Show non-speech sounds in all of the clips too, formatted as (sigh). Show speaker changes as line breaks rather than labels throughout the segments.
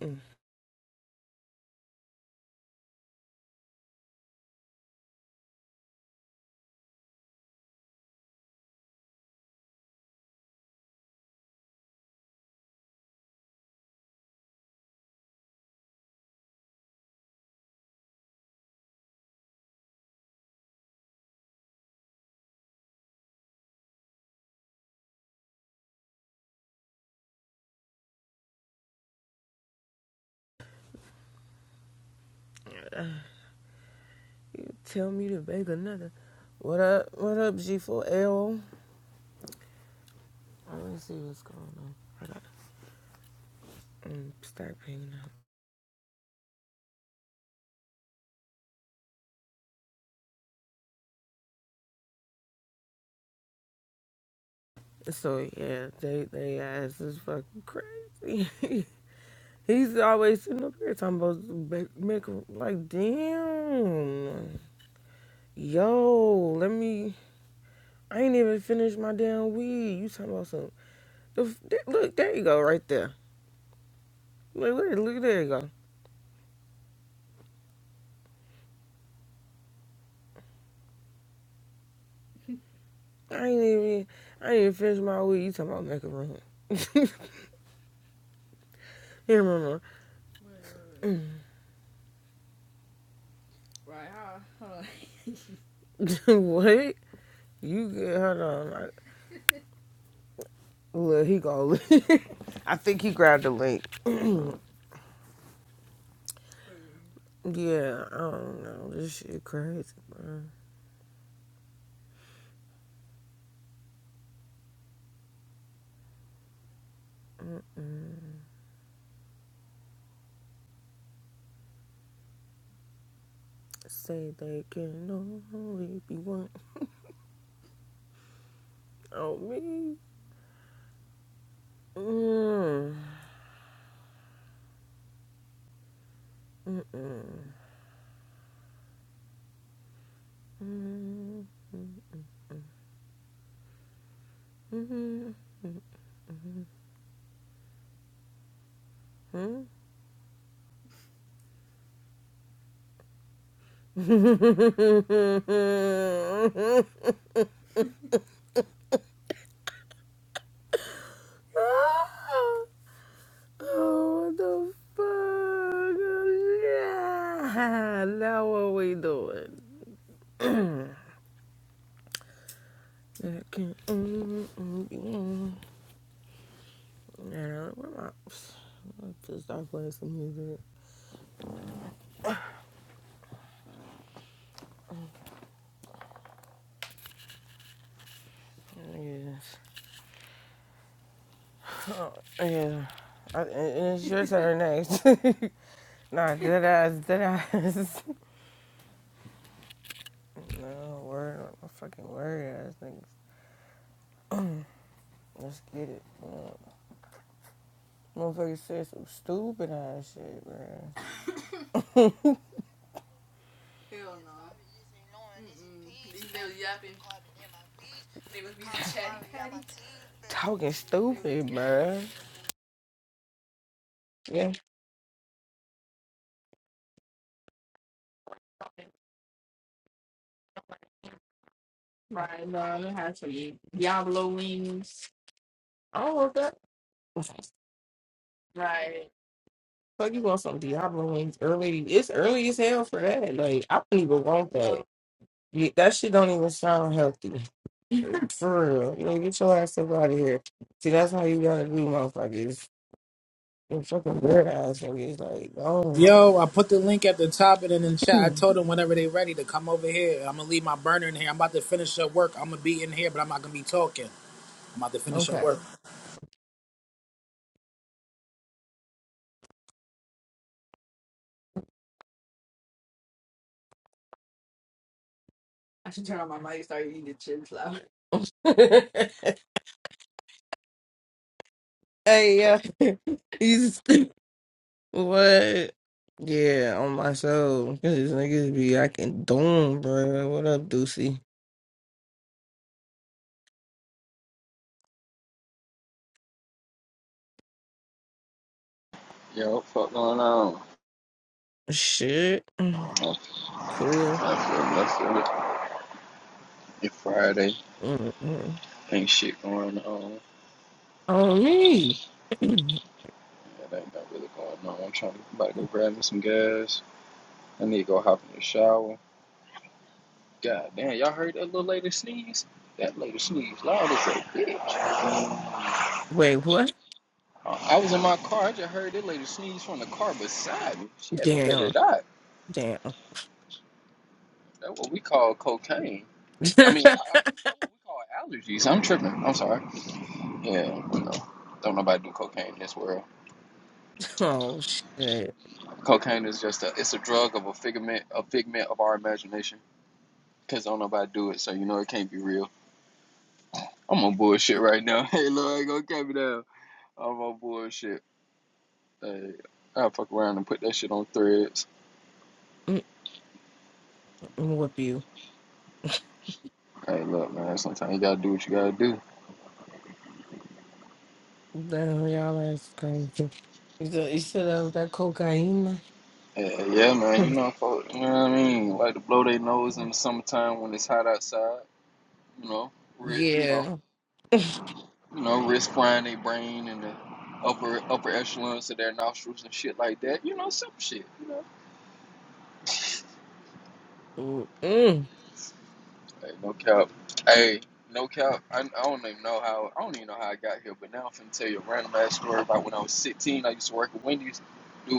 You tell me to beg another. What up? What up, g 4 li Let me see what's going on. I got to start picking up. So yeah, they they ass is fucking crazy. (laughs) He's always sitting up here talking about make, make like damn. Yo, let me. I ain't even finished my damn weed. You talking about some? The, look, there you go, right there. Look, look, look, there you go. I ain't even I ain't even finished my week. You talking about macaroni? (laughs) Here, mama. (laughs) what? You good? Hold on. I, look, he gonna. (laughs) I think he grabbed the link. (clears throat) yeah, I don't know. This shit crazy, bro. Mm, Say they can only be one on me. Mm, mm-mm, mm, mm, mm. Mm. (laughs) (laughs) Oh, the fuck? Yeah. Now what we doing? (clears throat) I can't- mm, mm, mm. Yeah, where my I just start playing some music. Yes. Oh, yeah. I, and it's your turn next. (laughs) nah, dead ass, dead ass. (laughs) No, word, on my fucking word ass niggas. (clears throat) Let's get it. Yeah. Motherfuckers said some stupid ass shit, man. (laughs) Talking stupid, man. Yeah. Right, no, I had some Diablo wings. All of that. Right. Fuck, you want some Diablo wings early? It's early as hell for that. Like, I don't even want that. Yeah, That shit don't even sound healthy. (laughs) For real. You know, get your ass up out of here. See, that's how you gotta do, motherfuckers. You fucking weird ass niggas. Like, oh.
Yo, I put the link at the top and in the chat. I
(clears throat)
told them whenever they ready to come over here. I'm gonna leave my burner in here. I'm about to finish up work. I'm gonna be in here, but I'm not gonna be talking. I'm about to finish up
okay.
work.
I should turn on my mic and start eating the chin flour. (laughs) hey, yeah. (laughs) (laughs) What? Yeah, on my soul. Cause these niggas be acting dumb, bro. What up, Deucey?
Yo, what the fuck going on?
Shit.
I have to
Cool.
cancel the lesson. It's Friday.
Mm-mm.
Ain't shit going on.
On me. (clears throat)
It ain't not really going on. I'm trying to about to go grab me some gas. I need to go hop in the shower. God damn, y'all heard that little lady sneeze? That lady sneezed loud as a bitch.
Wait, what?
I was in my car. I just heard that lady sneeze from the car beside me. She had to let it
Damn.
out.
Damn.
That's what we call cocaine. I mean, I I mean, that's what we call allergies. I'm tripping. I'm sorry. Yeah, you know, don't nobody do cocaine in this world.
(laughs) oh, shit.
Cocaine is just a it's a drug of a figment a figment of our imagination. Cause don't nobody do it, so you know it can't be real. I'm on bullshit right now. (laughs) Hey Lord, go cut me down. I'm on bullshit. Hey, I fuck around and put that shit on threads.
Mm-mm, Whoop you. (laughs)
Hey look man, sometimes you gotta do what you gotta do.
Damn, y'all ass crazy. You said, you said that was that cocaine?
Hey, yeah
(laughs)
man, you know folk, you know what I mean? Like to blow their nose in the summertime when it's hot outside, you know, ri- you know,
yeah.
you know, risk frying their brain and the upper upper echelons of their nostrils and shit like that. You know, some shit. You know,
Mm-mm.
Hey, no cap. Hey, no cap. I, I don't even know how. I don't even know how I got here, but now I'm finna tell you a random ass story about when I was 16. I used to work at Wendy's. Dude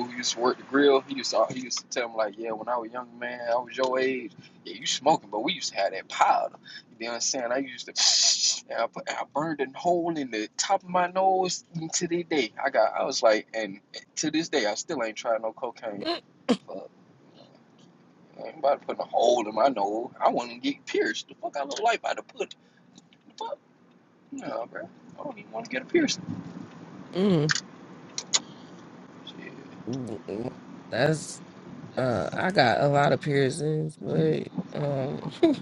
who used to work the grill, he used to he used to tell me like, yeah, when I was a young man, I was your age. Yeah, you smoking, but we used to have that powder. You know what I'm saying? I used to, and I, put, and I burned a hole in the top of my nose and to this day. I got, I was like, and to this day, I still ain't tried no cocaine.
Mm-mm.
Fuck, I ain't about to put a hole in my nose. I wouldn't get pierced. The fuck I look like about to put Fuck no, bro. I don't even want to get a piercing.
mm
Shit.
mm, mm. That's, uh, I got a lot of piercings, but, um, (laughs)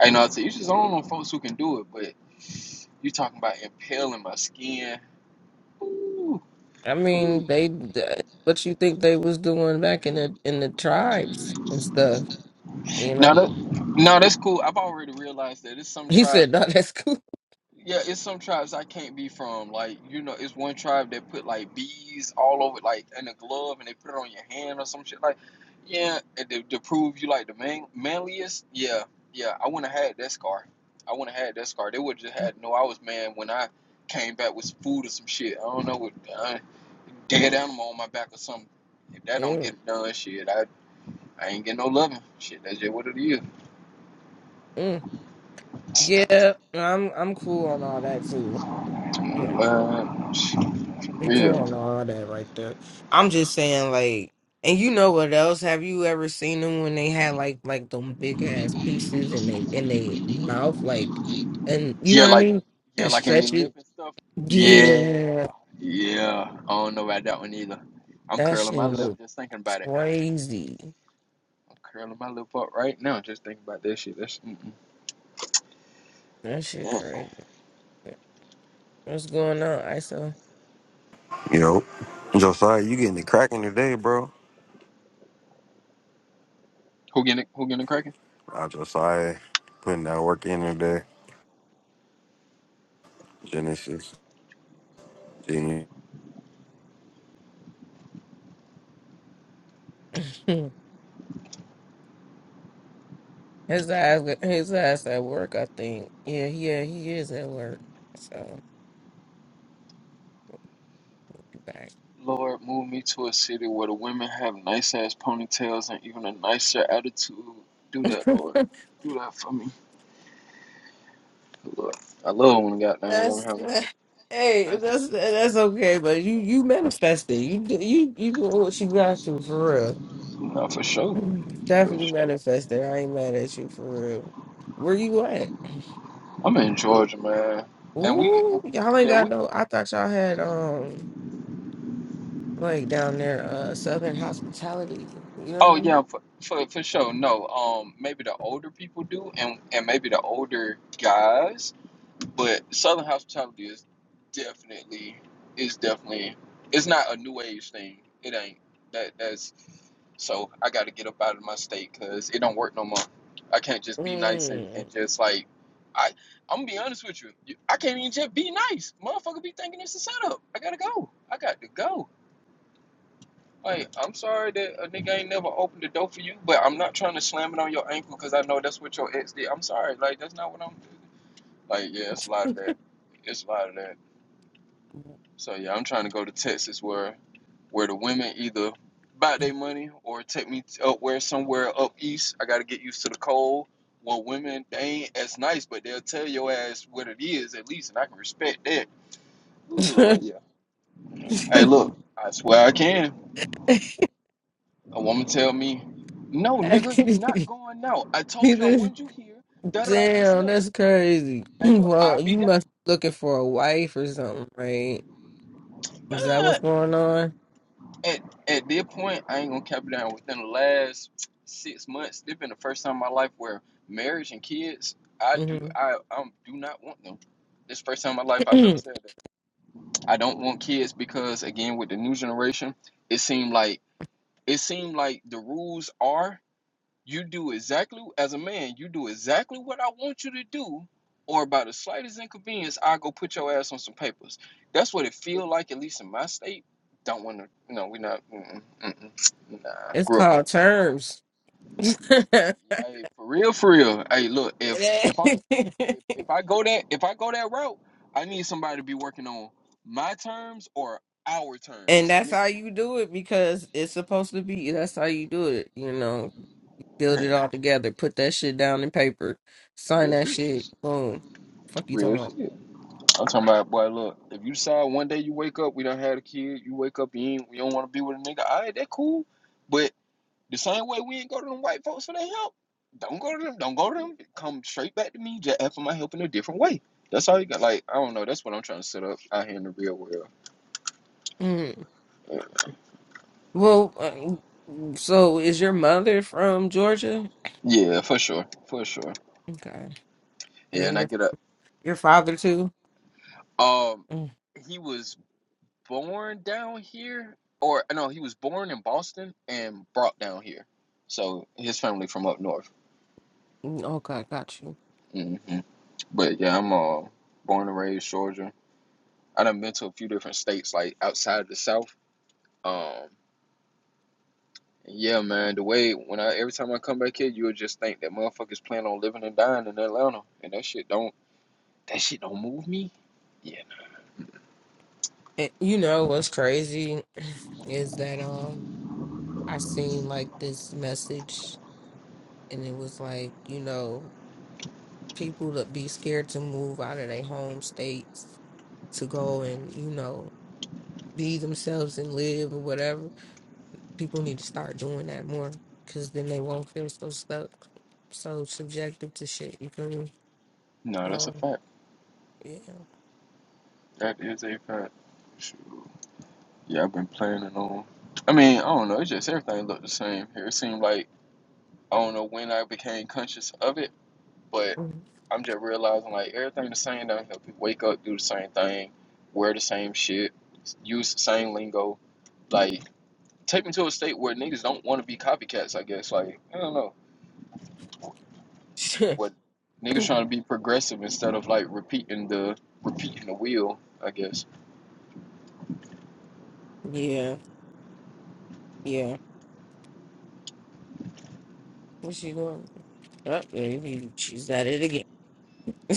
I know. I you, just don't know folks who can do it, but you talking about impaling my skin. Ooh,
I
ooh.
mean, they, th- what you think they was doing back in the, in the tribes and stuff, you
Now
know?
that,
(laughs)
no, that's cool. I've already realized that there's some
He said,
tribes
no,
that
that's cool.
Yeah, it's some tribes I can't be from. Like, you know, it's one tribe that put like bees all over, like in a glove, and they put it on your hand or some shit. Like, yeah, and to, to prove you like the man, manliest. Yeah, yeah, I wouldn't have had that scar. I wouldn't have had that scar. They would just had no. I was man when I came back with food or some shit. I don't know what uh, dead animal on my back or something. If that don't get done, shit, I I ain't getting no loving. Shit, that's just what it is.
Mm-mm. Yeah, I'm, I'm cool on all that too. Yeah.
Man,
People
yeah.
don't know all that right there, I'm just saying, like, and you know what else? Have you ever seen them when they had like like them big ass pieces in they in they mouth, like, and you know
Yeah,
what I
like
mean?
yeah,
That
like in their
stretch
lip
it.
and stuff. Yeah,
Yeah,
yeah. I don't know about that one either. I'm
that
curling
shit
my lip
look
just thinking about it.
crazy.
I'm curling my lip up right now just thinking about this shit. That's mm-mm.
That shit crazy. What's going on, ISO?
Yo, Josiah, you getting it cracking today, bro.
who getting it, who getting it cracking?
I Josiah putting that work in today. Genesis. Genius.
(laughs) his ass, his ass at work. I think. Yeah, yeah, he is at work. So back.
Lord, move me to a city where the women have nice ass ponytails and even a nicer attitude. Do
(laughs)
that, Lord. Do that for me, Lord. I love when a goddamn woman
That's
have nice,
(laughs) hey,
nice.
that's that's okay, but you you manifested. You do- you you doing what you got to for real.
No, for sure, for
Definitely
sure.
manifested. I ain't mad at you for real. Where you at?
I'm in Georgia, man, and we,
Ooh, y'all ain't
yeah,
got
we
no. I thought y'all had um like down there uh Southern hospitality. You
Oh
know
yeah, for, for for sure. No, um, maybe the older people do, and and maybe the older guys. But Southern hospitality is definitely is definitely it's not a new age thing. It ain't that that's so I got to get up out of my state because it don't work no more. I can't just
what I
be nice and,
mean?
and just like I I'm gonna be honest with you. You- I can't even just be nice. Motherfucker be thinking it's a setup. I gotta go. I got to go. Like I'm sorry that a nigga ain't never opened the door for you, but I'm not trying to slam it on your ankle because I know that's what your ex did. I'm sorry, like that's not what I'm like. Yeah, it's a lot of that. It's a lot of that. So yeah, I'm trying to go to Texas where where the women either buy their money or take me up where somewhere up east. I got to get used to the cold. Well, women they ain't as nice, but they'll tell your ass what it is at least, and I can respect that. Ooh, Lord, yeah. Hey, look, I swear I can. A woman tell me, no, nigga, you
Mm.
not going out. I
(laughs)
told you I
Neither-
wanted you here. Da da da this and
Damn,
that.
that's crazy. (clears throat)
Hey, look, i
Well,
be
you
that.
must be looking for a wife or something, right? Is that
Uh,
what's going on?
(clears throat) at at this point, I ain't gonna cap it down. Within the last six months, this been the first time in my life where marriage and kids, I do,
hmm
I, I do not want them. This first time in my life
(clears throat)
I've ever said that. I don't want kids because again, with the new generation, it seemed like it seemed like the rules are. You do exactly as a man, you do exactly what I want you to do, or by the slightest inconvenience, I go put your ass on some papers. That's what it feel like, at least in my state. Don't want to, you know, we not. Mm-mm, mm-mm, nah,
it's
grew up on.
called terms. (laughs) and
Hey, for real, for real. Hey, look, if if I'm if, if I go that if I go that route, I need somebody to be working on my terms or our terms.
that's
Me,
how you do it because it's supposed to be that's how you do it, you know. Build it all together, put that shit down in paper,
(laughs)
sign
real,
that shit, boom. Fuck you
real
talking about.
shit. I'm talking about boy. Look, if you decide one day you wake up, we done had a kid. You wake up, you ain't, you don't want to be with a nigga. All right, that cool. But the same way we ain't go to them white folks for their help. Don't go to them. Don't go to them. Come straight back to me. Just ask for my help in a different way. That's all you got. Like I don't know. That's what I'm trying to set up out here in the real world.
Mm-hmm.
Yeah,
Well, uh, so is your mother from Georgia?
Yeah, for sure, for sure.
Okay.
Yeah, and
And
I
your
get a.
your father too?
Um,
Mm,
he was born down here, or no, he was born in Boston and brought down here. So his family from up north.
mm, Okay, got you.
hmm But yeah, I'm uh, born and raised Georgia. I done been to a few different states, like outside of the South. Um, yeah, man, the way when I every time I come back here, you'll just think that motherfuckers plan on living and dying in Atlanta, and that shit don't that shit don't move me. Yeah,
And you know what's crazy (clears throat) is that um I seen like this message and it was like, you know, people that be scared to move out of their home states to go and, you know, be themselves and live or whatever. People need to start doing that more because then they won't feel so stuck, so subjective to shit. You feel me?
no, that's a
Um,
fact.
yeah.
That is a fact. Shoot. Yeah, I've been planning on. I mean, I don't know. It's just everything looked the same here. It seemed like I don't know when I became conscious of it, but.
Mhm.
I'm just realizing like everything the same down here. People wake up, do the same thing, wear the same shit, use the same lingo. Like take me to a state where niggas don't want to be copycats. I guess like I don't know
(laughs)
what niggas trying to be progressive instead of like repeating the repeating the wheel. I guess.
yeah, yeah. What's she going? Oh, there you- she's at it again.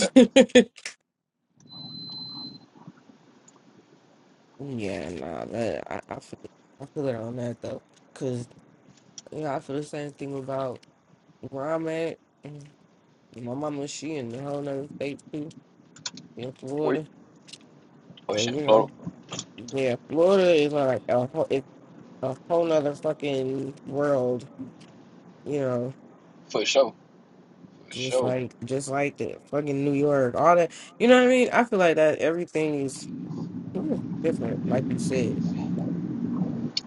Uh,
yeah, nah, that I, I feel I feel it on that though. Cause you know, I feel the same thing about where I'm at. Mm, My mama, she in a whole nother state too, in
wait,
Florida.
oh
So,
shit,
you know,
Florida
yeah, Florida is like a whole it's a whole nother fucking world, you know.
for sure, for
Just
sure.
like, just like the fucking New York, all that. You know what I mean? I feel like that everything is different, like you said.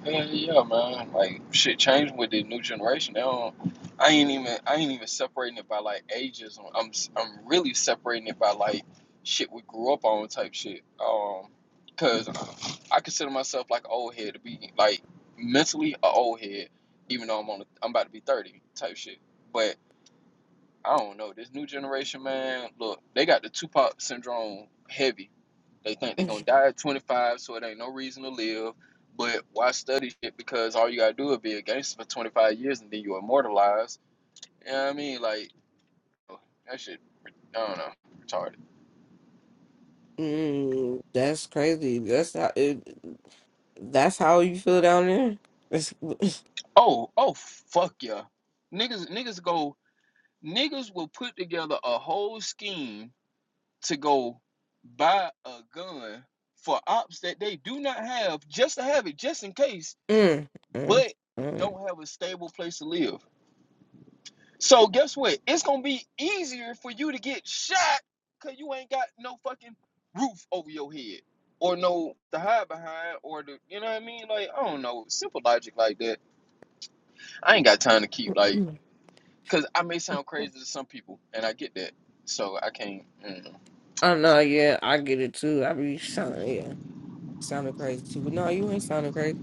Yeah, yeah, man. Like shit changing with the new generation. They don't. I ain't even. I ain't even separating it by like ages. I'm. I'm s- I'm really separating it by like shit we grew up on type shit. Um, cause I consider myself like an old head to be like mentally a old head, even though I'm on. The, I'm about to be thirty type shit. But I don't know this new generation, man. Look, they got the Tupac syndrome heavy they think they're gonna
(laughs)
die at 25, so it ain't no reason to live. But why study shit? Because all you gotta do is be a gangster for 25 years, and then you immortalize. You know what I mean? Like oh, that shit. I don't know. Retarded.
Mm, that's crazy. That's how it, that's how you feel down there. It's, (laughs)
Oh, oh, fuck yeah. Niggas, niggas go. Niggas will put together a whole scheme to go buy a gun for ops that they do not have, just to have it, just in case,
mm, mm,
but don't have a stable place to live. So guess what? It's gonna be easier for you to get shot because you ain't got no fucking roof over your head or no to hide behind or the you know what I mean? Like I don't know, simple logic like that. I ain't got time to keep like
mm.
because I may sound crazy to some people and I get that, so I can't. Mm,
Oh no, yeah, I get it too. I be sounding yeah, sounding crazy too. But no, you ain't sounding crazy.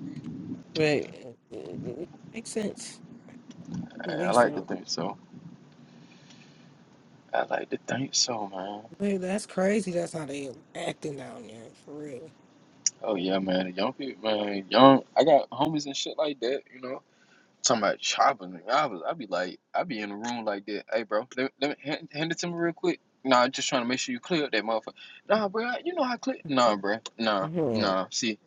But it, it, it makes sense.
I,
It
I
makes
like to
sense.
think so. I like to think so, man.
But that's crazy. That's how they acting down there for real.
Oh yeah, man. Young people, man. Young. I got homies and shit like that, you know. Talking about chopping. I was, I'd be like, I'd be in the room like that. Hey, bro, let, let me hand, hand it to me real quick. Nah, just trying to make sure you clear up that motherfucker. Nah, bro, you know how I clear. Nah, bro, nah,
hmm
nah. See,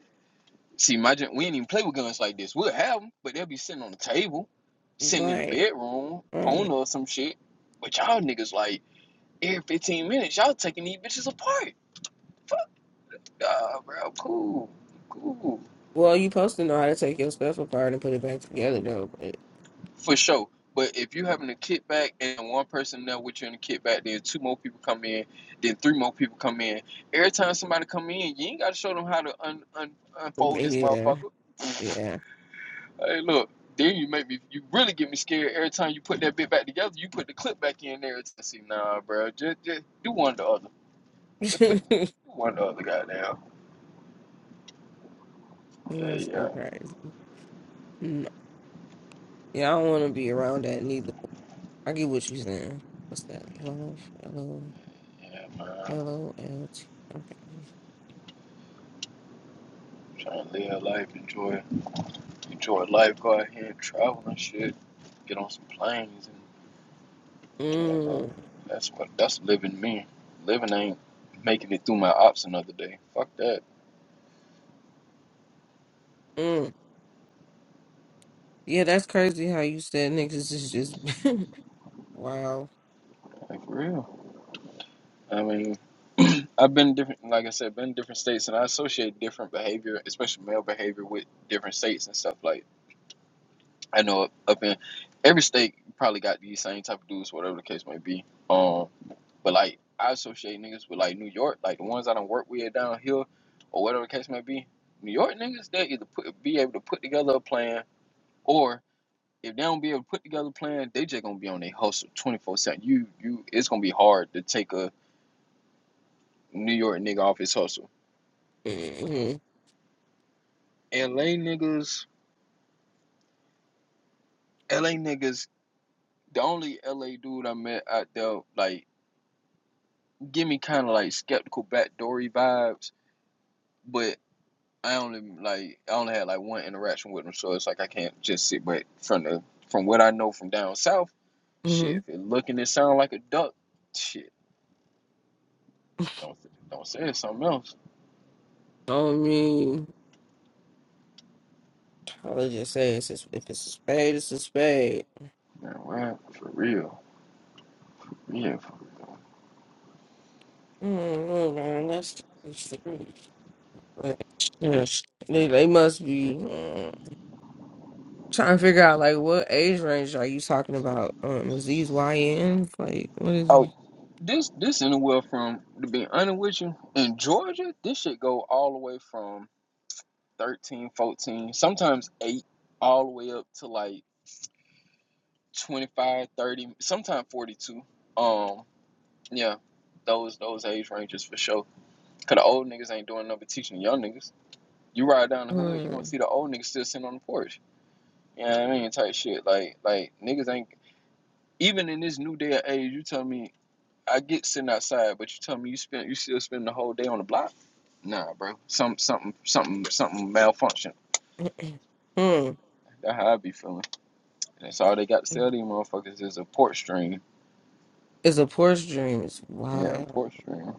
see, my gen- we ain't even play with guns like this. We'll have them, but they'll be sitting on the table, sitting in the
Right,
bedroom, on
right.
or some shit. But y'all niggas like every 15 minutes, y'all taking these bitches apart. Fuck, nah, bro, cool, cool.
Well, you supposed to know how to take your stuff apart and put it back together though. But
For sure. But if you having a kickback and one person there with you in the kickback, then two more people come in, then three more people come in. Every time somebody come in, you ain't gotta show them how to un- un- unfold
but
this
yeah,
motherfucker. (laughs)
yeah.
Hey, look. Then you make me. You really get me scared every time you put that bit back together. You put the clip back in there. It's, see, nah, bro. Just, just do one or the other. Just put do
(laughs)
one or the other. Goddamn. Yeah,
That's
yeah,
so crazy. No. Yeah, I don't want to be around that neither. I get what you're saying. What's that? Love, L O
yeah, man. I'm
L O L T. Okay.
trying to live life, enjoy enjoy life, go out here and travel and shit, get on some planes and yeah, that,
Mm,
that's what that's living me. Living ain't making it through my ops another day. Fuck that,
mm. Yeah, that's crazy how you said niggas is just (laughs) wow.
like for real. I mean, (clears throat) I've been different, like I said, been in different states, and I associate different behavior, especially male behavior, with different states and stuff. Like I know up in every state, you probably got these same type of dudes, whatever the case may be. Um. But like I associate niggas with like New York, like the ones I don't work with down here, or whatever the case may be. New York niggas, they either put, be able to put together a plan, or if they don't be able to put together a plan, they just gonna be on their hustle twenty four seven. You you, it's gonna be hard to take a New York nigga off his hustle.
Mm-hmm.
L.A. niggas, L.A. niggas, the only L.A. dude I met out there, like give me kind of like skeptical backdoory vibes. but. I only like I only had like one interaction with them, so it's like I can't just sit. But from the from what I know from down south, shit,
Mm-hmm.
if it looking and sound like a duck, shit, don't don't say it's something else.
I mean, I would just say it's just, if it's a spade, it's a spade.
Man, well, for real, yeah.
Mm-hmm, man, that's it's the truth. But, yes, they, they must be mm, trying to figure out like what age range are you talking about? Um, is these YNs like what is
Oh,
it?
this this anywhere from to be honest with you in Georgia, this shit go all the way from 13, 14, sometimes eight, all the way up to like 25, 30, sometimes forty two. Um, yeah, those those age ranges for sure. Cause the old niggas ain't doing nothing but teaching the young niggas. You ride down the hood, you gonna
Mm.
see the old niggas still sitting on the porch. You know what I mean? Type shit. Like like niggas ain't even in this new day of age, you tell me I get sitting outside, but you tell me you spend you still spend the whole day on the block? Nah, bro. Some something something something malfunction.
(clears throat) Mm.
That's how I be feeling. And that's all they got to sell these motherfuckers is a port stream.
It's a Porsche dream. It's
Yeah, a
wild.
port stream.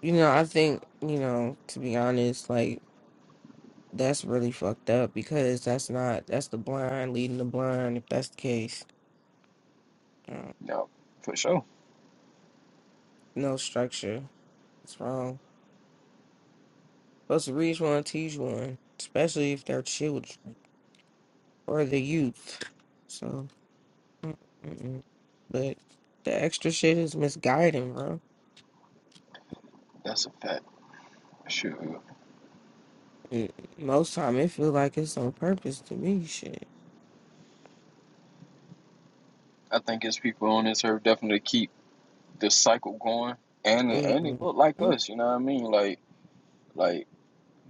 You know, I think, you know, to be honest, like that's really fucked up because that's not that's the blind leading the blind if that's the case. Uh,
Yeah, for sure.
no structure. It's wrong. Supposed to reach one, teach one, especially if they're children or the youth. So, mm, mm mm. but the extra shit is misguiding, bro.
That's a fact. Sure.
Mm, Most time it feel like it's on purpose to me, shit.
I think it's people on this earth definitely keep this cycle going, and and it
mm
looked like us. You know what I mean? Like like,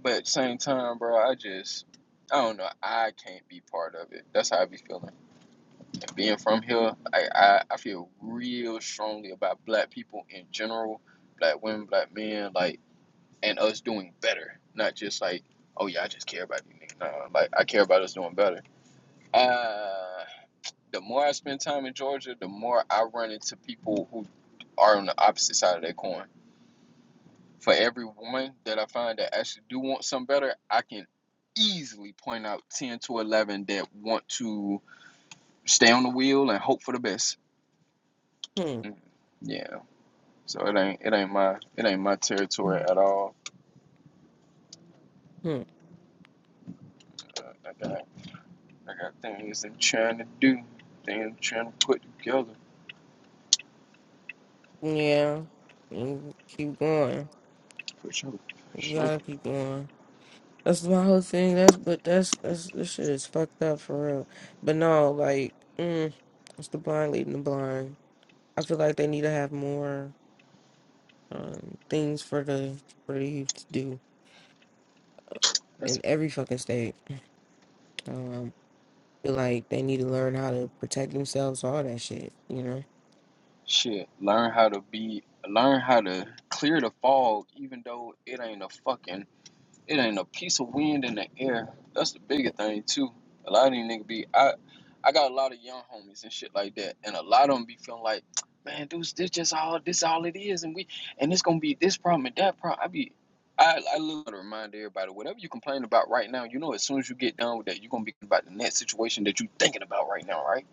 but at the same time, bro, I just I don't know. I can't be part of it. That's how I be feeling. And being from here, I I, I feel real strongly about black people in general, black women, black men, like, and us doing better, not just like. Oh yeah, I just care about you, niggas. No, like I care about us doing better. Uh, the more I spend time in Georgia, the more I run into people who are on the opposite side of that coin for every everyone that I find that actually do want some better, I can easily point out 10 to 11 that want to stay on the wheel and hope for the best.
Mm-mm.
Mm, Yeah. So it ain't it ain't my it ain't my territory at all.
Mm-mm.
Uh, I got I got things I'm trying to do, things I'm trying to put together
Yeah. Mm, Keep going.
for sure, for
We
sure.
gotta keep going. That's my whole thing. That's but that's that's this shit is fucked up for real. But no, like, mm, it's the blind leading the blind. I feel like they need to have more um things for the for the youth to do
That's
in
a,
every fucking state. Um, I feel like they need to learn how to protect themselves, all that shit. You know.
shit. Learn how to be, learn how to clear the fog, even though it ain't a fucking It ain't a piece of wind in the air. That's the bigger thing too. A lot of these niggas be I I got a lot of young homies and shit like that. And a lot of them be feeling like, (tsk) man, dudes, this just all this all it is and we and it's gonna be this problem and that problem. I be I, I love to remind everybody, whatever you complain about right now, you know as soon as you get done with that, you're gonna be about the next situation that you thinking about right now, right?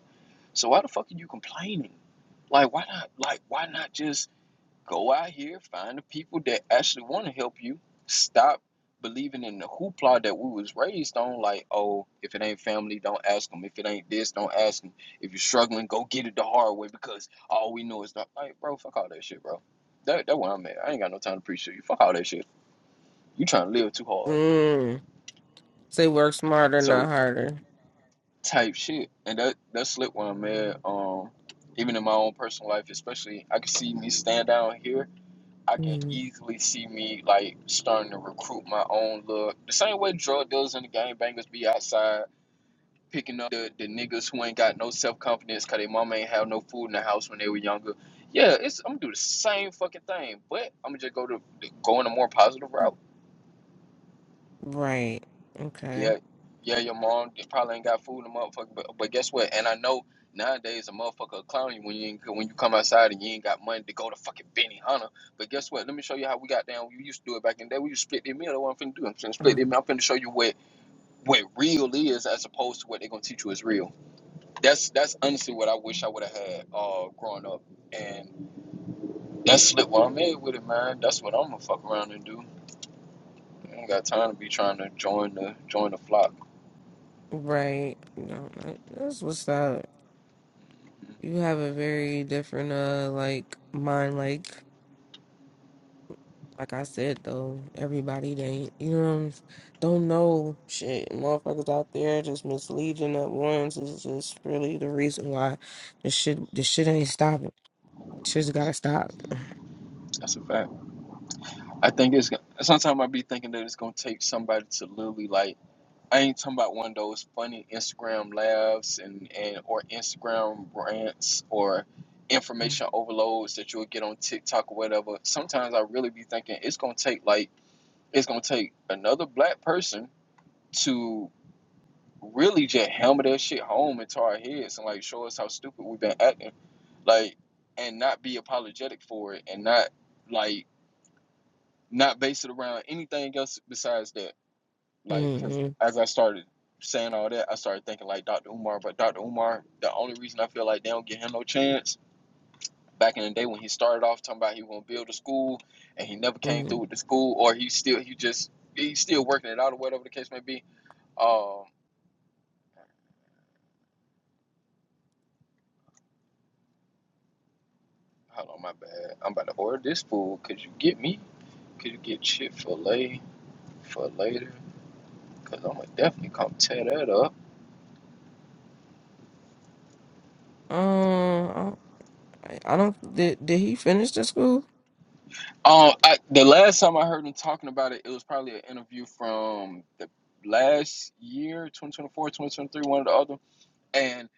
So why the fuck are you complaining? Like why not like why not just Go out here, find the people that actually want to help you. Stop believing in the hoopla that we was raised on. Like, oh, if it ain't family, don't ask them. If it ain't this, don't ask them. If you're struggling, go get it the hard way because all we know is not. Like, bro, fuck all that shit, bro. That that's where I'm at. I ain't got no time to appreciate you. Fuck all that shit. You trying to live too hard.
Mm. Say work smarter, not
So
harder.
type shit, and that that slip when I'm at. Um, even in my own personal life, especially I can see me stand down here I can
Mm.
easily see me like starting to recruit my own look. The same way drug dealers and the gangbangers be outside picking up the, the niggas who ain't got no self confidence cause their mama ain't have no food in the house when they were younger. Yeah, it's I'm gonna do the same fucking thing, but I'm gonna just go to go in a more positive route.
Right. Okay.
Yeah, yeah, your mom they probably ain't got food in the motherfucker. But, but guess what? And I know nowadays a motherfucker will clown you when you ain't, when you come outside and you ain't got money to go to fucking Benny Hunter. But guess what? Let me show you how we got down. We used to do it back in the day. We used to split their meal. That's what I'm finna do. I'm finna split their
Mm.
meal. I'm finna show you what what real is as opposed to what they're gonna teach you is real. That's that's honestly what I wish I would have had uh growing up. And that's slick what I'm in with it, man. That's what I'm gonna fuck around and do. I ain't got time to be trying to join the join the flock.
Right. No, that- that's what's up. You have a very different uh like mind like like I said though, everybody they ain't you know what I'm s- don't know shit. Motherfuckers out there just misleading up ones is just really the reason why this shit this shit ain't stopping. Shit's gotta stop.
That's a fact. I think it's sometimes I be thinking that it's gonna take somebody to literally like I ain't talking about one of those funny Instagram laughs and and or Instagram rants or
hmm
information overloads that you'll get on TikTok or whatever. Sometimes I really be thinking it's gonna take like it's gonna take another black person to really just hammer that shit home into our heads and like show us how stupid we've been acting, like and not be apologetic for it and not like not base it around anything else besides that Like, cause as I started saying all that, I started thinking like Dr. Umar. But Dr. Umar, the only reason I feel like they don't give him no chance back in the day when he started off talking about he was gonna build a school and he never came through
hmm
with the school, or he still he just he's still working it out or whatever the case may be. Um, hold on, my bad. I'm about to order this food. Could you get me? Could you get Chick Fil A for later? Cause I'm gonna definitely come tear that up.
Um I, I don't did did he finish the school?
Um, I, the last time I heard him talking about it, it was probably an interview from the last year, 2024, 2023, one or the other. And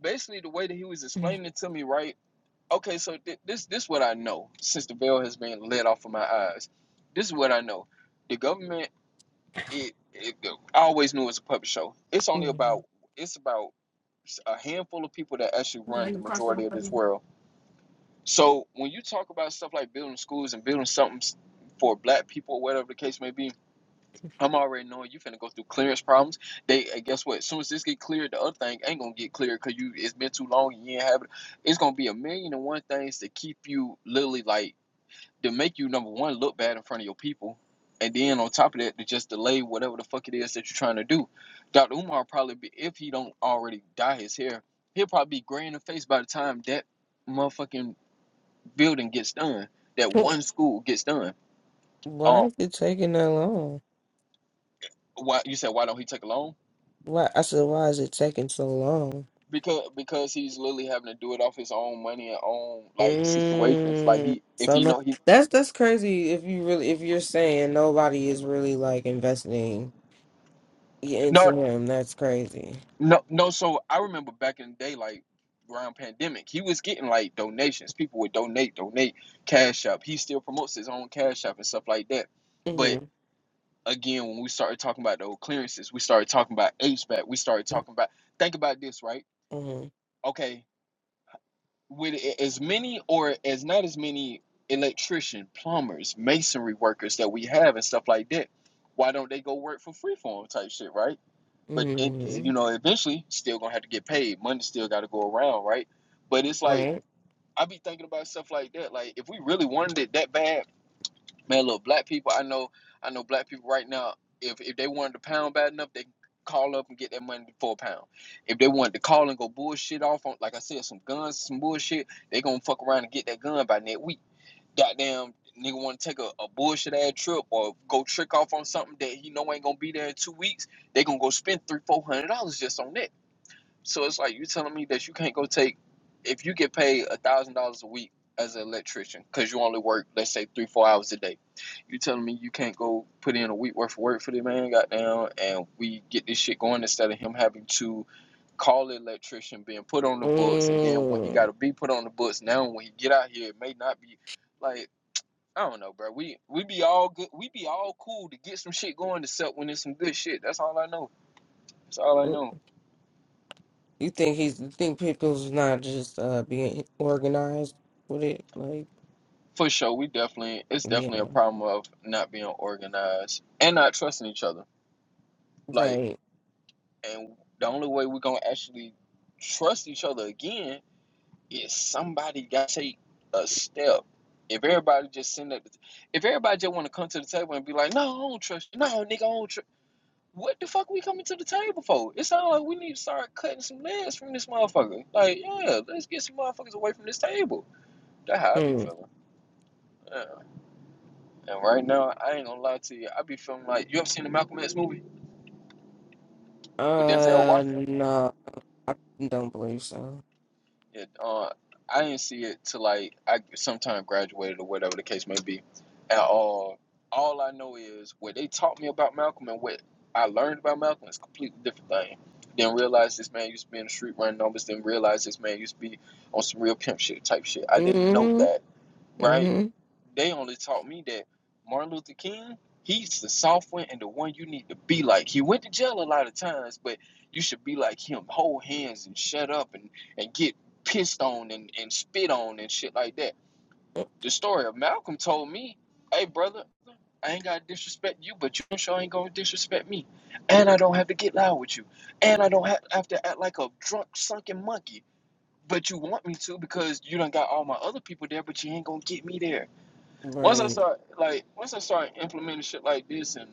basically, the way that he was
(laughs)
explaining it to me, right? Okay, so th- this this what I know since the veil has been let off of my eyes. This is what I know. The government, it, it I always knew it was a puppet show. It's only about
Mhm.
it's about a handful of people that actually run
Like
the majority
crossword
of this
puzzle.
world so when you talk about stuff like building schools and building something for black people, or whatever the case may be, I'm already knowing you finna go through clearance problems. They and guess what? As soon as this get cleared, the other thing ain't gonna get cleared because you it's been too long. You ain't have it. It's gonna be a million and one things to keep you literally like to make you number one look bad in front of your people, and then on top of that to just delay whatever the fuck it is that you're trying to do. Dr. Umar probably be if he don't already dye his hair, he'll probably be gray in the face by the time that motherfucking building gets done, that
(laughs)
one school gets done.
Why
Um,
is it taking that long?
why you said why don't he take a loan?
Why I said, why is it taking so long?
Because because he's literally having to do it off his own money and own like situations. Like
Mm,
he if
so
he
no,
know he
that's that's crazy. If you really, if you're saying nobody is really like investing
no
into him, that's crazy.
no no. So I remember back in the day, like around pandemic, he was getting like donations. People would donate, donate cash up. He still promotes his own cash up and stuff like that. But
hmm
again, when we started talking about those clearances, we started talking about HVAC. We started talking about think about this, right?
hmm
Okay, with as many or as not as many electrician, plumbers, masonry workers that we have and stuff like that, why don't they go work for freeform type shit, right? But and,
hmm
you know, eventually, still gonna have to get paid. Money still got to go around, right? But it's like
Right.
I be thinking about stuff like that. Like if we really wanted it that bad, Man, look, black people, I know, I know black people right now, if if they wanted to pound bad enough, they can call up and get that money for a pound. If they wanted to call and go bullshit off on, like I said, some guns, some bullshit, they gonna fuck around and get that gun by next week. Goddamn nigga wanna take a, a bullshit ass trip or go trick off on something that he know ain't gonna be there in two weeks, they gonna go spend three, four hundred dollars just on that. So it's like you telling me that you can't go take if you get paid a thousand dollars a week as an electrician because you only work let's say three four hours a day. You telling me you can't go put in a week worth of work for the man, goddamn, and we get this shit going instead of him having to call the electrician, being put on the books, and then when he got
Mm.
to be put on the books, now when he get out here, it may not be like. I don't know, bro. We we be all good. We be all cool to get some shit going, except when it's some good shit. That's all I know. That's all I know.
You think he's? You think people's not just uh being organized with it? Like,
For sure, we definitely it's definitely a
yeah.
problem of not being organized and not trusting each other. Like,
Right.
and the only way we're gonna actually trust each other again is somebody got to take a step. If everybody just send that, if everybody just want to come to the table and be like, "No, I don't trust you. No, nigga, I don't trust." What the fuck we coming to the table for? It sounds like we need to start cutting some legs from this motherfucker. Like, yeah, let's get some motherfuckers away from this table. That how I be
Hmm.
feeling. Yeah. And right now, I ain't gonna lie to you. I be feeling like you ever seen the Malcolm X movie with Denzel
Uh,
Washington?
no, I don't believe so.
Yeah. Uh, I didn't see it till like I sometime graduated or whatever the case may be. And all, all I know is what they taught me about Malcolm and what I learned about Malcolm is a completely different thing. Didn't realize this man used to be in the street running numbers. Didn't realize this man used to be on some real pimp shit type shit. I didn't know
hmm
that, right?
hmm
They only taught me that Martin Luther King, he's the soft one and the one you need to be like. He went to jail a lot of times, but you should be like him, hold hands and shut up and, and get pissed on and, and spit on and shit like that. The story of Malcolm told me, hey brother, I ain't gotta disrespect you, but you sure ain't gonna disrespect me. And I don't have to get loud with you. And I don't have, have to act like a drunk sunken monkey but you want me to because you done got all my other people there, but you ain't gonna get me there. Once I
Right.
start like once I start implementing shit like this, and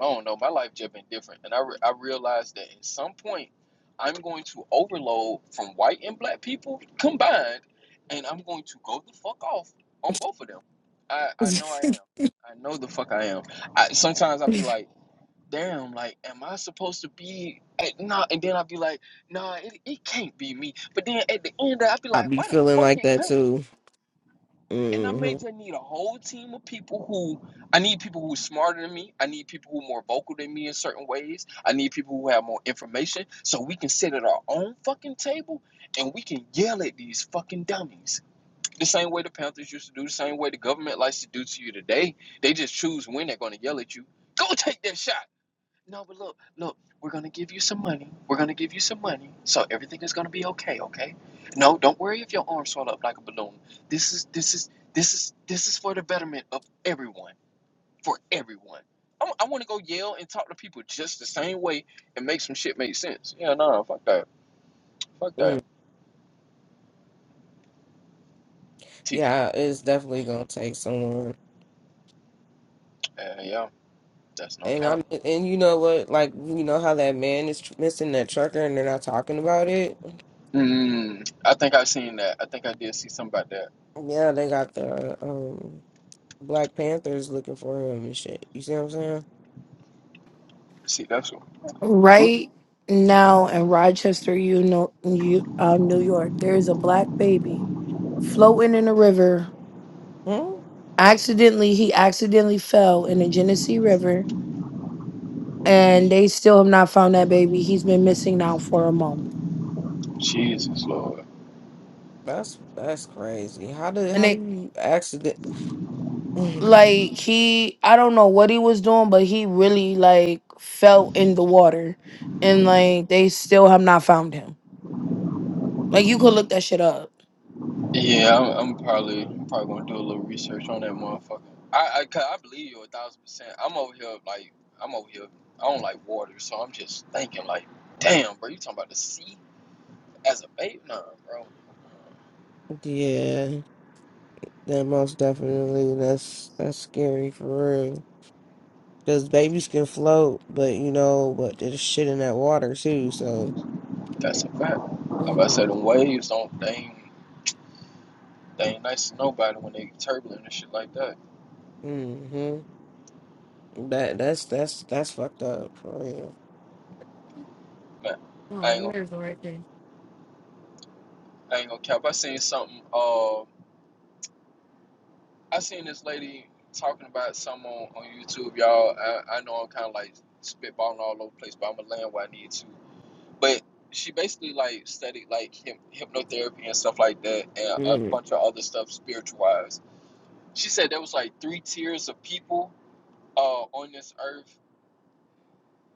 I don't know, my life just been different, and I re- I realized that at some point I'm going to overload from white and black people combined, and I'm going to go the fuck off on both of them. I
(laughs)
I know I am. I know the fuck I am. I sometimes I'll be like, damn, like am I supposed to be? eh, Nah, and then I'll be like, nah, it, it can't be me. But then at the end, I'll be
I
like,
be
why the
feeling
fuck
like
it
that
can't be me?
too.
and I may
hmm
just need a whole team of people who I need people who are smarter than me. I need people who are more vocal than me in certain ways. I need people who have more information so we can sit at our own fucking table and we can yell at these fucking dummies. The same way the Panthers used to do, the same way the government likes to do to you today. They just choose when they're gonna yell at you. Go take that shot. No, but look, look, we're gonna give you some money. We're gonna give you some money, so everything is gonna be okay, okay? No, don't worry if your arms swell up like a balloon. This is this is this is this is for the betterment of everyone, for everyone. I, I want to go yell and talk to people just the same way and make some shit make sense. Yeah, no, fuck that, fuck that. T-
Yeah, it's definitely gonna take someone.
uh, yeah, that's no
And
count.
I'm, and you know what? Like you know how that man is tr- missing that trucker, and they're not talking about it.
Mm, I think I seen that. I think I did see something about that.
Yeah, they got the um Black Panthers looking for him and shit. You see what I'm saying?
See, that's what group.
Right now in Rochester, you know, you, uh, New York, there is a black baby floating in a river.
Hmm?
Accidentally, he accidentally fell in the Genesee River, and they still have not found that baby. He's been missing now for a month,
Jesus, Lord.
That's that's crazy. How did
and
how do
they
you accident? (sighs)
like he, I don't know what he was doing, but he really like fell in the water, and like they still have not found him. Like you could look that shit up.
Yeah, I'm, I'm probably I'm probably gonna do a little research on that motherfucker. I I, 'cause I believe you a thousand percent. I'm over here like I'm over here. I don't like water, so I'm just thinking like, damn, bro, you talking about the sea as a bait? Nah, bro,
Yeah, that most definitely. That's that's scary for real. Because babies can float, but you know, but there's shit in that water too. So,
that's a fact. Like I
mm-hmm.
said, them waves don't they ain't, they ain't nice to nobody when they turbulent and shit like that.
that that's that's that's fucked up for real.
Man, I
Oh,
ain't gonna
there's the right thing?
I ain't gonna cap. I seen something. Uh. I seen this lady talking about someone on on YouTube, y'all. I, I know I'm kind of like spitballing all over the place, but I'm gonna land where I need to. But she basically like studied like hip, hypnotherapy and stuff like that, and a
Mm.
bunch of other stuff spiritual wise. She said there was like three tiers of people uh, on this earth.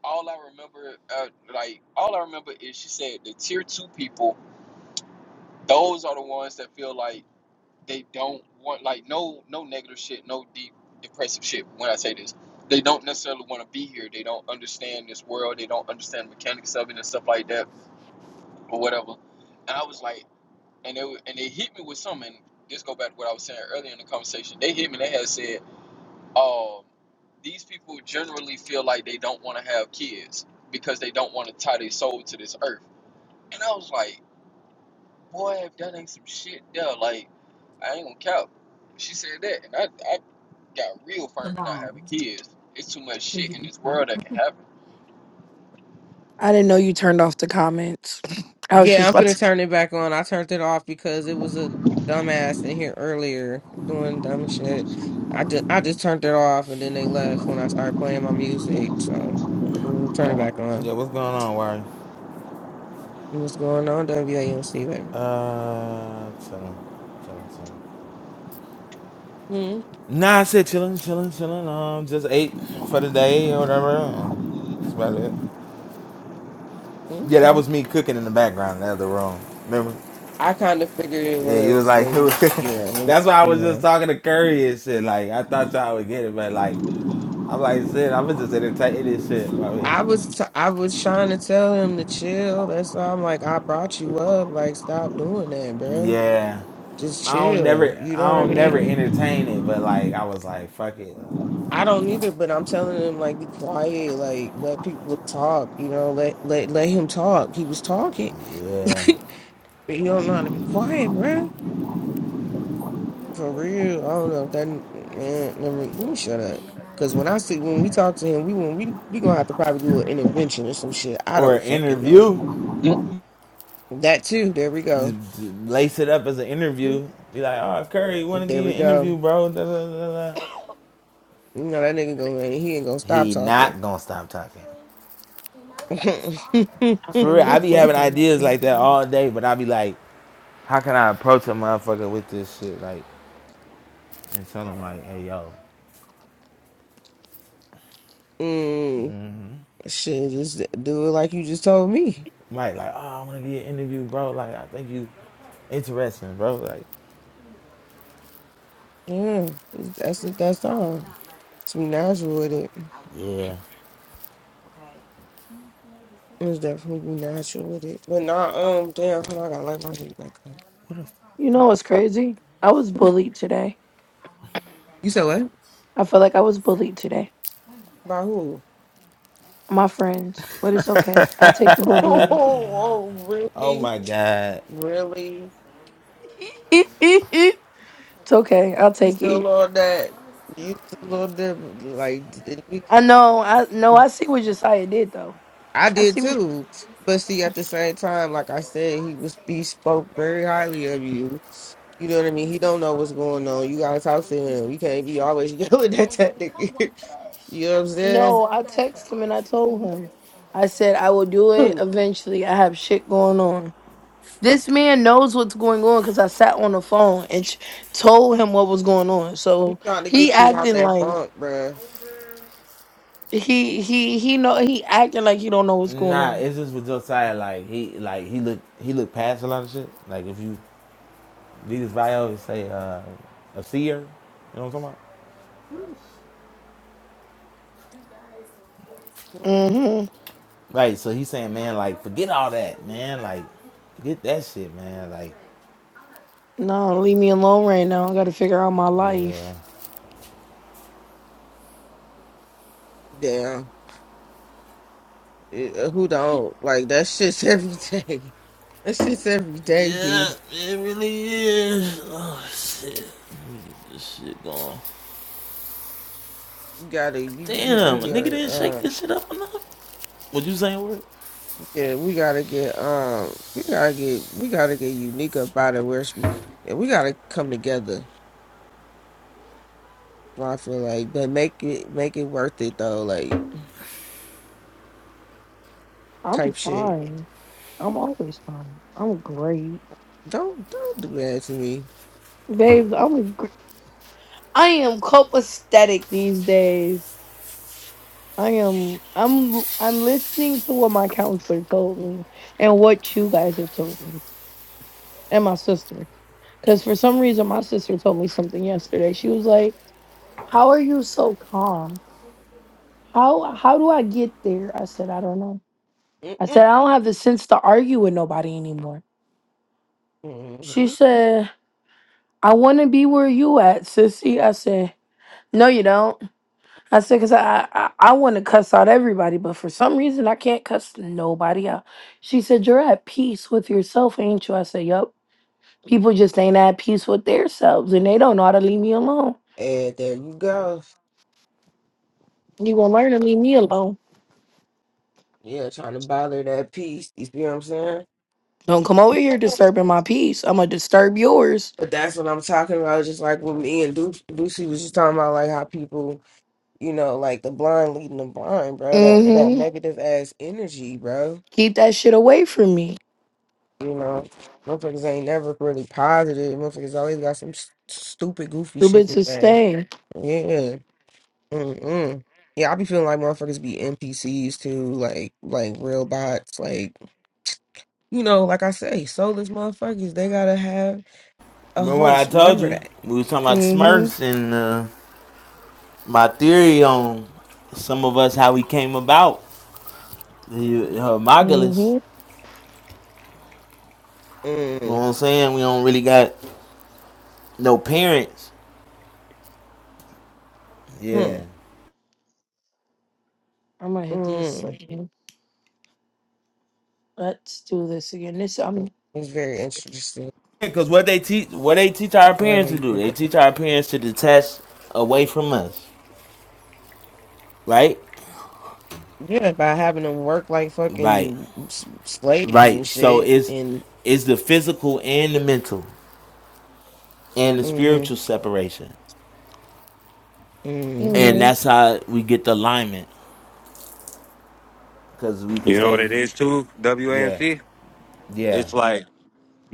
All I remember, uh, like all I remember, is she said the tier two people. Those are the ones that feel like they don't want like no no negative shit, no deep depressive shit. When I say this, they don't necessarily want to be here. They don't understand this world. They don't understand the mechanics of it and stuff like that or whatever. And I was like, and they and they hit me with something. This go back to what I was saying earlier in the conversation. They hit me. They had said, um, these people generally feel like they don't want to have kids because they don't want to tie their soul to this earth. And I was like, boy, that ain't some shit there. Like, I ain't gonna count. She said that, and I, I got real
The
firm in not having
bomb.
kids. It's too much
Did
shit in
you?
this
Huh?
world that can happen.
I didn't know you turned off the comments. (laughs) I was
Yeah,
just
I'm
about
finna turn it back on. I turned it off because it was a dumbass in here earlier doing dumb shit. I just I just turned it off, and then they left when I started playing my music. So, mm, turn it back
Yeah,
on.
what's going on, Wari?
What's going on, WAMC
Uh, chilling, chilling, chilling.
baby?
Nah, I said chilling, chilling, chilling. Um, just ate for the day or whatever. and That's about it. Yeah,
Mm-hmm.
that was me cooking in the background in the other room. Remember?
I kind of figured it
Yeah, it was
was
like, (laughs)
when
it
you,
was,
yeah. When,
that's why I
when,
was just
uh,
talking to Curry and shit. Like, I thought y'all would get it, but like, I'm like, shit, I'm just entertaining this shit. Right here.
I was t- I was trying to tell him to chill. That's why I'm like, I brought you up. Like, stop doing that, bruh.
Yeah.
Just
I don't
chill.
never,
You
I
know what I
don't never
mean?
entertain it, but like, I was like, fuck it.
I don't either, but I'm telling him like, be quiet. Like, let people talk. You know, let let let him talk. He was talking,
Yeah.
(laughs) but you don't know how to be quiet, bruh. For real, I don't know if that man. Never, let me shut up. Cause when I see when we talk to him, we when we we gonna have to probably do an intervention or some shit. I
Or an
don't fucking know
interview.
that too. There we go.
lace it up as an
to.
interview. Be like, oh, Curry, want to give
There
you
we
an interview,
go.
bro? Da, da, da, da.
You know that nigga gonna he ain't gonna stop
He
talking.
not gonna stop talking.
(laughs)
i
For real, I be
for
having ideas like that
clarification.
all day, but I be like, how can I approach a motherfucker with this shit? Like, and tell him like, hey, yo,
mm, shit, just do it like you just told me.
Mike, like, oh, I want to give you an interview, bro. Like, I think you interesting, bro. Like,
Yeah, that's it. That's all. Just be natural with it.
yeah.
It's definitely be natural with it. But nah, um, damn, hold on, I gotta light my heat back up.
You know what's crazy? I was bullied today.
You said what?
I feel like I was bullied today.
By who?
My friends, but it's okay. I take the
(laughs)
(laughs)
Oh,
bullying.
oh,
Oh
really?
my god.
Really?
(laughs) it's okay. I'll
You
take
still
it.
on that? You still on them? Like, did we-
I know. I know. I see what Josiah did though.
I
I
did
see what.
too. But see, at the same time, like I said, he was he spoke very highly of you. You know what I mean? He don't know what's going on. You gotta talk to him. You can't be always (laughs) yelling at that nigga. You know what I'm saying?
No, I texted him and I told him. I said I will do it
(clears throat)
eventually. I have shit going on. This man knows what's going on because I sat on the phone and sh- told him what was going on.
He
So
trying to
he
get you out
acting
that
like
funk, bruh.
He he he know he acting like he don't know what's going
Nah,
on.
it's just with Josiah. Like he, like he look, he look past a lot of shit. Like if you Jesus Vio say uh, a seer. You know what I'm talking about?
Mm-hmm.
Right. So he's saying, man, like forget all that, man. Like forget that shit, man. Like
No, leave me alone right now. I gotta figure out my
yeah.
life.
Damn. Eh, Who don't? Like, that shit's every day. (laughs) That shit's every day, B.
Yeah, it really is. Oh shit, this shit gone.
You gotta you you you
Damn, a nigga
gotta
didn't shake
uh
this shit up enough. What you saying, word?
yeah we gotta get um we gotta get we gotta get unique about it where it's, yeah, we gotta come together So I feel like but make it make it worth it though like
I'm
type shit
fine. I'm always fine. I'm great.
don't don't do that to me
Babe, I'm a gr- I am copacetic these days. I am I'm I'm listening to what my counselor told me and what you guys have told me. And my sister. Because for some reason my sister told me something yesterday. She was like, How are you so calm? How how do I get there? I said, I don't know. I
Mm-mm-mm.
said, I don't have the sense to argue with nobody anymore. She said, I want to be where you at, sissy. I said, No, you don't. I said, because I, I, I want to cuss out everybody, but for some reason, I can't cuss nobody out. She said, You're at peace with yourself, ain't you? I said, Yup. People just ain't at peace with themselves and they don't know how to leave me alone.
and there you go
You gonna learn to leave me alone.
yeah trying to bother that piece you see what I'm saying
Don't come over here disturbing my peace. I'm gonna disturb yours.
but that's what I'm talking about just like what me and Duce Ducey was just talking about like how people You know, like the blind leading the blind, bro. That that
Mm-hmm.
negative ass energy, bro.
Keep that shit away from me.
You know, motherfuckers ain't never really positive. Motherfuckers always got some st- stupid, goofy
You
shit to
bitches
say.
stay.
Yeah. Mm-mm. Yeah, I be feeling like motherfuckers be NPCs too, like like real bots. Like you know, like I say, soulless motherfuckers. They gotta have a
Remember what I
host.
told
Remember
you?
that.
We was talking about
Mm-hmm.
Smurfs and uh, my theory on some of us how we came about. The uh, Hermogenes.
Mm-hmm.
You know
Mm.
what I'm saying? We don't really got No parents.
Hmm.
Yeah.
I'm gonna hit this
Mm.
again. Let's do this again. This I'm
It's very interesting.
Because what they teach, what they teach our
I like how
parents to
you put
do,
that.
they teach our parents to detach away from us, right?
Yeah, by having them work like
Right,
fucking s- slaves and
right. So
shit.
it's
And
it's the physical and the mental and the
mm-hmm,
spiritual separation, and
mm-hmm,
mm-hmm.
that's how we get the alignment because we can
You know what
say,
it is too,
Yeah.
WAMC?
Yeah.
It's like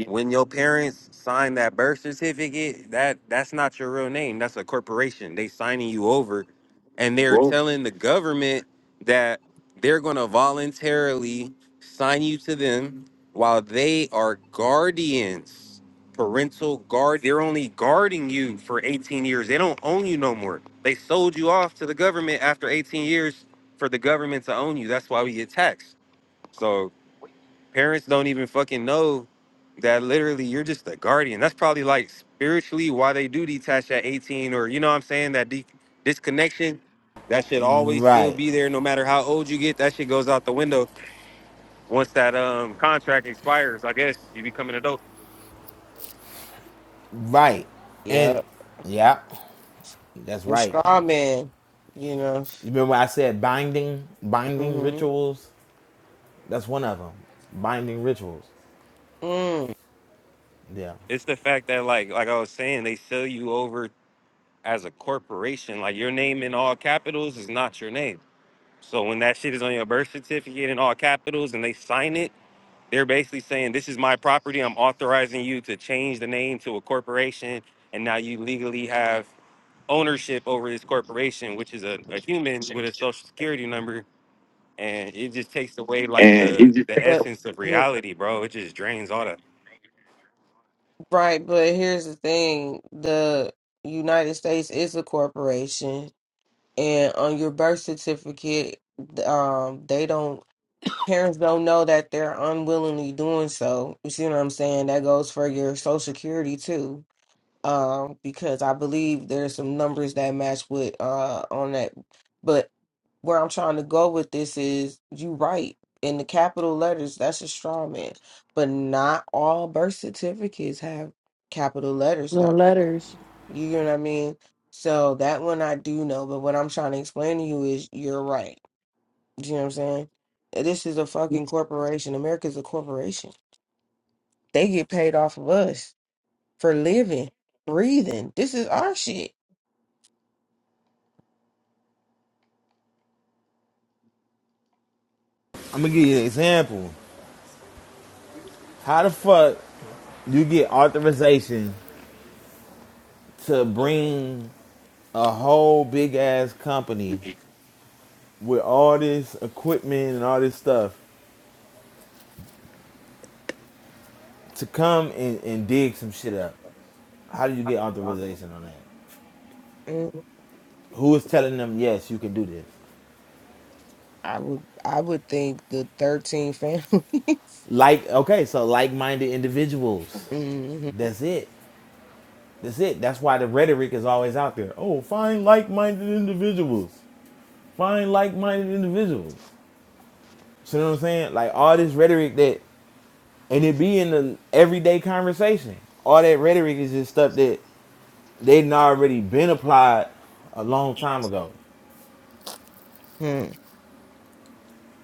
When your parents sign that birth certificate, that that's not your real name. That's a corporation. They signing you over, and they're telling the government that they're going to voluntarily sign you to them while they are guardians, parental guard. They're only guarding you for 18 years. They don't own you no more. They sold you off to the government after 18 years for the government to own you. That's why we get taxed. So Parents don't even fucking know that literally you're just a guardian. That's probably like spiritually why they do detach at 18 or you know what I'm saying? That de- disconnection, that should always still
Right,
be there no matter how old you get. That shit goes out the window once that um contract expires. I guess you become an adult.
right, and
yeah,
yeah, that's
the
right.
straw man, you know.
You remember I said binding, binding
Mm-hmm.
rituals. That's one of them. Binding rituals.
Mm.
Yeah.
It's the fact that like like I was saying, they sell you over as a corporation. Like your name in all capitals is not your name. So when that shit is on your birth certificate in all capitals and they sign it They're basically saying, This is my property. I'm authorizing you to change the name to a corporation. And now you legally have ownership over this corporation, which is a, a human with a social security number. And it just takes away like the, the
But
essence of
here,
reality, bro. It just drains all that.
right, but here's the thing: the United States is a corporation, and on your birth certificate, um, they don't. Parents don't know that they're unwillingly doing so. You see what I'm saying? That goes for your social security too um, because I believe there's some numbers that match with uh on that. But where I'm trying to go with this is you right in the capital letters, that's a straw man. But not all birth certificates have capital letters now.
little letters.
You know what I mean? So that one I do know, but what I'm trying to explain to you is you're right. you know what I'm saying? This is a fucking corporation. America's a corporation. They get paid off of us for living, breathing. This is our shit.
I'm gonna give you an example. How the fuck you get authorization to bring a whole big ass company with all this equipment and all this stuff to come and, and dig some shit up? How do you get authorization on that?
Mm,
Who is telling them yes you can do this?
I would I would think the thirteen families.
Like okay, so like minded individuals.
(laughs) hmm
That's it. That's it. That's why the rhetoric is always out there. Oh, find like minded individuals. Find like minded individuals. So, You know what I'm saying? Like all this rhetoric that, and it be in the everyday conversation. All that rhetoric is just stuff that they'd already been applied a long time ago.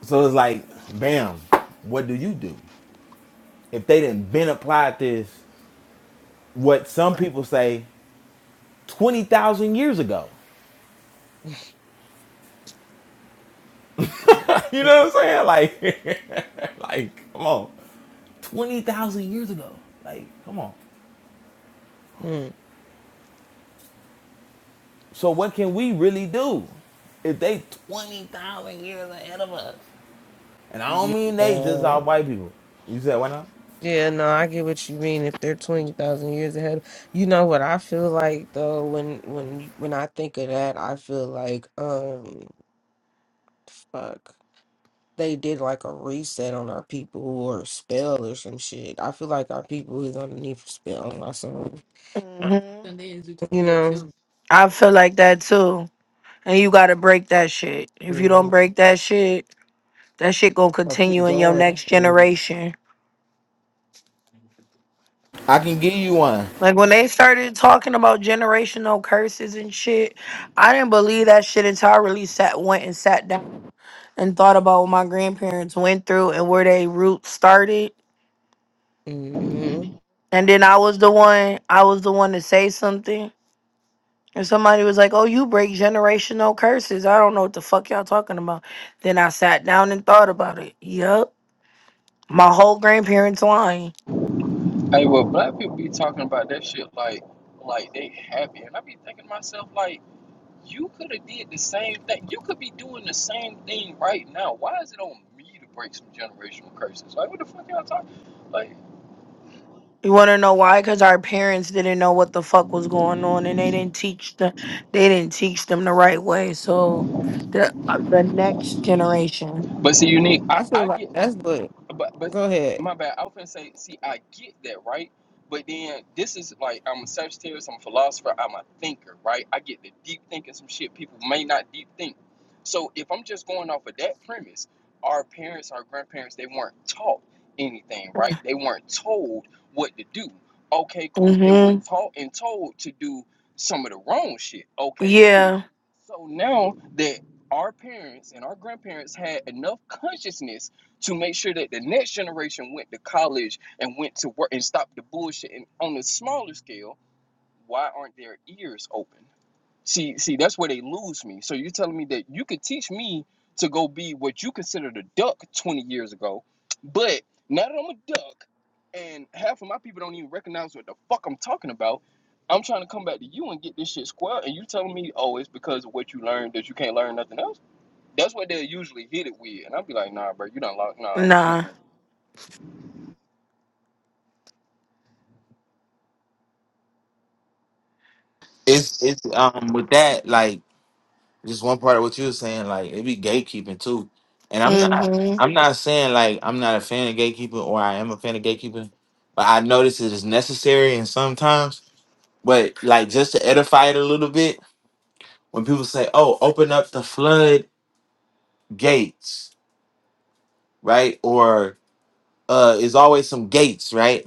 So it's like, bam, what do you do? If they didn't been applied this, what some
Right.
people say, 20,000 years ago. (laughs) you know what I'm saying? Like, (laughs) like, come on. 20,000 years ago. Like, come on.
Mm,
So what can we really do if they 20,000 years ahead of us? And I don't mean they just all
yeah.
white people. You said why not?
Yeah, no, I get what you mean. If they're twenty thousand years ahead, you know what I feel like though. When when when I think of that, I feel like um, fuck, they did like a reset on our people or a spell or some shit. I feel like our people is underneath a spell or something. uh,
Mm-hmm.
you know,
I feel like that too. And you gotta break that shit. If you don't
mm,
break that shit, that shit gonna
I'll keep
continue in your
going.
next
Mm,
generation.
I can give you one.
Like when they started talking about generational curses and shit, I didn't believe that shit until I really sat went and sat down and thought about what my grandparents went through and where they roots started.
mm.
And then I was the one I was the one to say something. And somebody was like, Oh, you break generational curses. I don't know what the fuck y'all talking about. Then I sat down and thought about it. Yup. My whole grandparents line.
Hey, well, black people be talking about that shit like, like they happy, and I be thinking to myself like, you could have did the same thing. You could be doing the same thing right now. Why is it on me to break some generational curses? Like, what the fuck y'all talking? Like,
You want to know why? Because our parents didn't know what the fuck was going on, and they didn't teach them. They didn't teach them the right way. So, the the next generation.
but see, unique. I,
I feel
I get
like that's what.
But but
Go ahead.
my bad. I was gonna say, see, I get that, right? But then this is like I'm a Sagittarius, I'm a philosopher, I'm a thinker, right? I get the deep thinking some shit people may not deep think. So if I'm just going off of that premise, our parents, our grandparents, they weren't taught anything, right? They weren't told what to do. Okay, cool. They were
Mm-hmm.
taught and told to do some of the wrong shit. Okay, cool.
Yeah.
So now that our parents and our grandparents had enough consciousness to make sure that the next generation went to college and went to work and stopped the bullshit. And on a smaller scale, why aren't their ears open? See, see, that's where they lose me. So you're telling me that you could teach me to go be what you considered a duck 20 years ago, but now that I'm a duck and half of my people don't even recognize what the fuck I'm talking about, I'm trying to come back to you and get this shit square. And you telling me, oh, it's because of what you learned that you can't learn nothing else? That's what they'll usually hit it with. And I'll be like, nah, bro, you don't like, nah. mm-mm.
Nah.
It's it's um with that like just one part of what you were saying like it be gatekeeping too, and I'm not
Mm-hmm.
I'm not saying like I'm not a fan of gatekeeping or I am a fan of gatekeeping, but I notice it is necessary and sometimes. But like just to edify it a little bit, when people say, "Oh, open up the flood gates," right? Or uh, it's always some gates, right?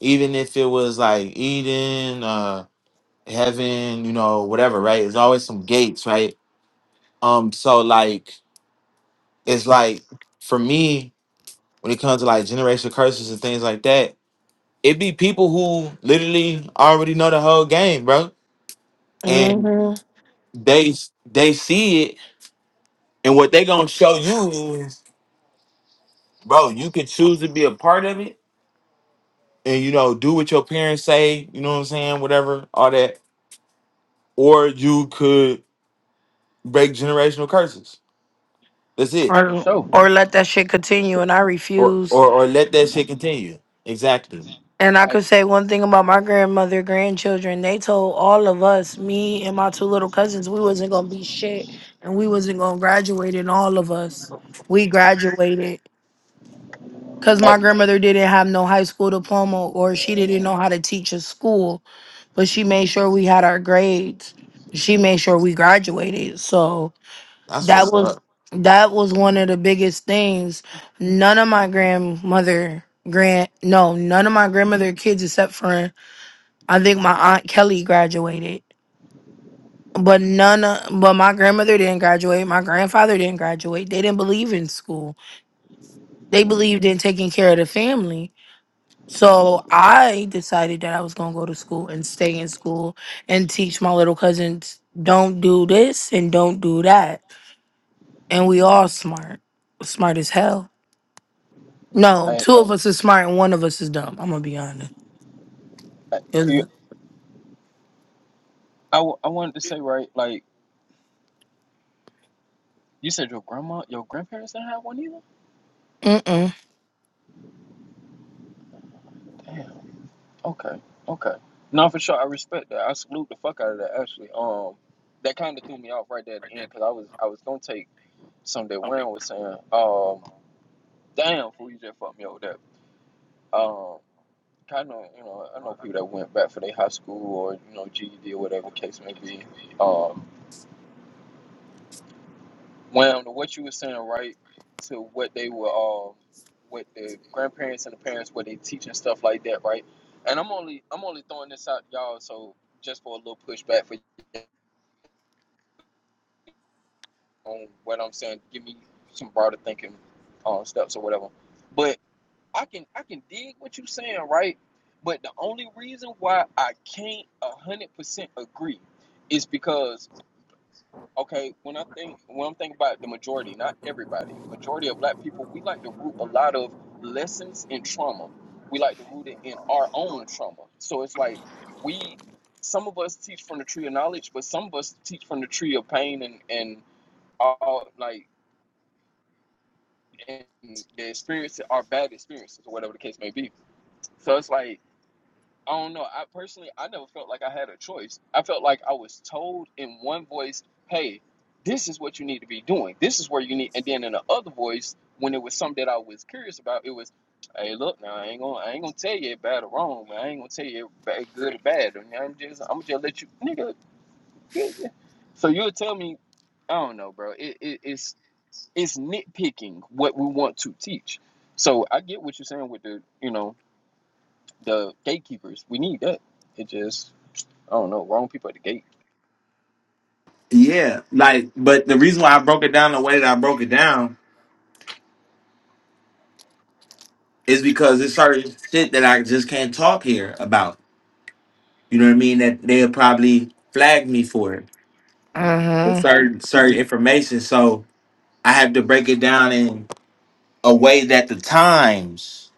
Even if it was like Eden, uh, heaven, you know, whatever, right? There's always some gates, right? Um, so like it's like for me, when it comes to like generational curses and things like that, it be people who literally already know the whole game, bro. And
Mm-hmm.
they they see it and what they gonna show you is, bro, you could choose to be a part of it and you know, do what your parents say, you know what I'm saying, whatever, all that. Or you could break generational curses. That's it
For
Or
sure.
or let that shit continue, and I
or
refuse.
or or let that shit continue. Exactly.
And I
I,
could say one thing about my grandmother, grandchildren. They told all of us, me and my two little cousins, we wasn't gonna be shit, and we wasn't gonna graduate. And all of us, we graduated because
I,
my grandmother didn't have no high school diploma or she didn't know how to teach at school, but she made sure we had our grades. She made sure we graduated. So
That's
that
what's
was
up.
that was one of the biggest things. None of my grandmother grand no, none of my grandmother kids except for I think my aunt Kelly graduated. But none of, but my grandmother didn't graduate, my grandfather didn't graduate. They didn't believe in school. They believed in taking care of the family. So I decided that I was going to go to school and stay in school and teach my little cousins don't do this and don't do that. And we all smart, smart as hell. No,
I,
two of us is smart and one of us is dumb. I'm going to be honest.
I, you,
'Cause-
I, w- I wanted to say, right, like, you said your grandma, your grandparents didn't have one either?
Mm-mm.
Damn. Okay. Okay. No, for sure. I respect that. I salute the fuck out of that, actually. Um, That kind of threw me off right there at the end because I was, I was going to take something that Wayne was saying. Um, Damn, fool, you just fucked me over there. Um, kind of, you know, I know people that went back for their high school or, you know, GED or whatever the case may be. Um. Well, to what you were saying, right, to what they were, uh, what the grandparents and the parents, what they teach and stuff like that, right? And I'm only, I'm only throwing this out, y'all. So just for a little pushback for on what I'm saying, give me some broader thinking uh, steps or whatever. But I can, I can dig what you're saying, right? But the only reason why I can't a hundred percent agree is because okay, when I think when I'm thinking about the majority, not everybody, majority of black people, we like to root a lot of lessons in trauma. We like to root it in our own trauma. So it's like we some of us teach from the tree of knowledge, but some of us teach from the tree of pain and and all like and the experience our bad experiences or whatever the case may be. So it's like I don't know. I personally, I never felt like I had a choice. I felt like I was told in one voice, "Hey, this is what you need to be doing. This is where you need." And then in the other voice, when it was something that I was curious about, it was, "Hey, look, now I ain't gonna, I ain't gonna tell you bad or wrong, but I ain't gonna tell you bad, good or bad. And I'm just, I'm gonna just let you, nigga." yeah, yeah." So you'll tell me, I don't know, bro. It, it, it's it's nitpicking what we want to teach. So I get what you're saying with the, you know, the gatekeepers. We need that. It just I don't know, wrong people at the gate.
Yeah, like, but the reason why I broke it down the way that I broke it down is because it's certain shit that I just can't talk here about. You know what I mean? That they'll probably flag me for it. For
Uh-huh.
certain certain information. So I have to break it down in a way that the times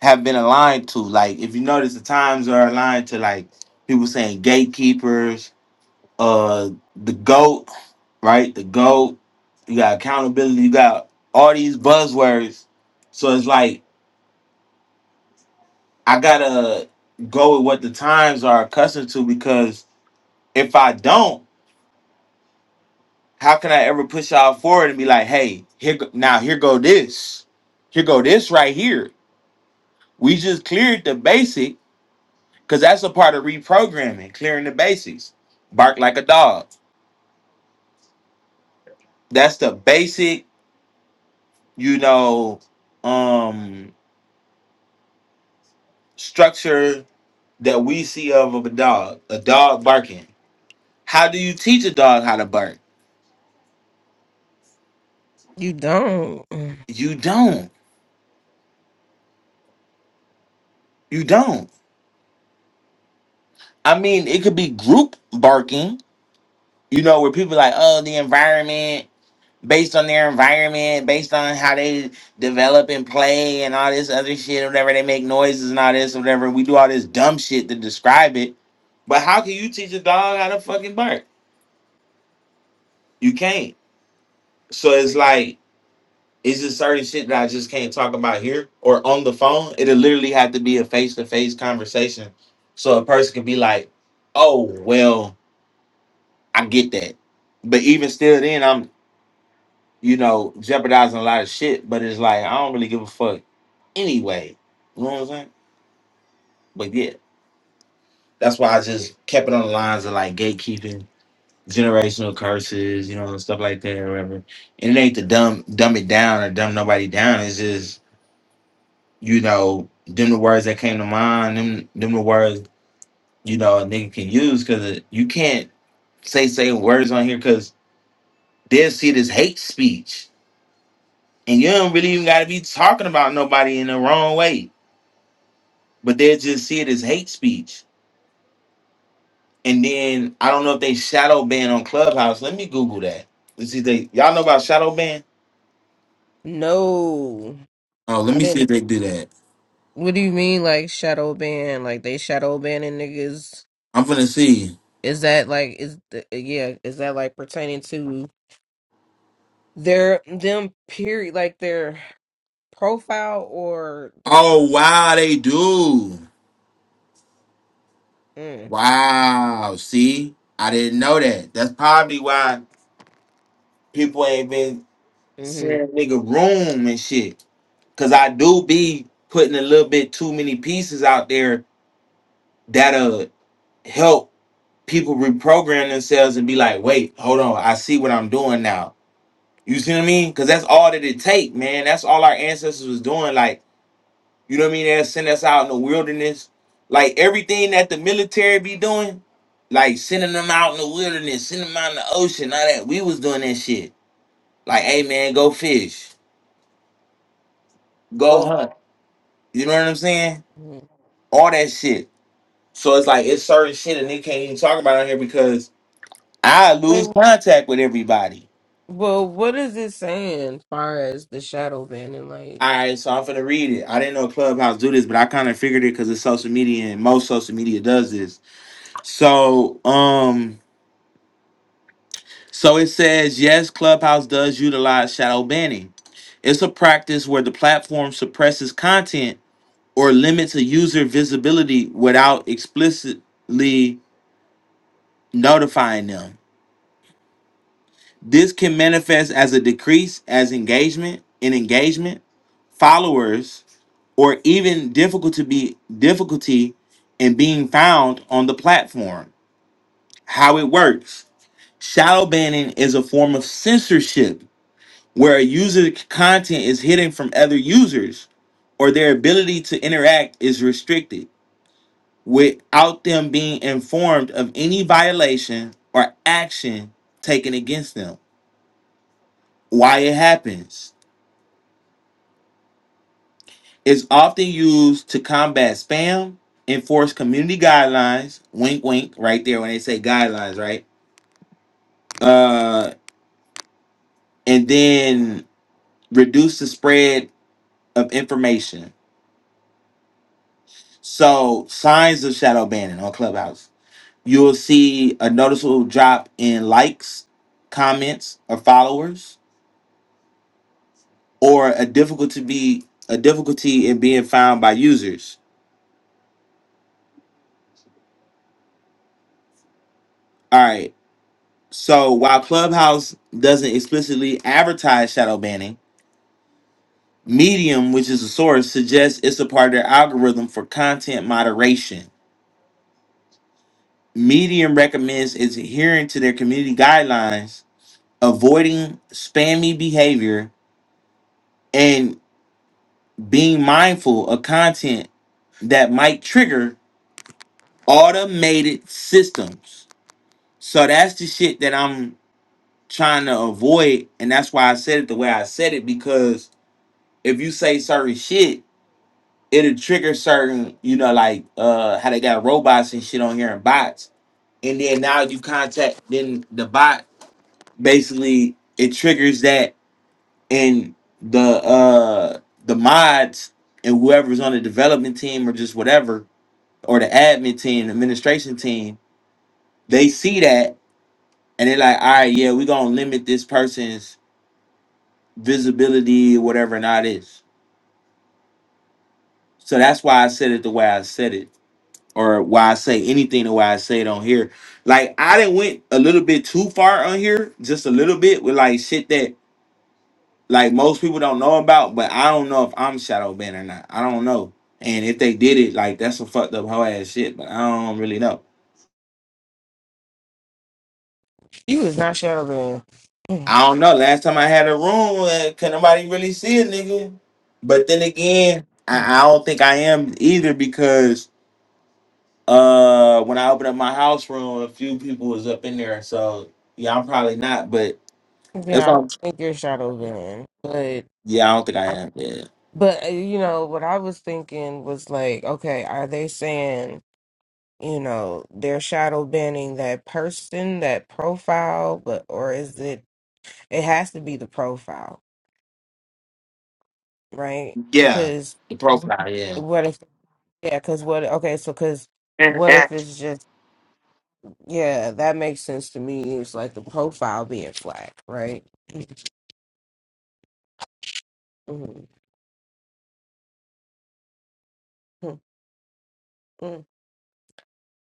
have been aligned to. Like, if you notice, the times are aligned to like people saying gatekeepers. uh the GOAT, right? The GOAT, you got accountability, you got all these buzzwords. So it's like I gotta go with what the times are accustomed to because if I don't, how can I ever push y'all forward and be like, hey, here go, now here go this. Here go this right here. We just cleared the basic because that's a part of reprogramming, clearing the basics. Bark like a dog. That's the basic, you know, um structure that we see of of a dog, a dog barking. How do you teach a dog how to bark?
You don't.
You don't. You don't. I mean, it could be group barking, you know, where people like, oh, the environment, based on their environment, based on how they develop and play and all this other shit, whatever they make noises and all this, whatever. We do all this dumb shit to describe it. But how can you teach a dog how to fucking bark? You can't. So it's like It's just certain shit that I just can't talk about here or on the phone. It'll literally have to be a face to face conversation. So a person can be like, oh, well, I get that. But even still, then I'm, you know, jeopardizing a lot of shit. But it's like, I don't really give a fuck anyway. You know what I'm saying? But yeah, that's why I just kept it on the lines of like gatekeeping, generational curses, you know, and stuff like that or whatever. And it ain't to dumb dumb it down or dumb nobody down. It's just you know, them the words that came to mind, them them the words, you know, a nigga can use because you can't say say words on here because they'll see this hate speech. And you don't really even gotta be talking about nobody in the wrong way. But they'll just see it as hate speech. And then I don't know if they shadow ban on Clubhouse. Let me Google that. Let's see if they y'all know about shadow ban?
No,
Oh, let
I
me see if
didn't.
they do that.
What do you mean, like shadow ban? Like they shadow banning niggas?
I'm gonna see.
Is that like is the, yeah? Is that like pertaining to their them period? Like their profile or their? cl-
Oh wow, they do.
Mm,
Wow. See, I didn't know that. That's probably why people ain't been
mm-hmm.
sharing nigga room and shit. Cause I do be putting a little bit too many pieces out there that'll help people reprogram themselves and be like, wait, hold on, I see what I'm doing now. You see what I mean? Cause that's all that it take, man. That's all our ancestors was doing. Like You know what I mean? They'll send us out in the wilderness. Like everything that the military be doing, like sending them out in the wilderness, sending them out in the ocean, all that. We was doing that shit. Like, hey man, go fish, go
Go.
hunt. You know what I'm saying?
Mhm.
All that shit. So it's like it's certain shit and they can't even talk about it on here because I lose contact with everybody.
Well, what is it saying as far as the shadow banning? Like,
All right, so I'm finna read it. I didn't know Clubhouse do this, but I kind of figured it because it's social media and most social media does this. So, um, So it says, yes, Clubhouse does utilize shadow banning. It's a practice where the platform suppresses content or limits a user visibility without explicitly notifying them. This can manifest as a decrease as engagement in engagement, followers, or even difficult to be difficulty in being found on the platform. How it works. Shadow banning is a form of censorship where a user's content is hidden from other users or their ability to interact is restricted without them being informed of any violation or action taken against them. Why it happens is often used to combat spam, enforce community guidelines, wink wink right there when they say guidelines, right? Uh and then reduce the spread of information. So signs of shadow banning on Clubhouse you'll see a noticeable drop in likes, comments, or followers, or a difficulty be a difficulty in being found by users. All right. So while Clubhouse doesn't explicitly advertise shadow banning, Medium, which is a source, suggests it's a part of their algorithm for content moderation. Medium recommends is adhering to their community guidelines, avoiding spammy behavior, and being mindful of content that might trigger automated systems. So that's the shit that I'm trying to avoid. And that's why I said it the way I said it, because if you say certain shit, it'll trigger certain, you know, like uh how they got robots and shit on here and bots. And then now you contact then the bot basically it triggers that and the uh the mods and whoever's on the development team or just whatever or the admin team, the administration team, they see that and they're like, all right, yeah, we're gonna limit this person's visibility, whatever not is. So that's why I said it the way I said it, or why I say anything the way I say it on here. Like I didn't went a little bit too far on here, just a little bit with like shit that like most people don't know about, but I don't know if I'm shadow banned or not. I don't know. And if they did it, like that's some fucked up whole ass shit, but I don't really know.
you is not shadow banned.
I don't know. Last time I had a room, uh, could nobody really see a nigga? But then again,
Mm.
I, I don't think I am either because uh, when I opened up my house room, a few people was up in there. So yeah, I'm probably not. But that's
Yeah, I don't
all.
think you're shadow banned, but
Yeah, I don't think I am. Yeah,
but uh, you know what I was thinking was like, okay, are they saying you know they're shadow banning that person, that profile, but or is it it has to be the profile, right?
yeah,
Because
the profile. Yeah,
what if yeah? Because what okay? So because
(laughs)
what if it's just Yeah, that makes sense to me. It's like the profile being flat, right? Mhm. mm mm.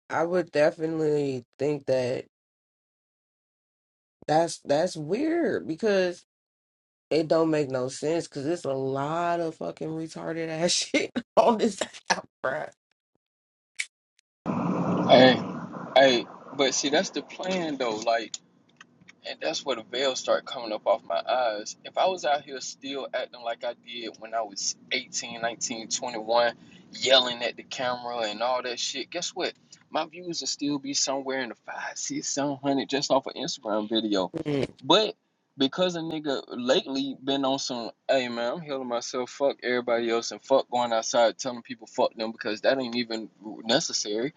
I would definitely think that that's that's weird because it don't make no sense because it's a lot of fucking retarded ass (laughs) shit on this app, bruh.
Hey, hey, but see, that's the plan though. Like, And that's where the veil started coming up off my eyes. If I was out here still acting like I did when I was 18, 19, 21, yelling at the camera and all that shit, guess what? My views would still be somewhere in the five, six, seven hundred just off an Instagram video.
Mm,
But because a nigga lately been on some, hey man, I'm healing myself, fuck everybody else, and fuck going outside telling people fuck them because that ain't even necessary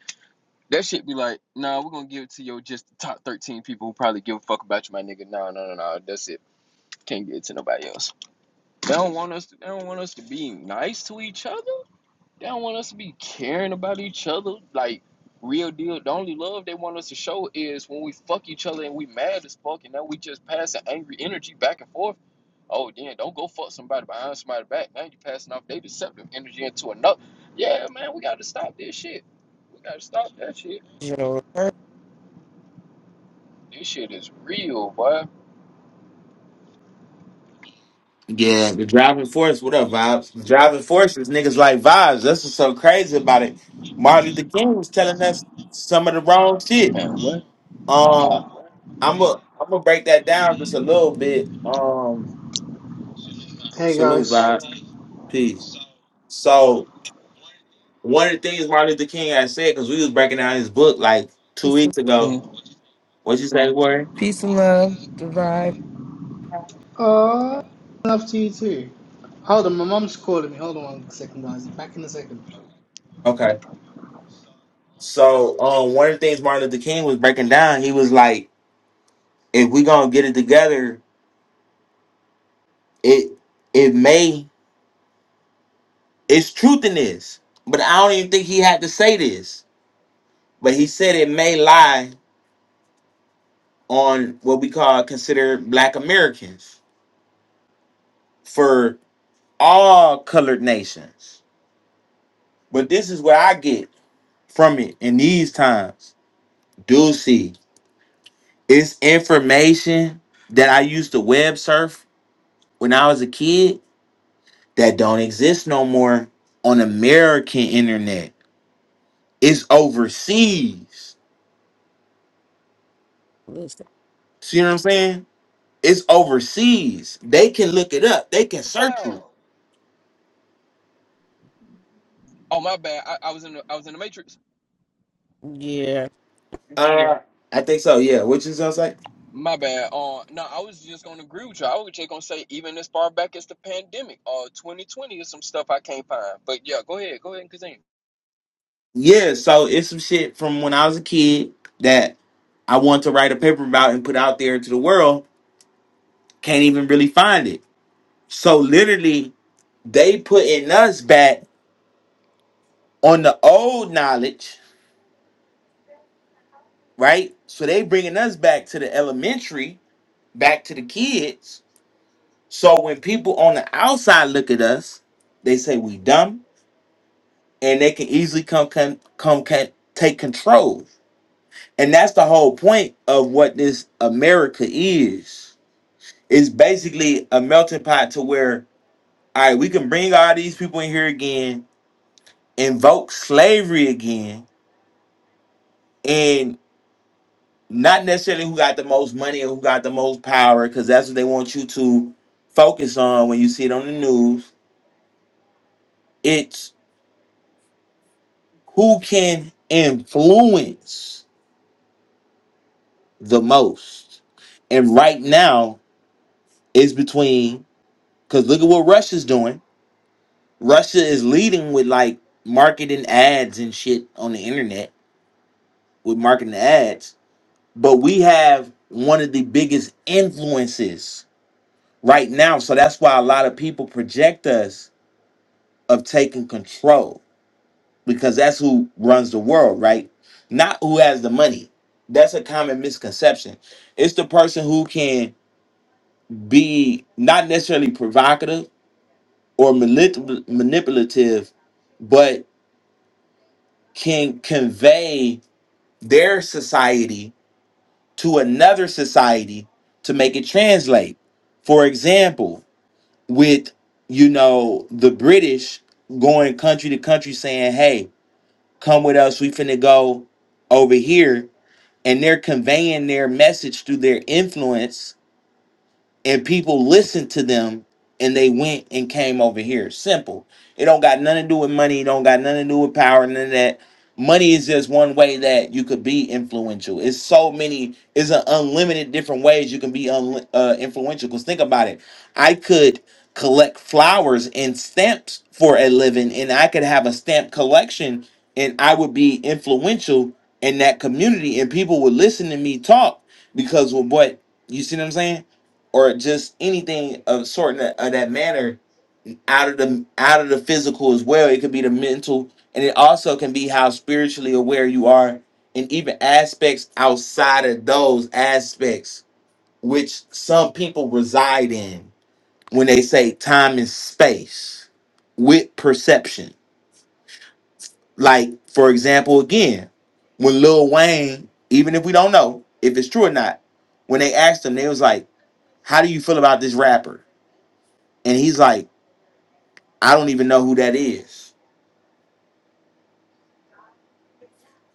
that shit be like, nah, we're gonna give it to your just the top 13 people who probably give a fuck about you, my nigga. No, no, no, no. That's it. Can't give it to nobody else. They don't want us to, they don't want us to be nice to each other. They don't want us to be caring about each other. Like real deal. The only love they want us to show is when we fuck each other and we mad as fuck and then we just pass passing angry energy back and forth. Oh then don't go fuck somebody behind somebody back. Now you passing off their deceptive energy into another. Yeah, man, we gotta stop this shit. We gotta stop that shit.
you know,
This shit is real, boy.
yeah, the driving force. What up, vibes? The driving force is niggas like vibes. That's what's so crazy about it. Martin Luther King was telling us some of the wrong shit. Um, I'm gonna I'm gonna break that down just a little bit. Um,
Hey
salute,
guys.
vibes, peace. So one of the things Martin Luther King had said, because we was breaking down his book like two
peace and,
weeks ago.
Mm.
What'd you say, Warren?
peace and love, the vibe.
Uh, love to you too. Hold on, my mum's calling me. Hold on one second, guys. I'm back in a second.
Okay. So um, one of the things Martin Luther King was breaking down, he was like, if we gonna get it together, it it may it's truth in this, but I don't even think he had to say this. But he said it may lie on what we call considered Black Americans for all colored nations. But this is where I get from it in these times. Do see it's information that I used to web surf when I was a kid that don't exist no more on American internet. It's overseas.
Listen,
See what I'm saying? It's overseas. They can look it up. They can search it.
Oh my bad. I, I was in the I was in the matrix.
yeah,
Uh, I think so. Yeah. Which is I was like.
My bad. Uh no, I was just gonna agree with you. I was just gonna say even as far back as the pandemic, uh twenty twenty is some stuff I can't find. But yeah, go ahead, go ahead and continue.
Yeah, so it's some shit from when I was a kid that I want to write a paper about and put out there to the world. Can't even really find it. So literally, they putting us back on the old knowledge, right? So they bringing us back to the elementary, back to the kids. So when people on the outside look at us, they say we dumb, and they can easily come come come, come take control. And that's the whole point of what this America is. It's basically a melting pot to where, all right, we can bring all these people in here again, invoke slavery again, and not necessarily who got the most money or who got the most power, because that's what they want you to focus on when you see it on the news. It's who can influence the most. And right now, it's between, because look at what Russia's doing. Russia is leading with like marketing ads and shit on the internet with marketing ads, but we have one of the biggest influences right now. So that's why a lot of people project us of taking control because that's who runs the world, right? Not who has the money. That's a common misconception. It's the person who can be not necessarily provocative or manip- manipulative, but can convey their society to another society to make it translate. For example, with you know the British going country to country saying, "Hey, come with us. We finna go over here," and they're conveying their message through their influence and people listened to them and they went and came over here. Simple. It don't got nothing to do with money. It don't got nothing to do with power. None of that. Money is just one way that you could be influential. It's so many. It's an unlimited different ways you can be unli uh, influential. Cause think about it. I could collect flowers and stamps for a living, and I could have a stamp collection, and I would be influential in that community, and people would listen to me talk because of what you see. What I'm saying? or just anything of sort in that, of that manner out of the out of the physical as well. It could be the mental, and it also can be how spiritually aware you are, and even aspects outside of those aspects which some people reside in when they say time and space with perception. Like for example, again, when Lil Wayne, even if we don't know if it's true or not, when they asked him, they was like, "How do you feel about this rapper?" And he's like. I don't even know who that is.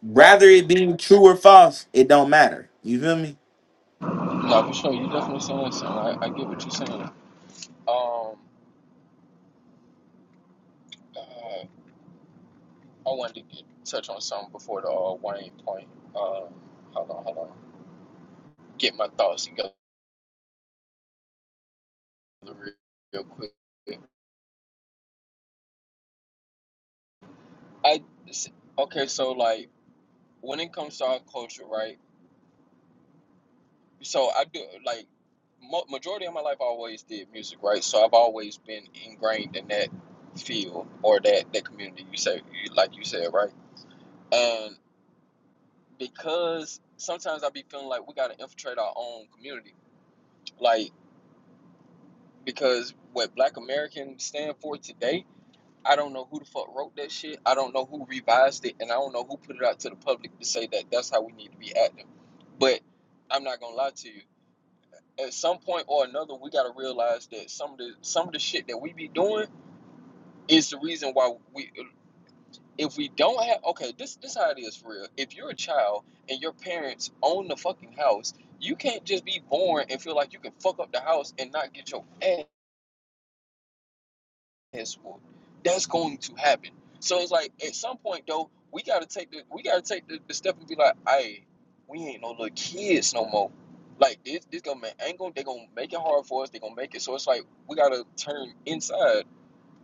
Rather it being true or false, it don't matter. You feel me?
No, for sure, you definitely saying something. I, I get what you're saying. Um uh, I wanted to get, touch on something before the uh, Wayne point. Um hold on, hold on. Get my thoughts together real, real quick. I okay, so like when it comes to our culture, right? So I do like mo- majority of my life I always did music, right? So I've always been ingrained in that field or that that community. You say, like you said, right? And because sometimes I be feeling like we gotta infiltrate our own community, like because what Black Americans stand for today. I don't know who the fuck wrote that shit. I don't know who revised it, and I don't know who put it out to the public to say that that's how we need to be acting. But I'm not gonna lie to you at some point or another, we gotta realize that some of the some of the shit that we be doing is the reason why we. If we don't have okay, this this how it is for real. If you're a child and your parents own the fucking house, you can't just be born and feel like you can fuck up the house and not get your ass henceforth. That's going to happen. So it's like at some point though, we gotta take the we gotta take the, the step and be like, hey, we ain't no little kids no more. Like this this government ain't gonna they gonna make it hard for us, they gonna make it so it's like we gotta turn inside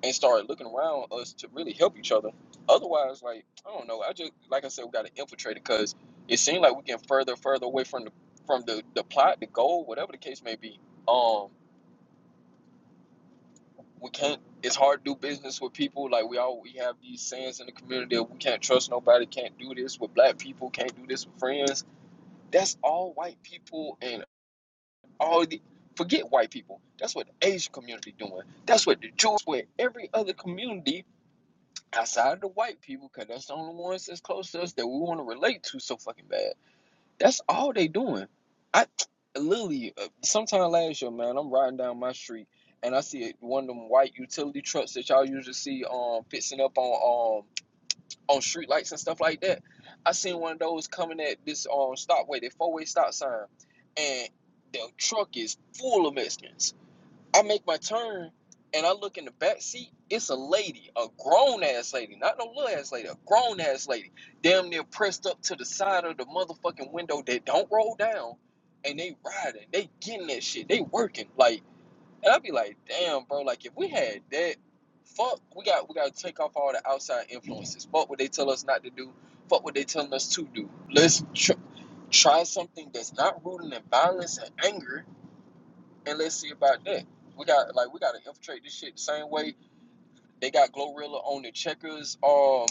and start looking around us to really help each other. Otherwise, like, I don't know, I just like I said, we gotta infiltrate it because it seems like we get further, further away from the from the, the plot, the goal, whatever the case may be. Um we can't it's hard to do business with people like we all we have these sayings in the community that we can't trust nobody can't do this with black people can't do this with friends that's all white people and all the forget white people that's what the asian community doing that's what the jews with every other community outside of the white people because that's the only ones that's close to us that we want to relate to so fucking bad that's all they doing. I (tsk) literally uh, sometime last year, man, I'm riding down my street and I see one of them white utility trucks that y'all usually see um fixing up on um on street lights and stuff like that. I seen one of those coming at this um stopway, way, the four way stop sign, and the truck is full of Mexicans. I make my turn and I look in the back seat. It's a lady, a grown ass lady, not no little ass lady, a grown ass lady, damn near pressed up to the side of the motherfucking window that don't roll down, and they riding, they getting that shit, they working like, and I be like, damn, bro, like if we had that, fuck, we got we got to take off all the outside influences. Fuck what they tell us not to do. Fuck what they telling us to do. Let's tr- try something that's not rooted in violence and anger and let's see about that. We got like we gotta infiltrate this shit the same way they got Glorilla on the checkers, um,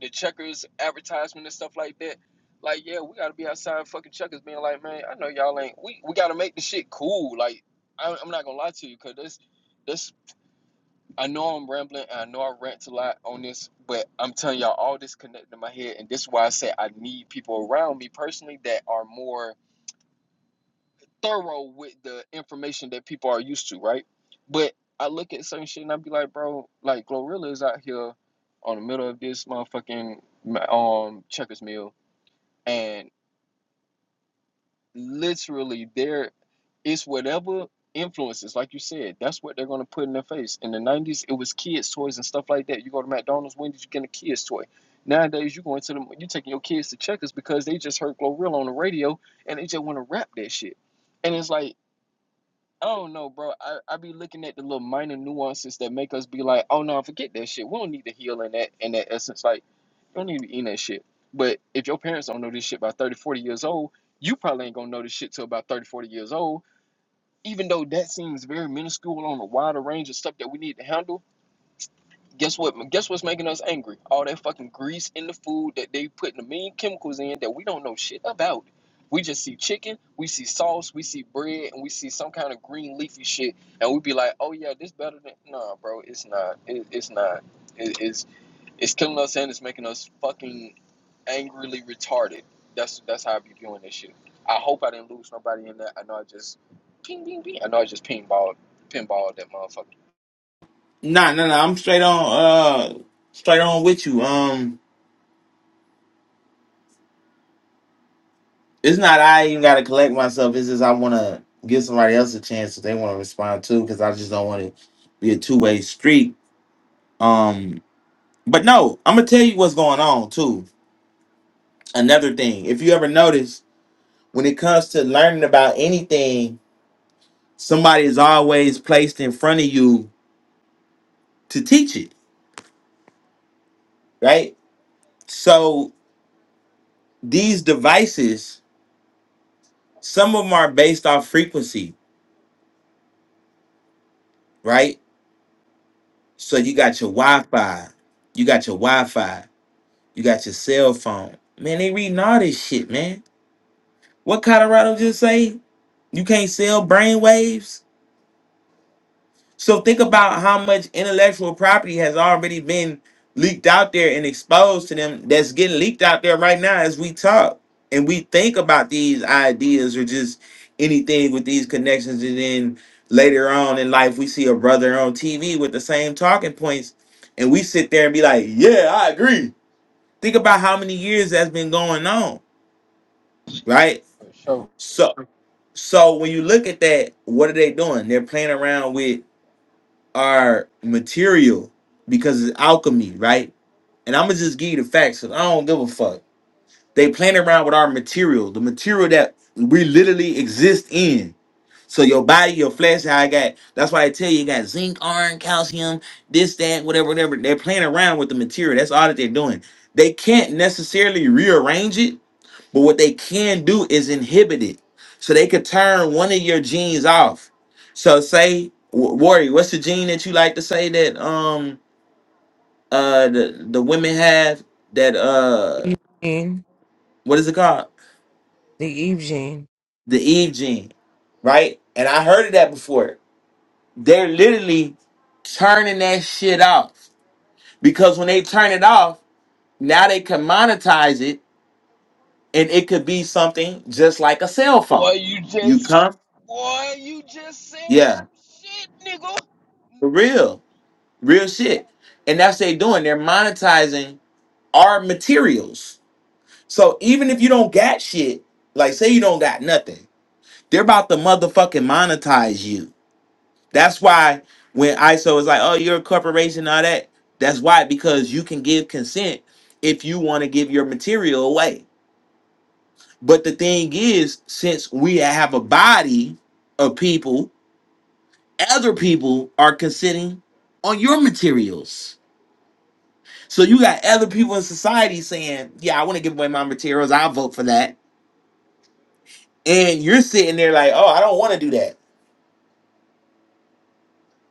the checkers advertisement and stuff like that. Like, yeah, we gotta be outside fucking checkers being like, man, I know y'all ain't. We we gotta make the shit cool. Like, I, I'm not gonna lie to you, cause this this I know I'm rambling and I know I rant a lot on this, but I'm telling y'all all this connected in my head, and this is why I say I need people around me personally that are more thorough with the information that people are used to, right? But I look at certain shit and I be like, bro, like Glorilla is out here on the middle of this motherfucking um checkers mill, and literally there it's whatever influences, like you said, that's what they're gonna put in their face. In the nineties, it was kids' toys and stuff like that. You go to McDonald's, when did you get a kids' toy? Nowadays, you going to them, you taking your kids to checkers because they just heard Glorilla on the radio and they just want to rap that shit. And it's like I don't know, bro. I, I be looking at the little minor nuances that make us be like, oh no, forget that shit. We don't need to heal in that in that essence. Like, you don't need to eat that shit. But if your parents don't know this shit by 30 40 years old, you probably ain't gonna know this shit till about 30 40 years old. Even though that seems very minuscule on a wider range of stuff that we need to handle, Guess what? Guess what's making us angry? All that fucking grease in the food that they putting the mean chemicals in that we don't know shit about. We just see chicken, we see sauce, we see bread, and we see some kind of green leafy shit, and we be like, "Oh yeah, this better than." Nah, bro, it's not. It, it's not. It, it's it's killing us and it's making us fucking angrily retarded. That's that's how I be viewing this shit. I hope I didn't lose nobody in that. I know I just ping, ping, ping. I know I just pinballed, pinballed that motherfucker.
Nah, no, no. I'm straight on, uh, straight on with you. Um, it's not I even gotta collect myself. It's just I wanna give somebody else a chance if they wanna respond too, because I just don't want to be a two way street. Um, but no, I'm gonna tell you what's going on too. Another thing, if you ever notice, when it comes to learning about anything, somebody is always placed in front of you to teach it, right? So these devices, some of them are based off frequency, right? So you got your Wi-Fi, you got your Wi-Fi, you got your cell phone. Man, they reading all this shit, man. What Colorado just say? You can't sell brainwaves? So think about how much intellectual property has already been leaked out there and exposed to them that's getting leaked out there right now as we talk and we think about these ideas or just anything with these connections and then later on in life we see a brother on TV with the same talking points and we sit there and be like, "Yeah, I agree." Think about how many years that's been going on, right?
For sure.
So so when you look at that, what are they doing? They're playing around with are material because it's alchemy, right? And I'm gonna just give you the facts because I don't give a fuck. They playing around with our material, the material that we literally exist in. So your body, your flesh, how I got. That's why I tell you, you got zinc, iron, calcium, this, that, whatever, whatever. They're playing around with the material. That's all that they're doing. They can't necessarily rearrange it but what they can do is inhibit it. So they could turn one of your genes off. So say, w- Worry, what's the gene that you like to say that um uh the, the women have that uh
and
what is it called?
the Eve Jean.
The Eve gene, right? And I heard of that before. They're literally turning that shit off. Because when they turn it off, now they can monetize it and it could be something just like a cell phone.
Boy, you
You
just,
come?
boy, you just said
Yeah.
some shit, nigga.
For real. Real shit.
That's what it
And that's
is.
what they doing. They're monetizing our materials. So even if you don't got shit, like say you don't got nothing, they're about to motherfucking monetize you. That's why when ISO is like, oh, you're a corporation, all that. That's why, because you can give consent if you want to give your material away. But the thing is, since we have a body of people, other people are consenting on your materials. So you got other people in society saying, "Yeah, I want to give away my materials. I'll vote for that," and you're sitting there like, "Oh, I don't want to do that."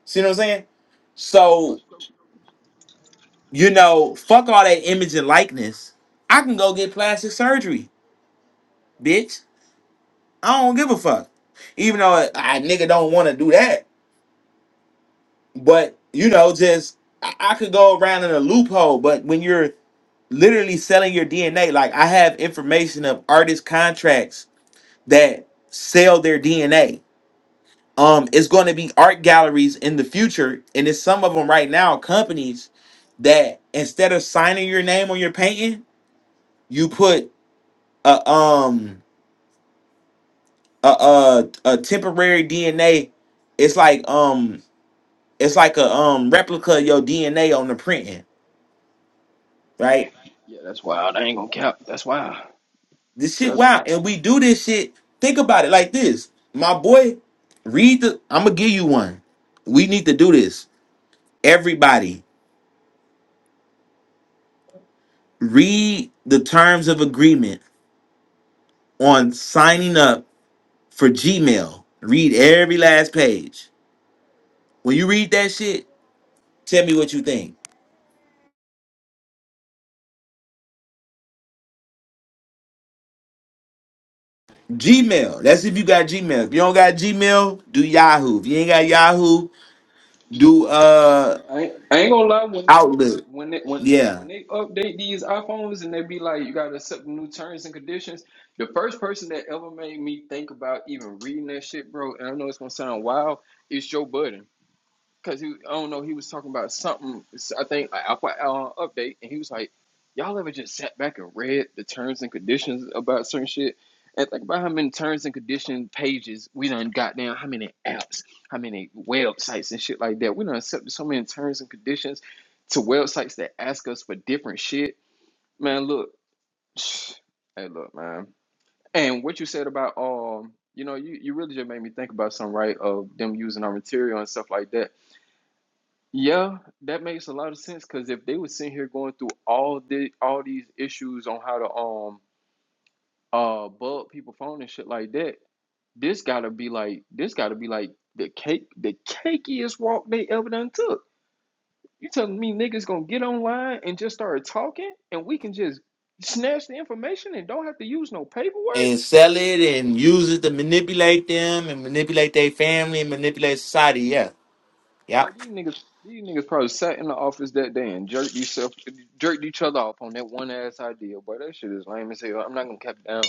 See what I'm saying? So you know, fuck all that image and likeness. I can go get plastic surgery, bitch. I don't give a fuck. Even though I, I nigga don't want to do that, but you know, just I, I could go around in a loophole. But when you're literally selling your DNA, like I have information of artist contracts that sell their DNA um it's going to be art galleries in the future and it's some of them right now companies that instead of signing your name on your painting you put a um a a, a temporary dna it's like um it's like a um replica of your dna on the printing right this shit wow and we do this shit think about it like this my boy read the i'm gonna give you one we need to do this everybody read the terms of agreement on signing up for Gmail. Read every last page. When you read that shit, tell me what you think. Gmail. That's if you got Gmail. If you don't got Gmail, do Yahoo. If you ain't got Yahoo, do uh
I ain't, I ain't gonna lie when
Outlook.
when they, when
Yeah.
when they update these iPhones and they be like, you gotta accept new terms and conditions. The first person that ever made me think about even reading that shit, bro, and I know it's gonna sound wild, is Joe Budden. because he, I don't know, he was talking about something. I think I Alpha uh, update, and he was like, "Y'all ever just sat back and read the terms and conditions about certain shit?" And think about how many terms and condition pages we done got down, how many apps, how many websites and shit like that. We done accepted so many terms and conditions to websites that ask us for different shit. Man, look, (sighs) hey, look, man. And what you said about um, you know, you, you really just made me think about something, right? Of them using our material and stuff like that yeah, that makes a lot of sense because if they were sitting here going through all the all these issues on how to um uh bug people phone and shit like that, this gotta be like this gotta be like the cake the cakiest walk they ever done took. You telling me niggas gonna get online and just start talking and we can just snatch the information and don't have to use no paperwork?
And sell it and use it to manipulate them and manipulate their family and manipulate society. Yeah.
Boy,
Yep.
these niggas these niggas probably sat in the office that day and jerked yourself jerked each other off on that one ass idea. Boy, that shit is lame as hell. I'm not gonna cap it down.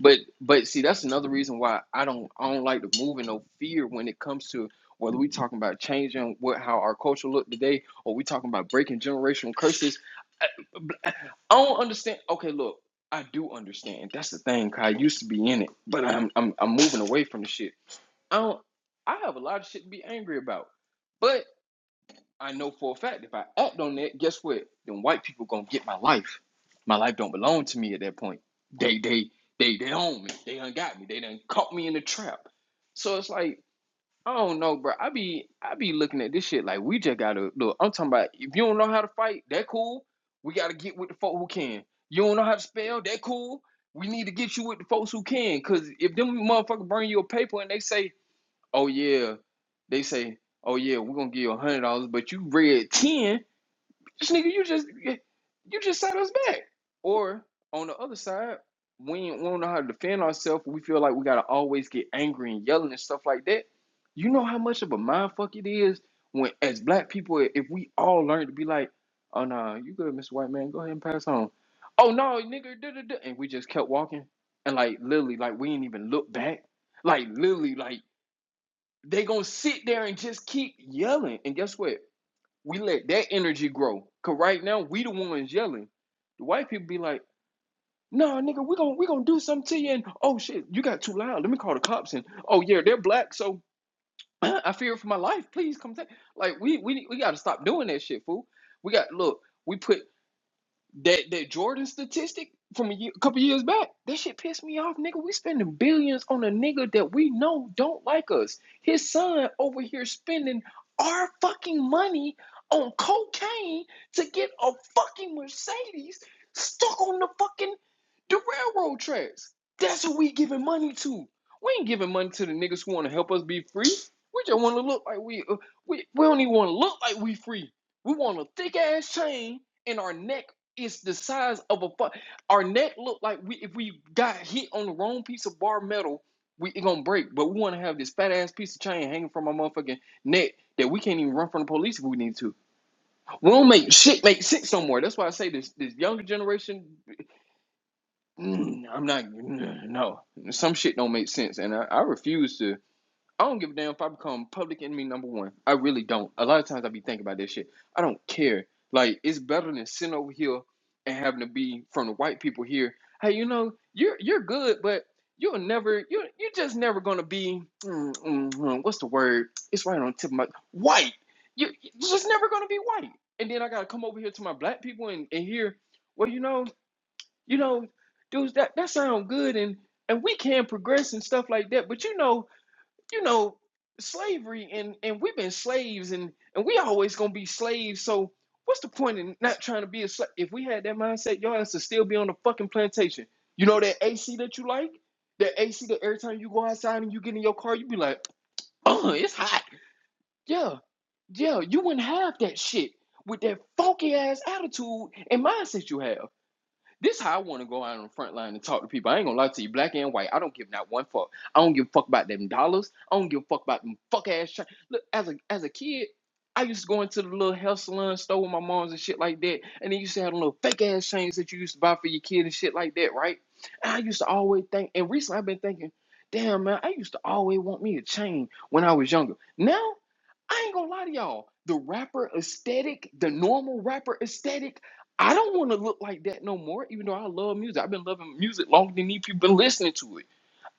But but see, that's another reason why I don't I don't like to move in no fear when it comes to whether we talking about changing what how our culture look today or we talking about breaking generational curses. I don't understand. Okay, look, I do understand. That's the thing. 'cause I used to be in it, but I'm I'm I'm moving away from the shit. I don't. I have a lot of shit to be angry about, but. I know for a fact if I act on that, guess what? Then white people gonna get my life. My life don't belong to me at that point. They they they they own me. They done got me. They done caught me in the trap. So it's like, I don't know, bro. I be I be looking at this shit like we just gotta look. I'm talking about if you don't know how to fight, that cool. We gotta get with the folk who can. You don't know how to spell, that cool. We need to get you with the folks who can. Cause if them motherfuckers bring you a paper and they say oh yeah, they say, oh yeah, we're gonna give you a hundred dollars, but you read ten. This nigga, you just yeah, you just set us back. Or on the other side, we ain't- we don't know how to defend ourselves. We feel like we gotta always get angry and yelling and stuff like that. You know how much of a mind fuck it is when, as black people, if we all learn to be like, oh no, you good, Mr. White Man, go ahead and pass on. Oh no, nigga, da da da, and we just kept walking, and like literally, like we ain't even look back, like literally, like they gonna sit there and just keep yelling. And guess what? We let that energy grow. Cause right now we the ones yelling. The white people be like, nah, nigga, we gonna we gonna do something to you. And oh shit, you got too loud. Let me call the cops. And oh yeah, they're black, so (clears throat) I fear for my life. Please come take. Like we we we gotta stop doing that shit, fool. We got look. We put that that Jordan statistic from a year, a couple years back, that shit pissed me off, nigga. We spending billions on a nigga that we know don't like us. His son over here spending our fucking money on cocaine to get a fucking Mercedes stuck on the fucking the railroad tracks. That's who we giving money to. We ain't giving money to the niggas who want to help us be free. We just want to look like we uh, we we don't even want to look like we free. We want a thick ass chain in our neck it's the size of a fuck. our neck look like we if we got hit on the wrong piece of bar metal, we it gonna break. But we wanna have this fat ass piece of chain hanging from our motherfucking neck that we can't even run from the police if we need to. We don't make shit make sense no more. That's why I say this this younger generation. mm, I'm not mm, no some shit don't make sense, and I, I refuse to. I don't give a damn if I become public enemy number one. I really don't. A lot of times I be thinking about this shit. I don't care. Like it's better than sitting over here and having to be from the white people here. Hey, you know you're you're good, but you'll never you you're just never gonna be mm, mm, mm, what's the word? It's right on the tip of my white. You you're just never gonna be white. And then I gotta come over here to my black people and and hear well you know you know dudes that that sound good and and we can progress and stuff like that, but you know you know, slavery and and we've been slaves and and we always gonna be slaves. So what's the point in not trying to be a slave? If we had that mindset, your ass would still be on the fucking plantation. You know that AC that you like, that AC that every time you go outside and you get in your car, you be like, oh, it's hot. Yeah, yeah, you wouldn't have that shit with that funky ass attitude and mindset you have. This is how I want to go out on the front line and talk to people. I ain't gonna lie to you, black and white. I don't give not one fuck. I don't give a fuck about them dollars. I don't give a fuck about them fuck ass. Tra- Look, as a as a kid, I used to go into the little health salon store with my moms and shit like that, and they used to have them little fake ass chains that you used to buy for your kid and shit like that, right? And I used to always think, and recently I've been thinking, damn man, I used to always want me a chain when I was younger. Now I ain't gonna lie to y'all. The rapper aesthetic, the normal rapper aesthetic, I don't want to look like that no more. Even though I love music, I've been loving music longer than these people been listening to it.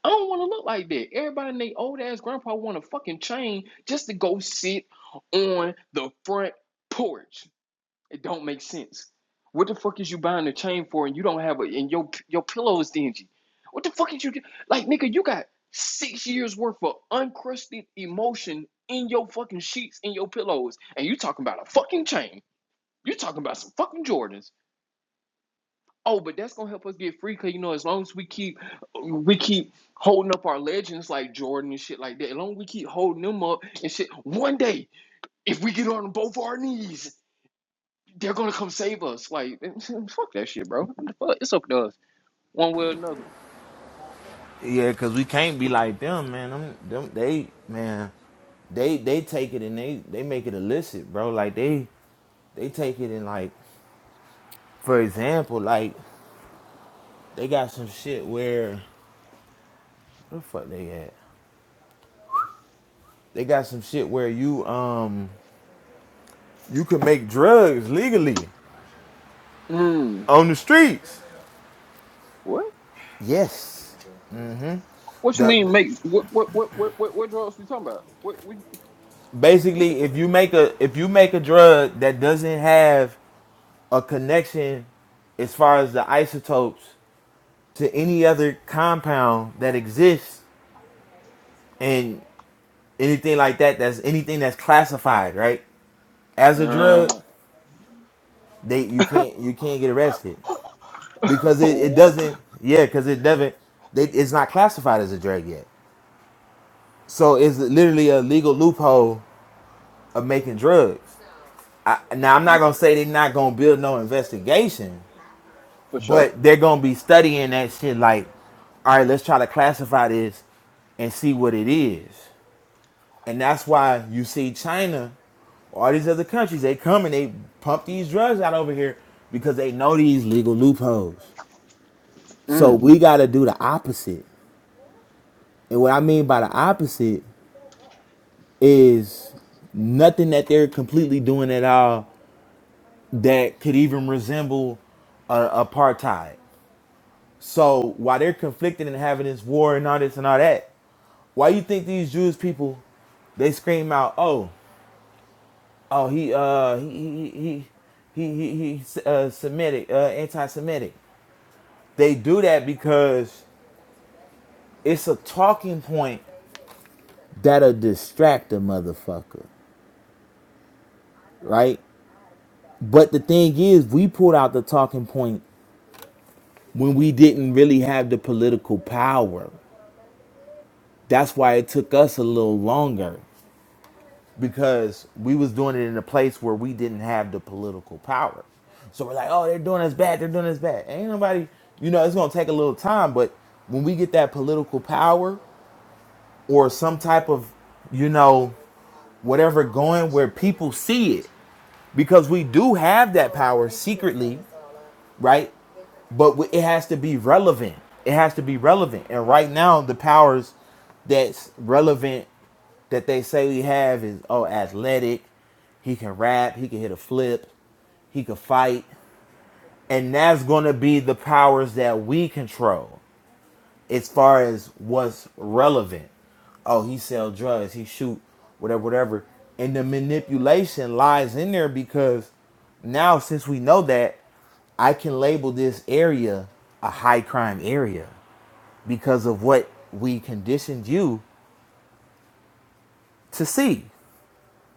I don't want to look like that. Everybody and they old ass grandpa want a fucking chain just to go sit on the front porch. It don't make sense. What the fuck is you buying a chain for and you don't have a and your your pillow is dingy? What the fuck is you like nigga, you got six years worth of uncrusted emotion in your fucking sheets and your pillows, and you talking about a fucking chain. You talking about some fucking Jordans. Oh, but that's gonna help us get free, cause you know, as long as we keep we keep holding up our legends like Jordan and shit like that, as long as we keep holding them up and shit, one day, if we get on both our knees they're gonna come save us. Like, (laughs) fuck that shit, bro. What the fuck? It's up to us, one way or another.
Yeah, cause we can't be like them, man. Them, them, they, man, they, they take it and they, they make it illicit, bro. Like they, They take it in like, for example, like they got some shit where where the fuck they at? They got some shit where you um you can make drugs legally
Mm,
on the streets.
what?
Yes.
What you
The,
mean,
the-
make? What what what what what, what drugs you talking about? What what what?
basically
what?
if you make a if you make a drug that doesn't have a connection as far as the isotopes to any other compound that exists and anything like that that's anything that's classified, right? As a Right.
Uh,
drug, They you can't you can't get arrested
(laughs)
because it, it
oh,
doesn't yeah because it doesn't they, it's not classified as a drug yet. So it's literally a legal loophole of making drugs. I, now I'm not gonna say they're not gonna build no investigation,
for sure.
but they're gonna be studying that shit like, all right, let's try to classify this and see what it is. And that's why you see China, all these other countries, they come and they pump these drugs out over here because they know these legal loopholes. So
Mm.
we got to do the opposite. And what I mean by the opposite is nothing that they're completely doing at all that could even resemble uh, apartheid. So while they're conflicted and having this war and all this and all that, why you think these Jewish people they scream out, "Oh, oh, he, uh, he, he, he, he, he, he uh, Semitic, uh, anti-Semitic." They do that because it's a talking point that'll distract a motherfucker. right? But the thing is, we pulled out the talking point when we didn't really have the political power. That's why it took us a little longer because we was doing it in a place where we didn't have the political power. So we're like, oh, they're doing us bad. They're doing us bad. Ain't nobody, you know, it's gonna take a little time, but when we get that political power or some type of, you know, whatever going where people see it, because we do have that power secretly right? But it has to be relevant. It has to be relevant. And right now, the powers that's relevant that they say we have is oh, athletic. He can rap. He can hit a flip. He can fight. And that's gonna be the powers that we control as far as what's relevant. Oh, he sell drugs, he shoot, whatever, whatever. And the manipulation lies in there because now since we know that, I can label this area a high crime area because of what we conditioned you to see.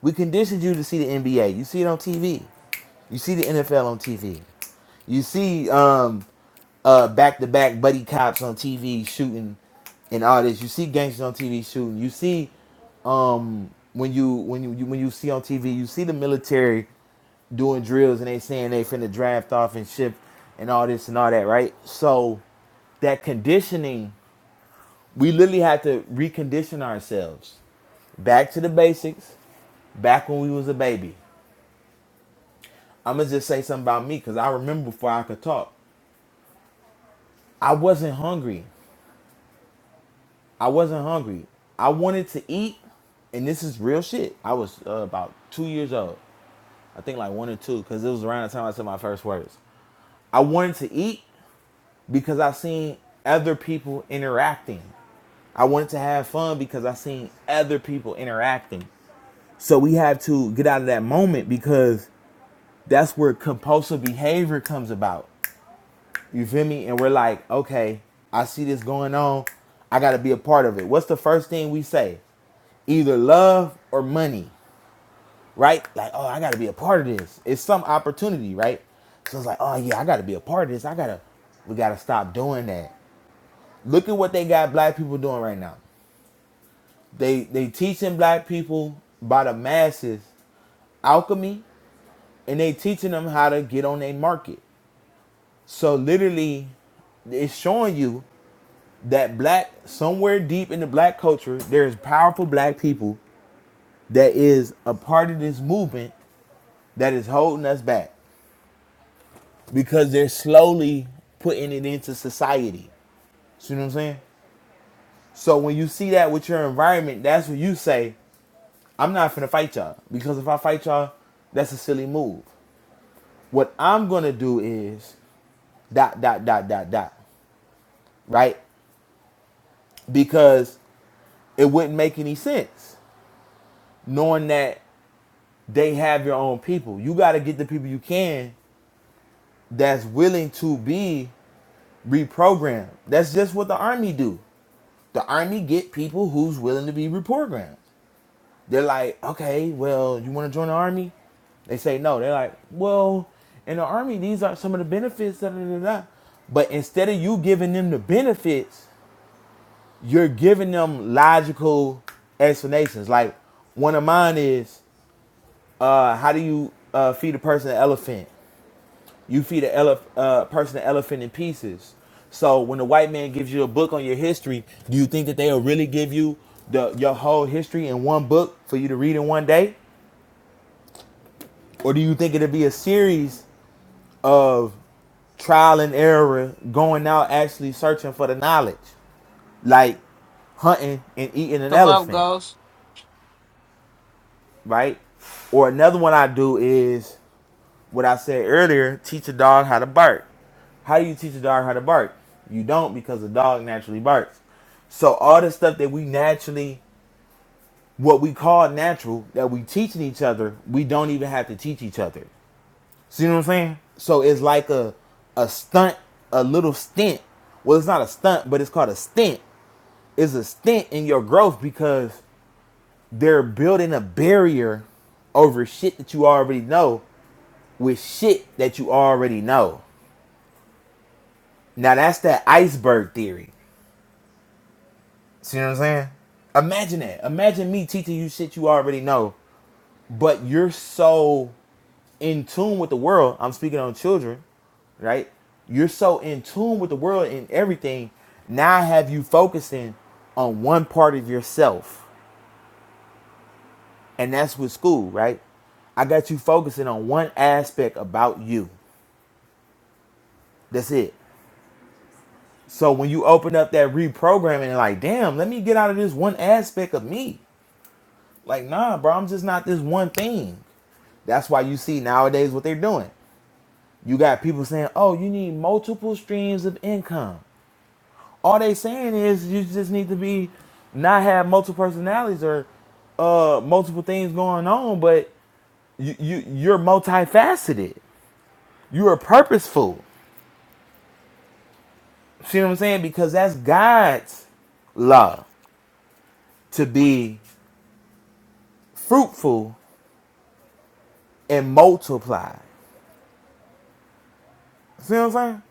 We conditioned you to see the NBA. You see it on TV. You see the NFL on TV. You see um, uh back to back buddy cops on TV shooting and all this. You see gangsters on TV shooting. You see um when you when you, you when you see on TV, you see the military doing drills and they saying they finna draft off and ship and all this and all that, right? So that conditioning, we literally had to recondition ourselves back to the basics, back when we was a baby. I'ma just say something about me because I remember before I could talk. I wasn't hungry. I wasn't hungry. I wanted to eat, and this is real shit. I was uh, about two years old, I think like one or two, because it was around the time I said my first words. I wanted to eat because I seen other people interacting. I wanted to have fun because I seen other people interacting. So we have to get out of that moment because that's where compulsive behavior comes about. You feel me? And we're like, okay, I see this going on. I got to be a part of it. What's the first thing we say? either love or money, right? Like, oh, I got to be a part of this. It's some opportunity, right? So it's like, oh yeah, I got to be a part of this. I gotta, we gotta stop doing that. Look at what they got black people doing right now. They they teaching black people by the masses alchemy, and they teaching them how to get on their market. So literally, it's showing you that black somewhere deep in the black culture there's powerful black people that is a part of this movement that is holding us back because they're slowly putting it into society. See what I'm saying? So when you see that with your environment, that's when you say, I'm not finna fight y'all. Because if I fight y'all, that's a silly move. What I'm gonna do is dot dot dot dot dot. Right? Because it wouldn't make any sense knowing that they have your own people. You gotta get the people you can that's willing to be reprogrammed. That's just what the army do. The army get people who's willing to be reprogrammed. They're like, okay, well, you want to join the army? They say no. They're like, well, in the army, these are some of the benefits. Da, da, da, da. But instead of you giving them the benefits, you're giving them logical explanations. Like one of mine is, uh, how do you uh, feed a person an elephant? You feed a elef- uh, person an elephant in pieces. So when the white man gives you a book on your history, do you think that they'll really give you the your whole history in one book for you to read in one day, or do you think it'll be a series of trial and error, going out actually searching for the knowledge, like hunting and eating an
Come up,
elephant,
ghost.
right? Or another one I do is what I said earlier, teach a dog how to bark. How do you teach a dog how to bark? You don't because a dog naturally barks. So all the stuff that we naturally, what we call natural, that we teaching each other, we don't even have to teach each other. See what I'm saying? So it's like a a stunt, a little stint. Well, it's not a stunt, but it's called a stint. It's a stint in your growth because they're building a barrier over shit that you already know with shit that you already know. Now that's that iceberg theory. See what I'm saying? Imagine that. Imagine me teaching you shit you already know, but you're so in tune with the world. I'm speaking on children, right? You're so in tune with the world and everything. Now I have you focusing on one part of yourself, and that's with school, right? I got you focusing on one aspect about you. That's it. So when you open up that reprogramming, like, damn, let me get out of this one aspect of me. Like, nah, bro, I'm just not this one thing. That's why you see nowadays what they're doing. You got people saying, oh, you need multiple streams of income. All they saying is you just need to be not have multiple personalities or uh multiple things going on, but you, you you're multifaceted. You are purposeful. See what I'm saying? Because that's God's law to be fruitful and multiply. See what I'm saying?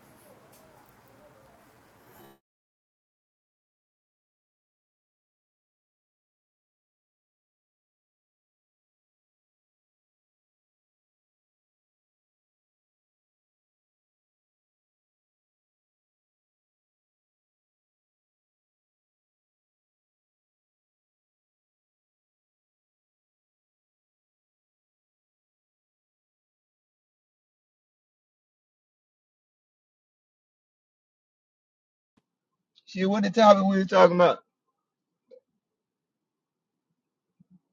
Shit, what the topic we were talking about?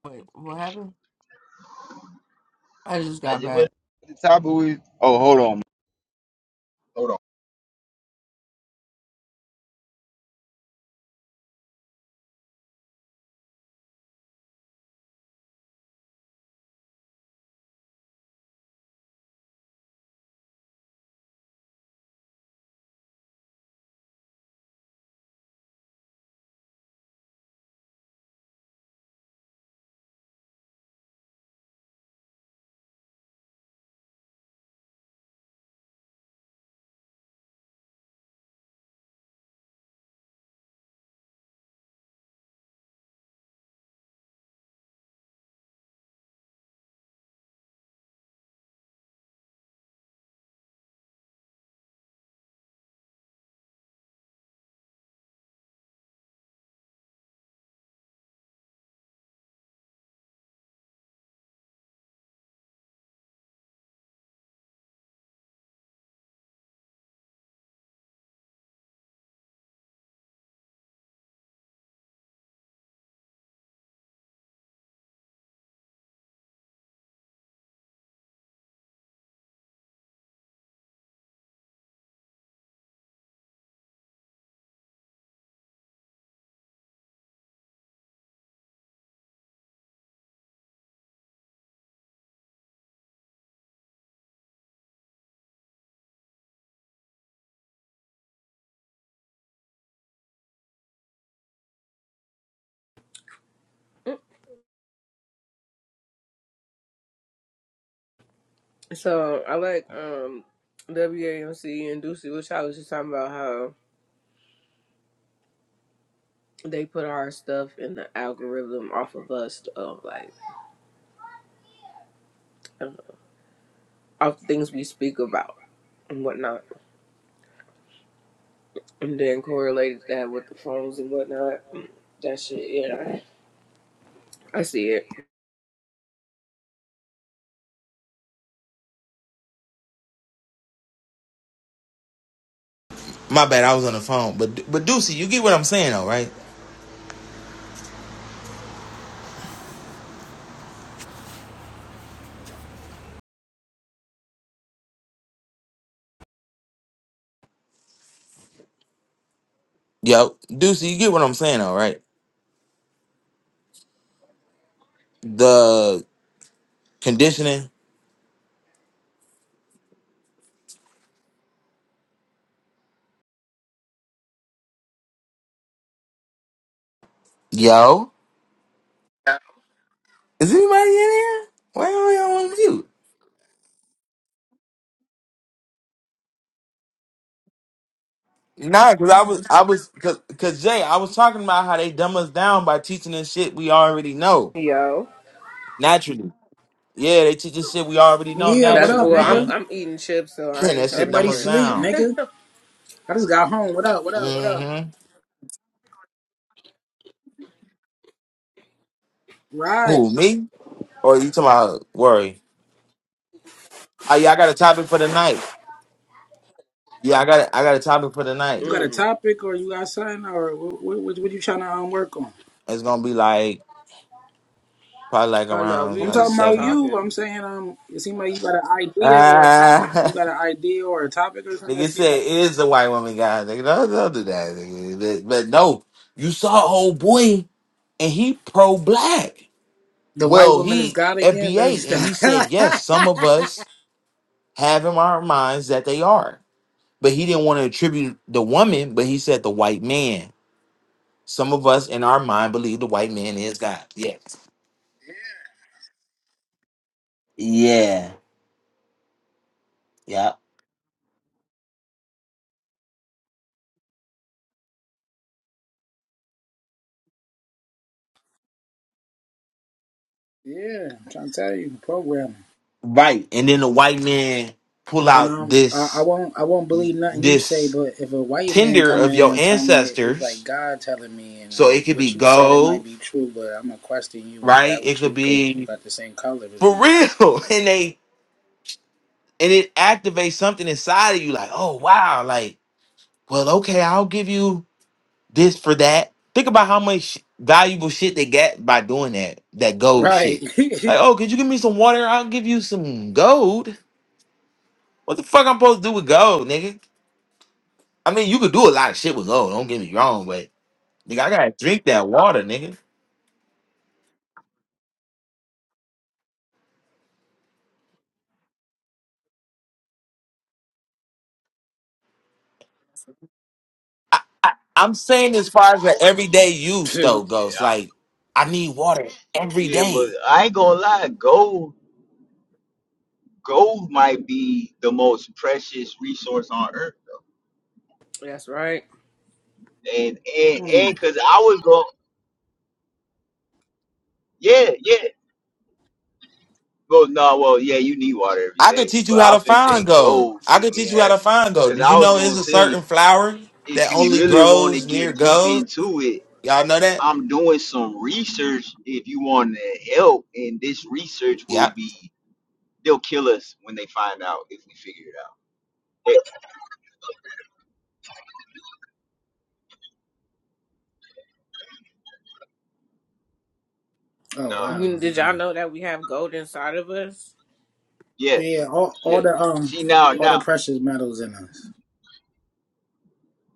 Wait, what happened? I just
I
got
said, what
back.
the topic we? Oh, hold on. Hold on.
So I like um WAMC and Ducey, which I was just talking about how they put our stuff in the algorithm off of us, of like uh, off the things we speak about and whatnot, and then correlated that with the phones and whatnot. That shit, yeah, I see it,
My bad, I was on the phone. But but Deucey, you get what I'm saying though, right? Yo, Deucey, you get what I'm saying though, right? The conditioning. Yo, is anybody in here? Why are y'all on mute? Nah, cause I was I was cause, cause Jay, I was talking about how they dumb us down by teaching us shit we already know
yo.
naturally. Yeah, they teach us shit we already know
Yeah, what
That's
up,
naturally,
well, I'm
man.
nigga?
I'm eating chips, so
(clears throat)
I
And
ain't
that
trying
shit
to
dumb
Everybody
us
crunch.
sleep,
down.
nigga.
(laughs)
I just got home. What up? What up? What up?
Mm-hmm.
Right.
Who me? Or you talking about worry? Oh yeah, I got a topic for the night. Yeah, I got a, I got a topic for the night.
You got a
mm.
topic or you got something or what? What, what you trying to um, work on?
It's gonna be like probably like
Oh no,
around
we
I'm
like
talking
just
about
seven.
you.
talking.
I'm saying um, it seems like you got an idea or a topic. You
Ah,
got an idea or a topic or
(laughs)
something
nigga
that seems
said
like
it is a white woman guy. Nigga, don't, don't do that. Nigga. But but no, you saw old boy and he pro black.
the white
Well,
woman is
he
God again. Let me
FBA and he said yes. Some of
stop. (laughs)
us have in our minds that they are, but he didn't want to attribute the woman. But he said the white man. Some of us in our mind believe the white man is God. Yes. Yeah. Yep.
Yeah, I'm trying to tell you, programming.
Right. And then the white man pull
And
out
um, I, I
this
won't, I won't believe nothing you say.
this
But if a white man
tinder
come
of
in here
your
and tell me it's like
ancestors.
God telling me, and
So it
um,
could
what
be
you said it might
gold,
be true, but I'm gonna question you and
right? It
doubt
could
you because you
be
got the same color as
for
me,
real. (laughs) And they and it activates something inside of you like, oh wow, like, well, okay, I'll give you this for that. Think about how much valuable shit they get by doing that, that gold
right?
shit.
Right.
Like,
(laughs)
oh, could you give me some water? I'll give you some gold. What the fuck I'm supposed to do with gold, nigga? I mean, you could do a lot of shit with gold. Don't get me wrong, but nigga, I gotta drink that water, nigga. I, I'm saying as far as the everyday use though goes,
Yeah, I-
like I need water every
yeah, but
day.
I ain't gonna lie. Gold, gold might be the most precious resource on earth,
That's right.
and and
Hmm.
and cause I was going, yeah, yeah. Well, no, well, yeah, you need water every
I could
day,
teach
but
you how
I
to
was gonna say
find gold.
gold. It,
I could teach you
it
how to
has,
find gold.
cause
Did
I
you
was
know
gonna
it's a certain
say
flower
if
that
you
only
really want to
grows near
get deep
gold?
into it.
Y'all know that?
I'm doing some research if you want to help, and this research will
Yeah,
be They'll kill us when they find out if we figure it out. Yes.
Oh
No.
wow.
You- Did
wow.
y'all know that we have gold inside of us?
Yes.
Yeah, all, all
Yes.
the um,
See now
all the
now
precious metals in us.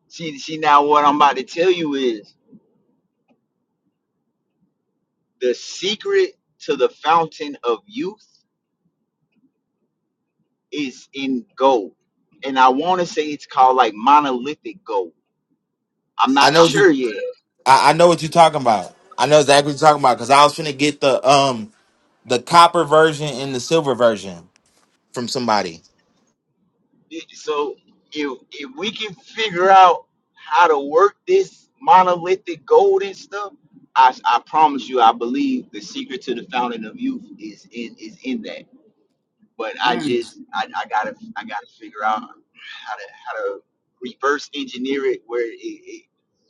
see see now what I'm about to tell you is the secret to the fountain of youth is in gold. And I wanna say it's called like monolithic gold. I'm
I
not
know what you.
sure yet.
I, I know what you're talking about. I know exactly what you're talking about because I was finna get the um the copper version and the silver version from somebody.
So if if we can figure out how to work this monolithic gold and stuff, I I promise you, I believe the secret to the fountain of youth is in is in that. But I
Mm.
just I, I gotta I gotta figure out how to how to reverse engineer it where it, it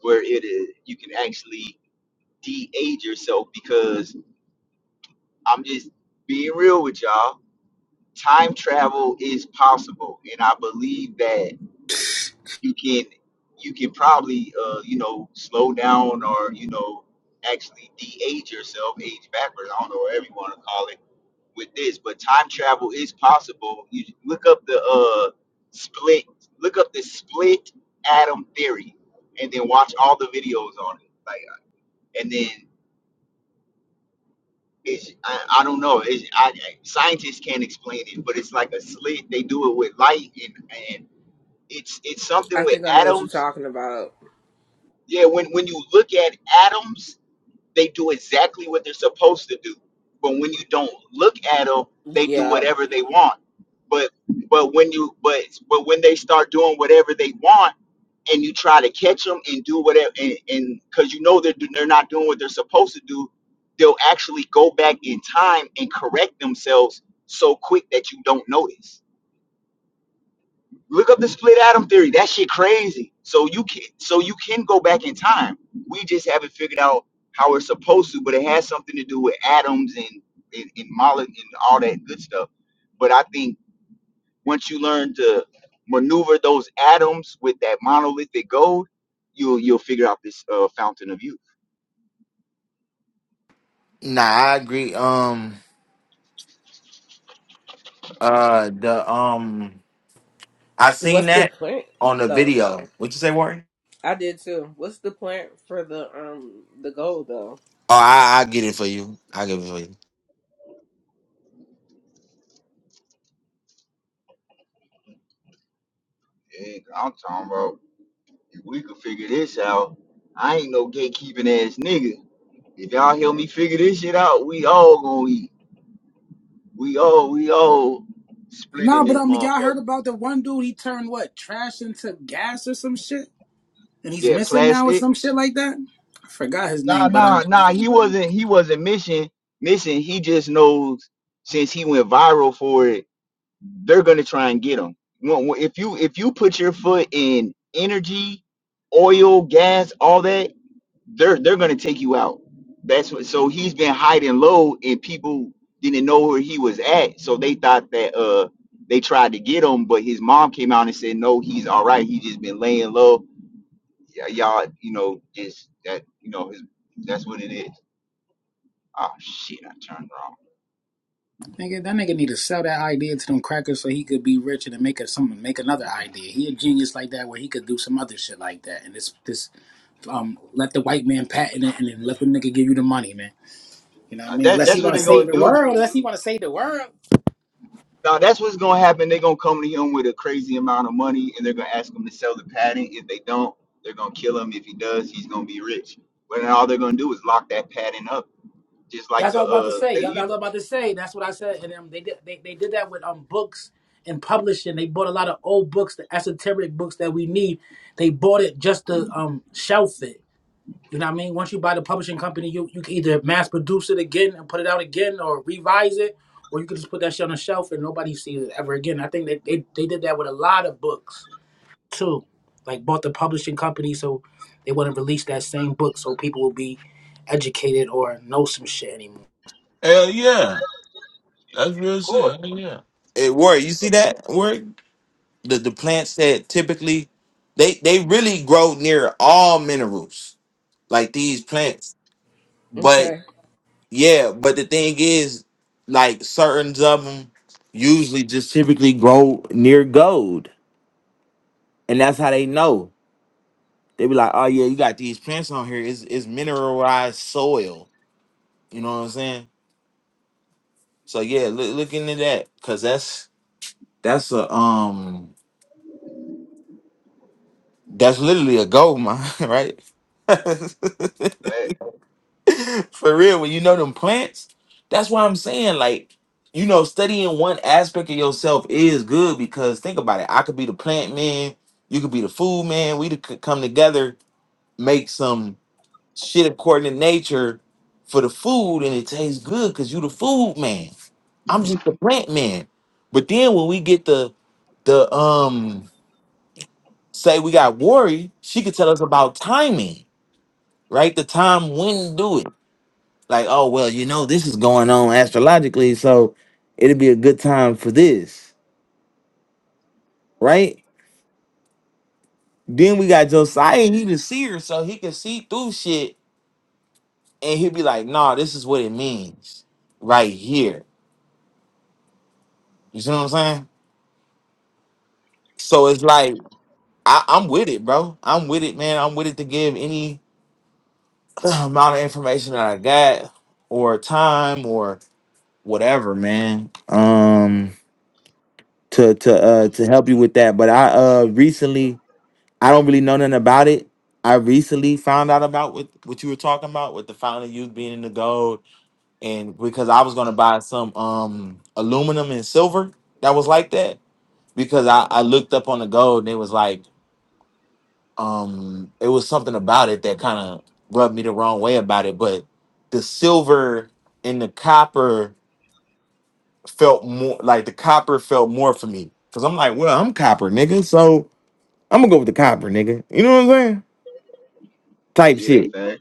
where it is you can actually de-age yourself because I'm just being real with y'all. Time travel is possible, and I believe that you can you can probably uh, you know slow down or you know actually de-age yourself, age backwards. I don't know what everyone to call it with this, but time travel is possible. You look up the uh split, look up the split atom theory, and then watch all the videos on it. Like, uh, and then it's I, I don't know. It's, I, I- scientists can't explain it, but it's like a slit. They do it with light, and and it's it's something
I
with
think I know what you're
atoms.
talking about.
Yeah, when when you look at atoms they do exactly what they're supposed to do. But when you don't look at them, they do
Yeah.
whatever they want. But but when you but but when they start doing whatever they want, and you try to catch them and do whatever, and and because you know they're do- they're not doing what they're supposed to do, they'll actually go back in time and correct themselves so quick that you don't notice. Look up the split atom theory. That shit crazy. So you can so you can go back in time. We just haven't figured out how it's supposed to, but it has something to do with atoms and and, and mole and all that good stuff. But I think once you learn to maneuver those atoms with that monolithic gold, you'll you'll figure out this uh, fountain of youth.
Nah, I agree. Um, Uh, the um, I seen
What's the
that
plant
on the
though?
video. What you say, Warren?
I did too. What's the plant for the um the goal, though?
Oh, I I get it for you. I get it for you.
Yeah, I'm talking about if we could figure this out, I ain't no gatekeeping ass nigga. If y'all help me figure this shit out, we all gonna eat. We all we all
No,
splitting
but
this
um, y'all heard
motherfucker.
about the one dude? He turned what trash into gas or some shit. and he's
Yeah,
missing now or
plastic.
some shit like that. I forgot his
Nah,
name, but
nah,
um,
nah. He wasn't he wasn't missing missing. He just knows since he went viral for it, they're gonna try and get him. Well, well, If you if you put your foot in energy, oil, gas, all that, they're they're gonna take you out. That's what. So he's been hiding low, and people didn't know where he was at, so they thought that uh they tried to get him, but his mom came out and said no, he's all right. He's just been laying low. Y- y'all, you know, just that you know his that's what it is. Oh shit, I turned wrong.
nigga, that nigga need to sell that idea to them crackers so he could be rich and then make a, some make another idea. He a genius like that where he could do some other shit like that. And this this um, let the white man patent it and then let the nigga give you the money, man. You know what I
Uh,
mean?
That
Unless he
that's what
want to
they're
save
gonna
the
do.
world, unless he want to save the world.
Now that's what's gonna happen. They're gonna come to him with a crazy amount of money, and they're gonna ask him to sell the patent. If they don't, they're gonna kill him. If he does, he's gonna be rich. But then all they're gonna do is lock that patent up, just like
That's what
the
I was about to
uh,
say.
they
Yup, that's what
you
I
know,
was about to say. That's what I said. And um, they did they, they did that with um books and publishing. They bought a lot of old books, the esoteric books that we need. They bought it just to um shelf it You know what I mean? Once you buy the publishing company, you, you can either mass produce it again and put it out again or revise it, or you can just put that shit on the shelf and nobody sees it ever again. I think they, they, they did that with a lot of books too. Like bought the publishing company so they wouldn't release that same book so people would be educated or know some shit anymore.
Hell yeah. That's real
of course,
shit. Hell yeah. It Warren, you see that work? The the plants that typically they they really grow near all minerals, like these plants. But
Okay.
yeah, but the thing is, like certain of them usually just typically grow near gold, and that's how they know. They be like, oh yeah, you got these plants on here. It's it's mineralized soil. You know what I'm saying? So yeah, look look into that because that's that's a um that's literally a gold mine, (laughs) right? (laughs)
fact,
For real, when you know them plants, that's why I'm saying like you know studying one aspect of yourself is good because think about it. I could be the plant man, you could be the food man. We could come together, make some. shit according to nature for the food and it tastes good because you the food man. I'm just the plant man. But then when we get the the um say we got Worry, she could tell us about timing, right? The time when to do it. Like, oh well, you know, this is going on astrologically, so it'll be a good time for this, right? Then we got Josiah, he's a seer, so he can see through shit and he'll be like, nah, this is what it means right here. You see what I'm saying? So it's like I, I'm with it, bro. I'm with it, man. I'm with it to give any (clears throat) amount of information that I got or time or whatever, man. Um to to uh to help you with that. But I uh recently I don't really know nothing about it. I recently found out about what, what you were talking about with the fountain youth being in the gold and because I was gonna buy some um aluminum and silver that was like that because I, I looked up on the gold and it was like um it was something about it that kind of rubbed me the wrong way about it but the silver and the copper felt more like the copper felt more for me because i'm like well i'm copper nigga so i'm gonna go with the copper nigga you know what i'm saying
but
type
yeah,
shit
fact,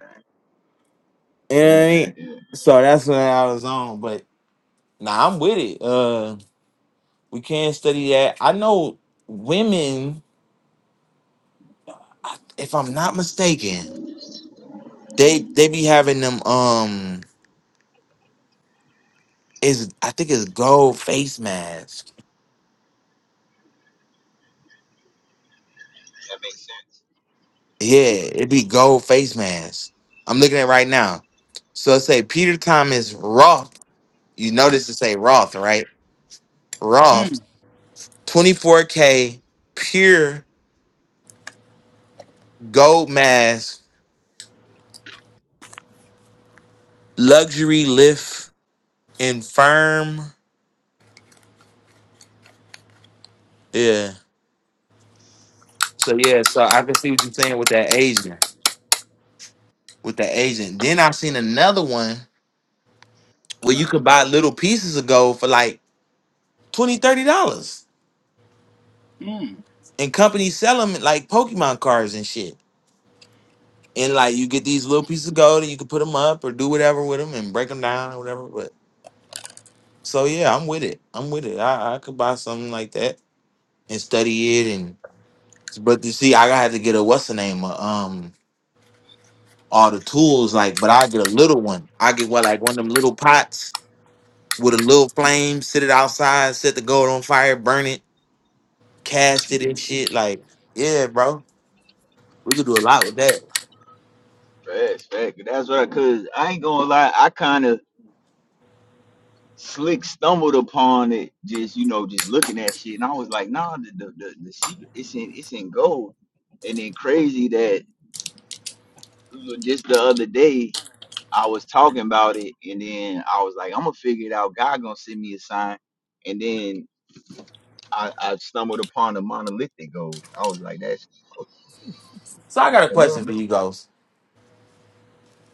you know what i
fact,
mean
yeah,
so that's what i was on but nah i'm with it uh we can study that i know women I- if i'm not mistaken they they be having them um. Is I think it's gold face mask.
that makes sense.
Yeah, it'd be gold face mask. I'm looking at it right now. So it say Peter Thomas Roth. You notice it say Roth, right?
Mm.
Roth 24K pure gold mask, luxury lift and firm. Yeah. So yeah, so I can see what you're saying with that agent. With that agent. Then I've seen another one where you
Wow.
could buy little pieces of gold for like 20 dollars, 30 dollars. and companies sell them like Pokemon cards and shit. And like you get these little pieces of gold and you can put them up or do whatever with them and break them down or whatever. But so yeah, I'm with it. I'm with it. I, I could buy something like that and study it and but you see, I had to get a what's the name uh, um all the tools like, but I get a little one. I get what like one of them little pots with a little flame, sit it outside, set the gold on fire, burn it, cast it and shit. Like yeah, bro, we could do a lot with that.
Facts, fact. That's what I cause I ain't gonna lie, I kind of slick stumbled upon it, just you know, just looking at shit, and I was like, nah, the the the, the secret, it's in it's in gold, and then crazy that just the other day I was talking about it, and then I was like, I'm gonna figure it out. God gonna send me a sign, and then I, I stumbled upon the monolithic gold. I was like, that's
So I got a question
hello.
for you guys.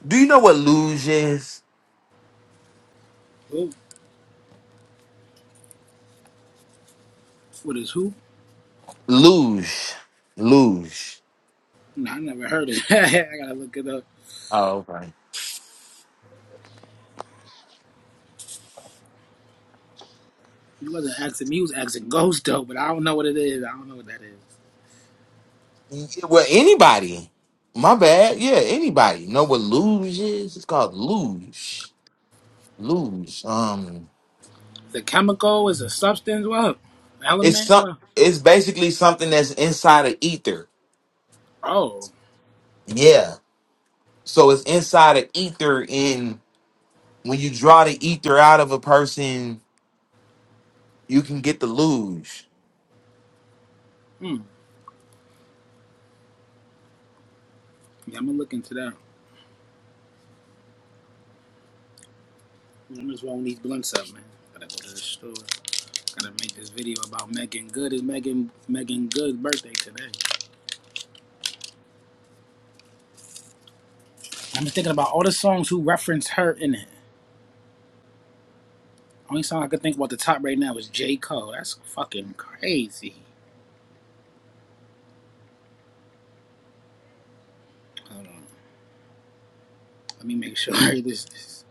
Do you know what luge is?
Who? What is who?
Luge. Luge.
No, I never heard it. (laughs) I gotta look it up.
Oh, okay.
You wasn't asking me, you was asking Ghost though, but I don't know what it is. I don't know what that is.
Yeah, Well, anybody. My bad. Yeah, anybody. Know what luge is? It's called luge. Luge. Um
The chemical is a substance. What
it's
element?
some
What?
it's basically something that's inside of ether.
Oh,
Yeah. So it's inside of ether and when you draw the ether out of a person, you can get the luge.
hmm. Yeah, I'm gonna look into that. I'm just rolling these blunts up, man. Gotta go to the store. Gotta make this video about Megan Good. It's Megan Megan Good's birthday today. I'm thinking about all the songs who reference her in it. Only song I could think about the top right now is J. Cole. That's fucking crazy. Hold on. Let me make sure (laughs) this, this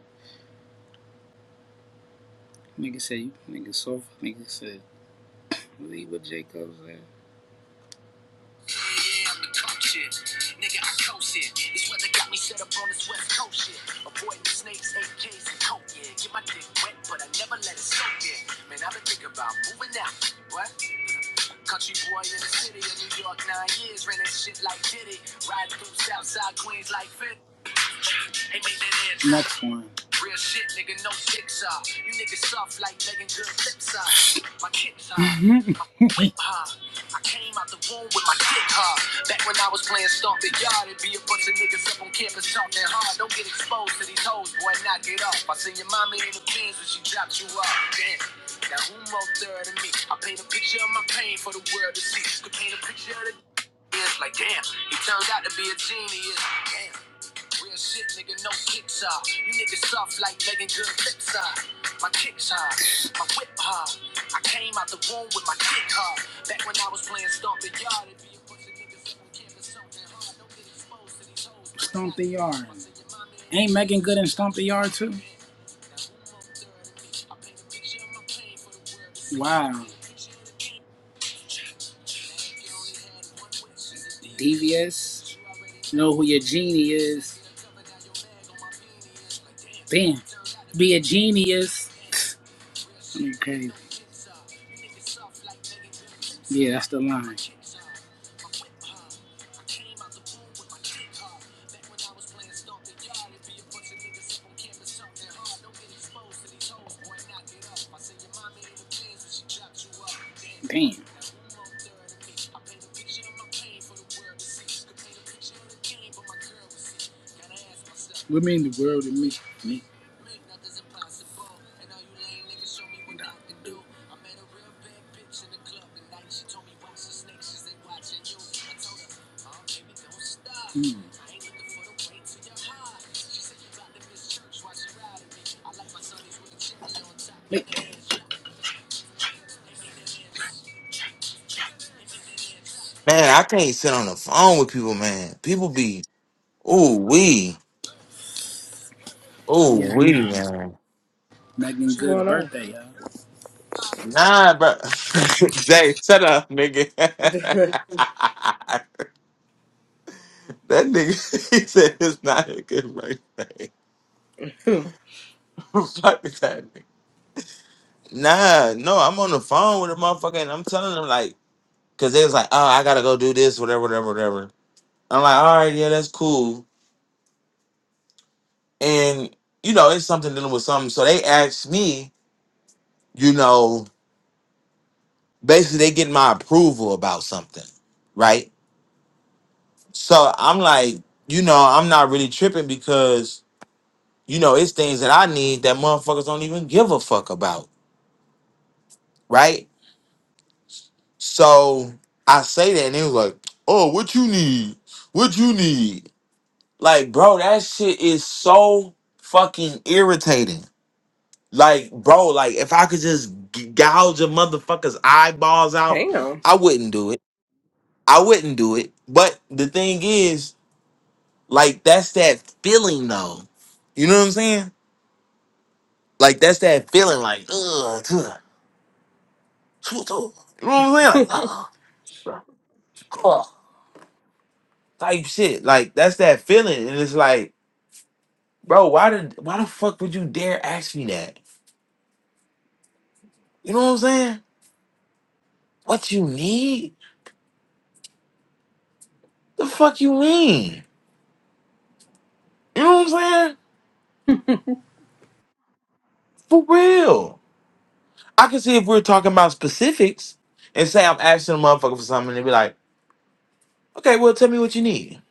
nigga say nigga soft nigga said believe what J. Cole said. Next one. Something yarn. Ain't Megan good in Stomp the Yard too? Wow. Devious. Know who your genie is. Damn. Be a genius. (sighs) (laughs) I mean, crazy. Yeah, that's the line. Damn. Women in the world and me. Me.
Man, I can't sit on the phone with people, man. People be, ooh wee. Ooh
Yeah.
wee, man.
Megan
What's
Good's
going
birthday, y'all.
Nah, bro. (laughs) Jay, shut up, nigga. (laughs) that nigga, (laughs) he said it's not a good birthday.
on? (laughs)
(laughs) Fuck that nigga. Nah, no, I'm on the phone with a motherfucker and I'm telling him, like, because they was like, oh, I got to go do this, whatever, whatever, whatever. I'm like, all right, yeah, that's cool. And, you know, it's something dealing with something. So they asked me, you know, basically they get my approval about something, right? So I'm like, you know, I'm not really tripping because You know, it's things that I need that motherfuckers don't even give a fuck about, right? So I say that, and it was like, "Oh, what you need? What you need?" Like, bro, that shit is so fucking irritating. Like, bro, like if I could just g- gouge a motherfucker's eyeballs out,
Damn.
I wouldn't do it. I wouldn't do it. But the thing is, like, that's that feeling though. You know what I'm saying? Like that's that feeling, like ugh. (sighs) You know what I'm saying? Like, ah, ah, type shit. Like that's that feeling, and it's like, bro, why did why the fuck would you dare ask me that? You know what I'm saying? What you need? The fuck you mean? You know what I'm saying? For real. I can see if we're talking about specifics and say I'm asking a motherfucker for something, and they be like, okay, well, tell me what you need.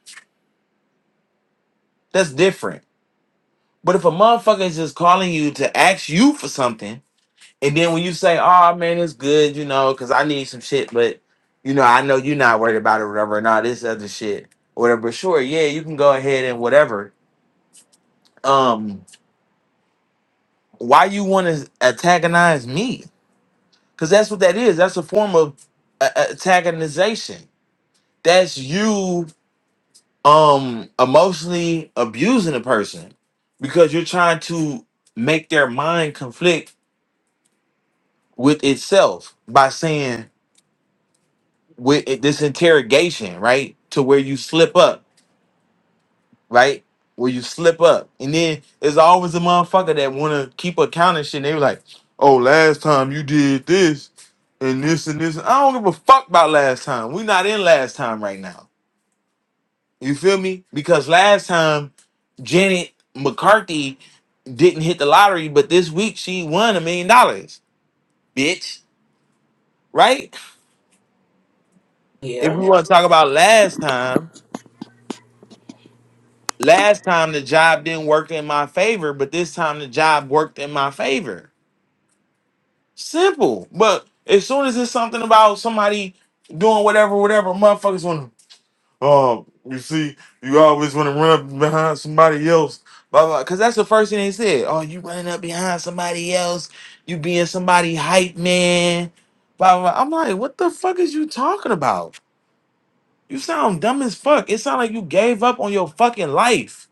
That's different. But if a motherfucker is just calling you to ask you for something And then when you say, "Oh man, it's good," you know, because I need some shit, but you know, I know you're not worried about it, or whatever, and all this other shit, whatever. But sure, yeah, you can go ahead and whatever. Um, why you want to antagonize me? Because that's what that is. That's a form of uh, uh, antagonization. That's you um emotionally abusing a person because you're trying to make their mind conflict with itself by saying with it- this interrogation, right? To where you slip up, right? Where you slip up, and then there's always a motherfucker that want to keep accounting shit. And they were like, "Oh, last time you did this and this and this." I don't give a fuck about last time. we not in last time right now. You feel me? Because last time Janet McCarthy didn't hit the lottery, but this week she won a million dollars, bitch. Right? If
Yeah.
we want to talk about last time. Last time the job didn't work in my favor, but this time the job worked in my favor. Simple. But as soon as it's something about somebody doing whatever, whatever, motherfuckers want to, oh, you see, you always want to run up behind somebody else, blah, blah. Because that's the first thing they said. Oh, you running up behind somebody else, you being somebody hype man, blah, blah. blah. I'm like, what the fuck is you talking about? You sound dumb as fuck. It sound like you gave up on your fucking life.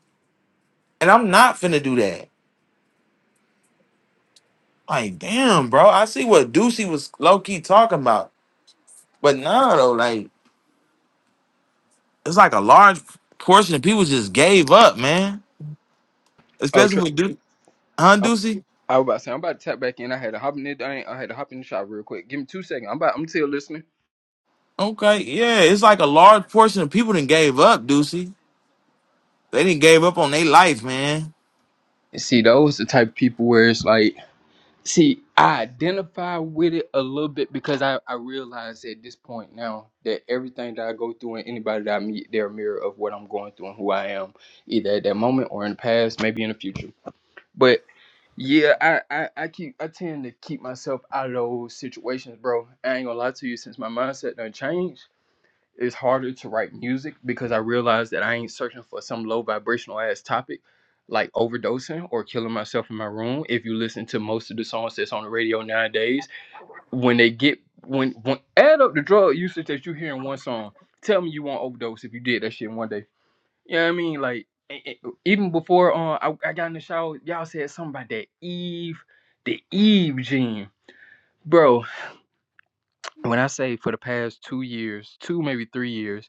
And I'm not finna do that. Like, damn, bro. I see what Ducey was low key talking about. But nah, though, like, it's like a large portion of people just gave up, man.
Oh, tr-
Especially with Ducey. Huh,
I,
Ducey?
I was about to say I'm about to tap back in. I had to hop in the thing. I had to hop in the shop real quick. Give me two seconds. I'm about. I'm still listening.
Okay, yeah. It's like a large portion of people didn't gave up, Ducey. They didn't gave up on their life, man.
And see, those the type of people where it's like. See, I identify with it a little bit because I, I realize at this point now that everything that I go through and anybody that I meet, they're a mirror of what I'm going through and who I am, either at that moment or in the past, maybe in the future. But yeah, I, I, I keep I tend to keep myself out of those situations, bro. I ain't gonna lie to you, since my mindset done changed it's harder to write music because I realized that I ain't searching for some low vibrational ass topic like overdosing or killing myself in my room. If you listen to most of the songs that's on the radio nowadays, when they get when when add up the drug usage that you hear in one song, tell me you won't overdose if you did that shit in one day. You know what I mean? Like e- e- even before uh, I, I got in the shower, y'all said something about that Eve, the Eve gene. Bro, when I say for the past two years, two maybe three years,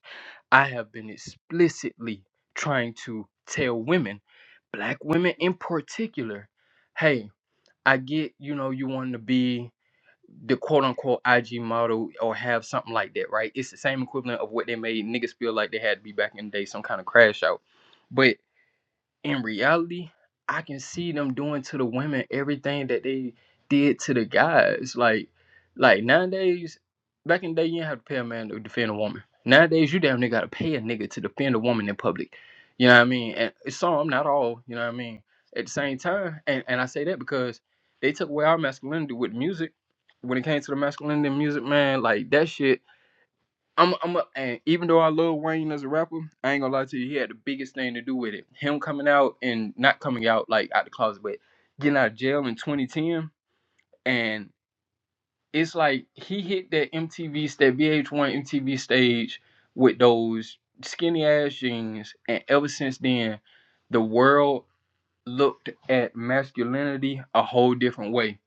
I have been explicitly trying to tell women, black women in particular, hey, I get, you know, you want to be the quote unquote IG model or have something like that, right? It's the same equivalent of what they made niggas feel like they had to be back in the day, some kind of crash out. but in reality, I can see them doing to the women everything that they did to the guys. Like, like nowadays, back in the day, you didn't have to pay a man to defend a woman. Nowadays, you damn near gotta pay a nigga to defend a woman in public. You know what I mean? And it's some, not all. You know what I mean? At the same time, and, and I say that because they took away our masculinity with music. When it came to the masculinity in music, man, like that shit I'm, I'm, a, and even though I love Wayne as a rapper, I ain't gonna lie to you. He had the biggest thing to do with it. Him coming out and not coming out like out the closet, but getting out of jail in 2010, and it's like he hit that MTV, that VH1 MTV stage with those skinny ass jeans, and ever since then, the world looked at masculinity a whole different way.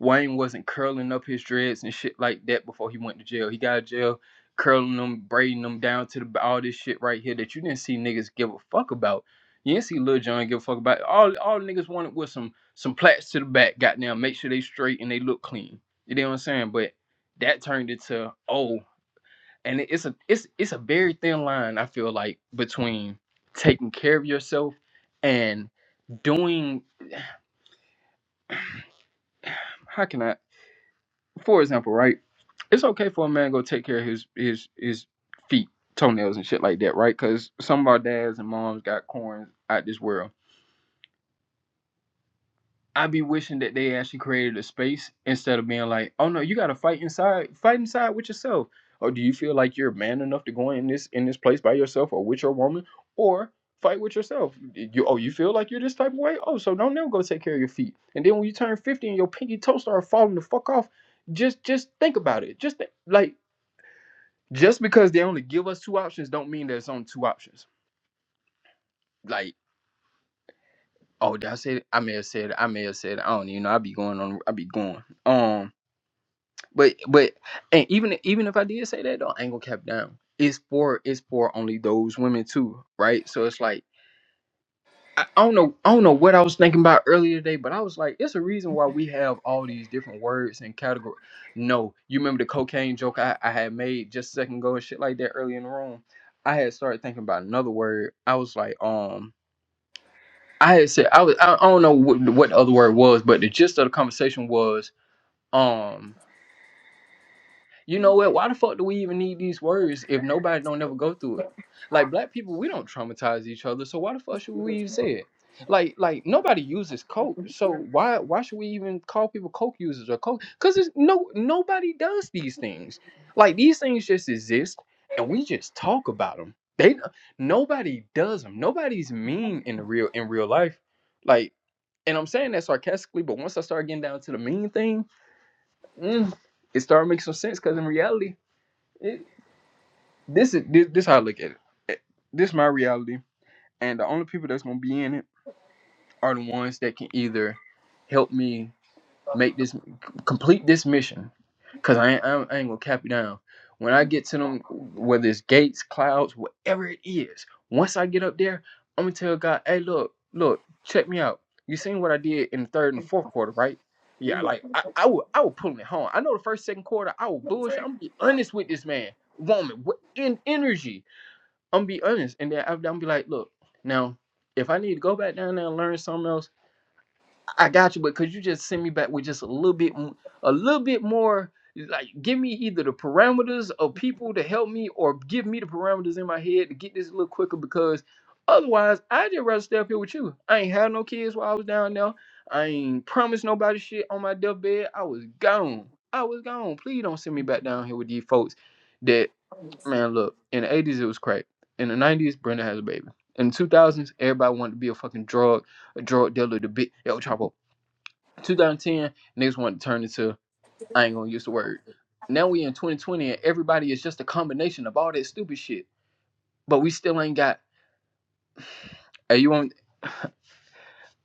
Wayne wasn't curling up his dreads and shit like that before he went to jail. He got out of jail curling them, braiding them down to the all this shit right here that you didn't see niggas give a fuck about. You didn't see Lil Jon give a fuck about. All all niggas wanted was some some plaits to the back, goddamn, make sure they straight and they look clean. You know what I'm saying? But that turned into oh and it's a it's it's a very thin line I feel like between taking care of yourself and doing how can I for example right it's okay for a man to go take care of his his his feet toenails and shit like that right because some of our dads and moms got corns out this world I be wishing that they actually created a space instead of being like, oh no, you gotta fight inside, fight inside with yourself. Or do you feel like you're man enough to go in this in this place by yourself or with your woman? Or fight with yourself. You oh, you feel like you're this type of way? Oh, so don't never go take care of your feet. And then when you turn 50 and your pinky toe start falling the fuck off, just just think about it. Just think, like just because they only give us two options don't mean there's only two options. Like, oh, did I say it? I may have said it. I may have said it. I don't even know. I be going on I be going. Um But but and even even if I did say that though, I ain't gonna cap down. It's for it's for only those women too, right? So it's like I, I don't know I don't know what I was thinking about earlier today, but I was like, it's a reason why we have all these different words and categories. No, you remember the cocaine joke I, I had made just a second ago and shit like that earlier in the room. I had started thinking about another word. I was like, um, I had said I was I, I don't know what, what the other word was, but the gist of the conversation was, um. You know what? Why the fuck do we even need these words if nobody don't ever go through it? Like black people, we don't traumatize each other, so why the fuck should we even say it? Like, like nobody uses coke, so why why should we even call people coke users or coke? Because it's no nobody does these things. Like these things just exist, and we just talk about them. They nobody does them. Nobody's mean in the real in real life. Like, and I'm saying that sarcastically, but once I start getting down to the mean thing, mm, it started making some sense. Because in reality, it, this is this, this how I look at it. Eh, This is my reality, and the only people that's gonna be in it are the ones that can either help me make this complete this mission because I, ain't- I ain't gonna cap you down. When I get to them, whether it's gates, clouds, whatever it is, once I get up there, I'm gonna tell God, hey, look, look, check me out. You seen what I did in the third and the fourth quarter, right? Yeah, like I, I will I will pull it home. I know the first second quarter I will bullshit. I'm gonna be honest with this man, woman, in energy. I'm gonna be honest, and then I'm, I'm gonna be like, look, now if I need to go back down there and learn something else. I got you, but could you just send me back with just a little bit, m- a little bit more? Like, give me either the parameters of people to help me, or give me the parameters in my head to get this a little quicker. Because otherwise, I just rather stay up here with you. I ain't had no kids while I was down there. I ain't promised nobody shit on my deathbed. I was gone. I was gone. Please don't send me back down here with these folks. That man, look. In the '80s, it was crack. In the '90s, Brenda has a baby. In the 2000s, everybody wanted to be a fucking drug a drug dealer, the big El Chapo. 2010, niggas wanted to turn into I ain't gonna use the word. Now we in 2020 and everybody is just a combination of all that stupid shit. But we still ain't got. Hey, you want?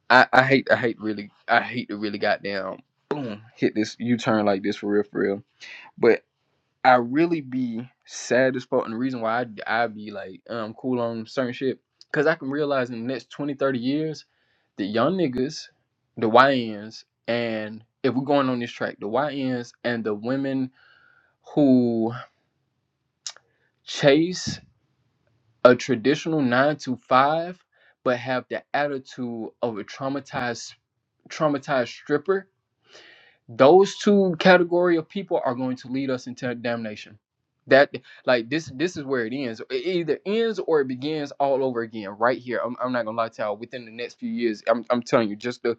I I hate I hate really I hate to really goddamn boom hit this U turn like this for real for real. But I really be sad as fuck, and the reason why I I be like um cool on certain shit because I can realize in the next 20 30 years the young niggas, the YNs, and if we're going on this track, the YNs and the women who chase a traditional nine to five, but have the attitude of a traumatized traumatized stripper. Those two category of people are going to lead us into damnation. That like this this is where it ends. It either ends or it begins all over again right here. I'm, I'm not gonna lie to y'all. Within the next few years, I'm, I'm telling you, just the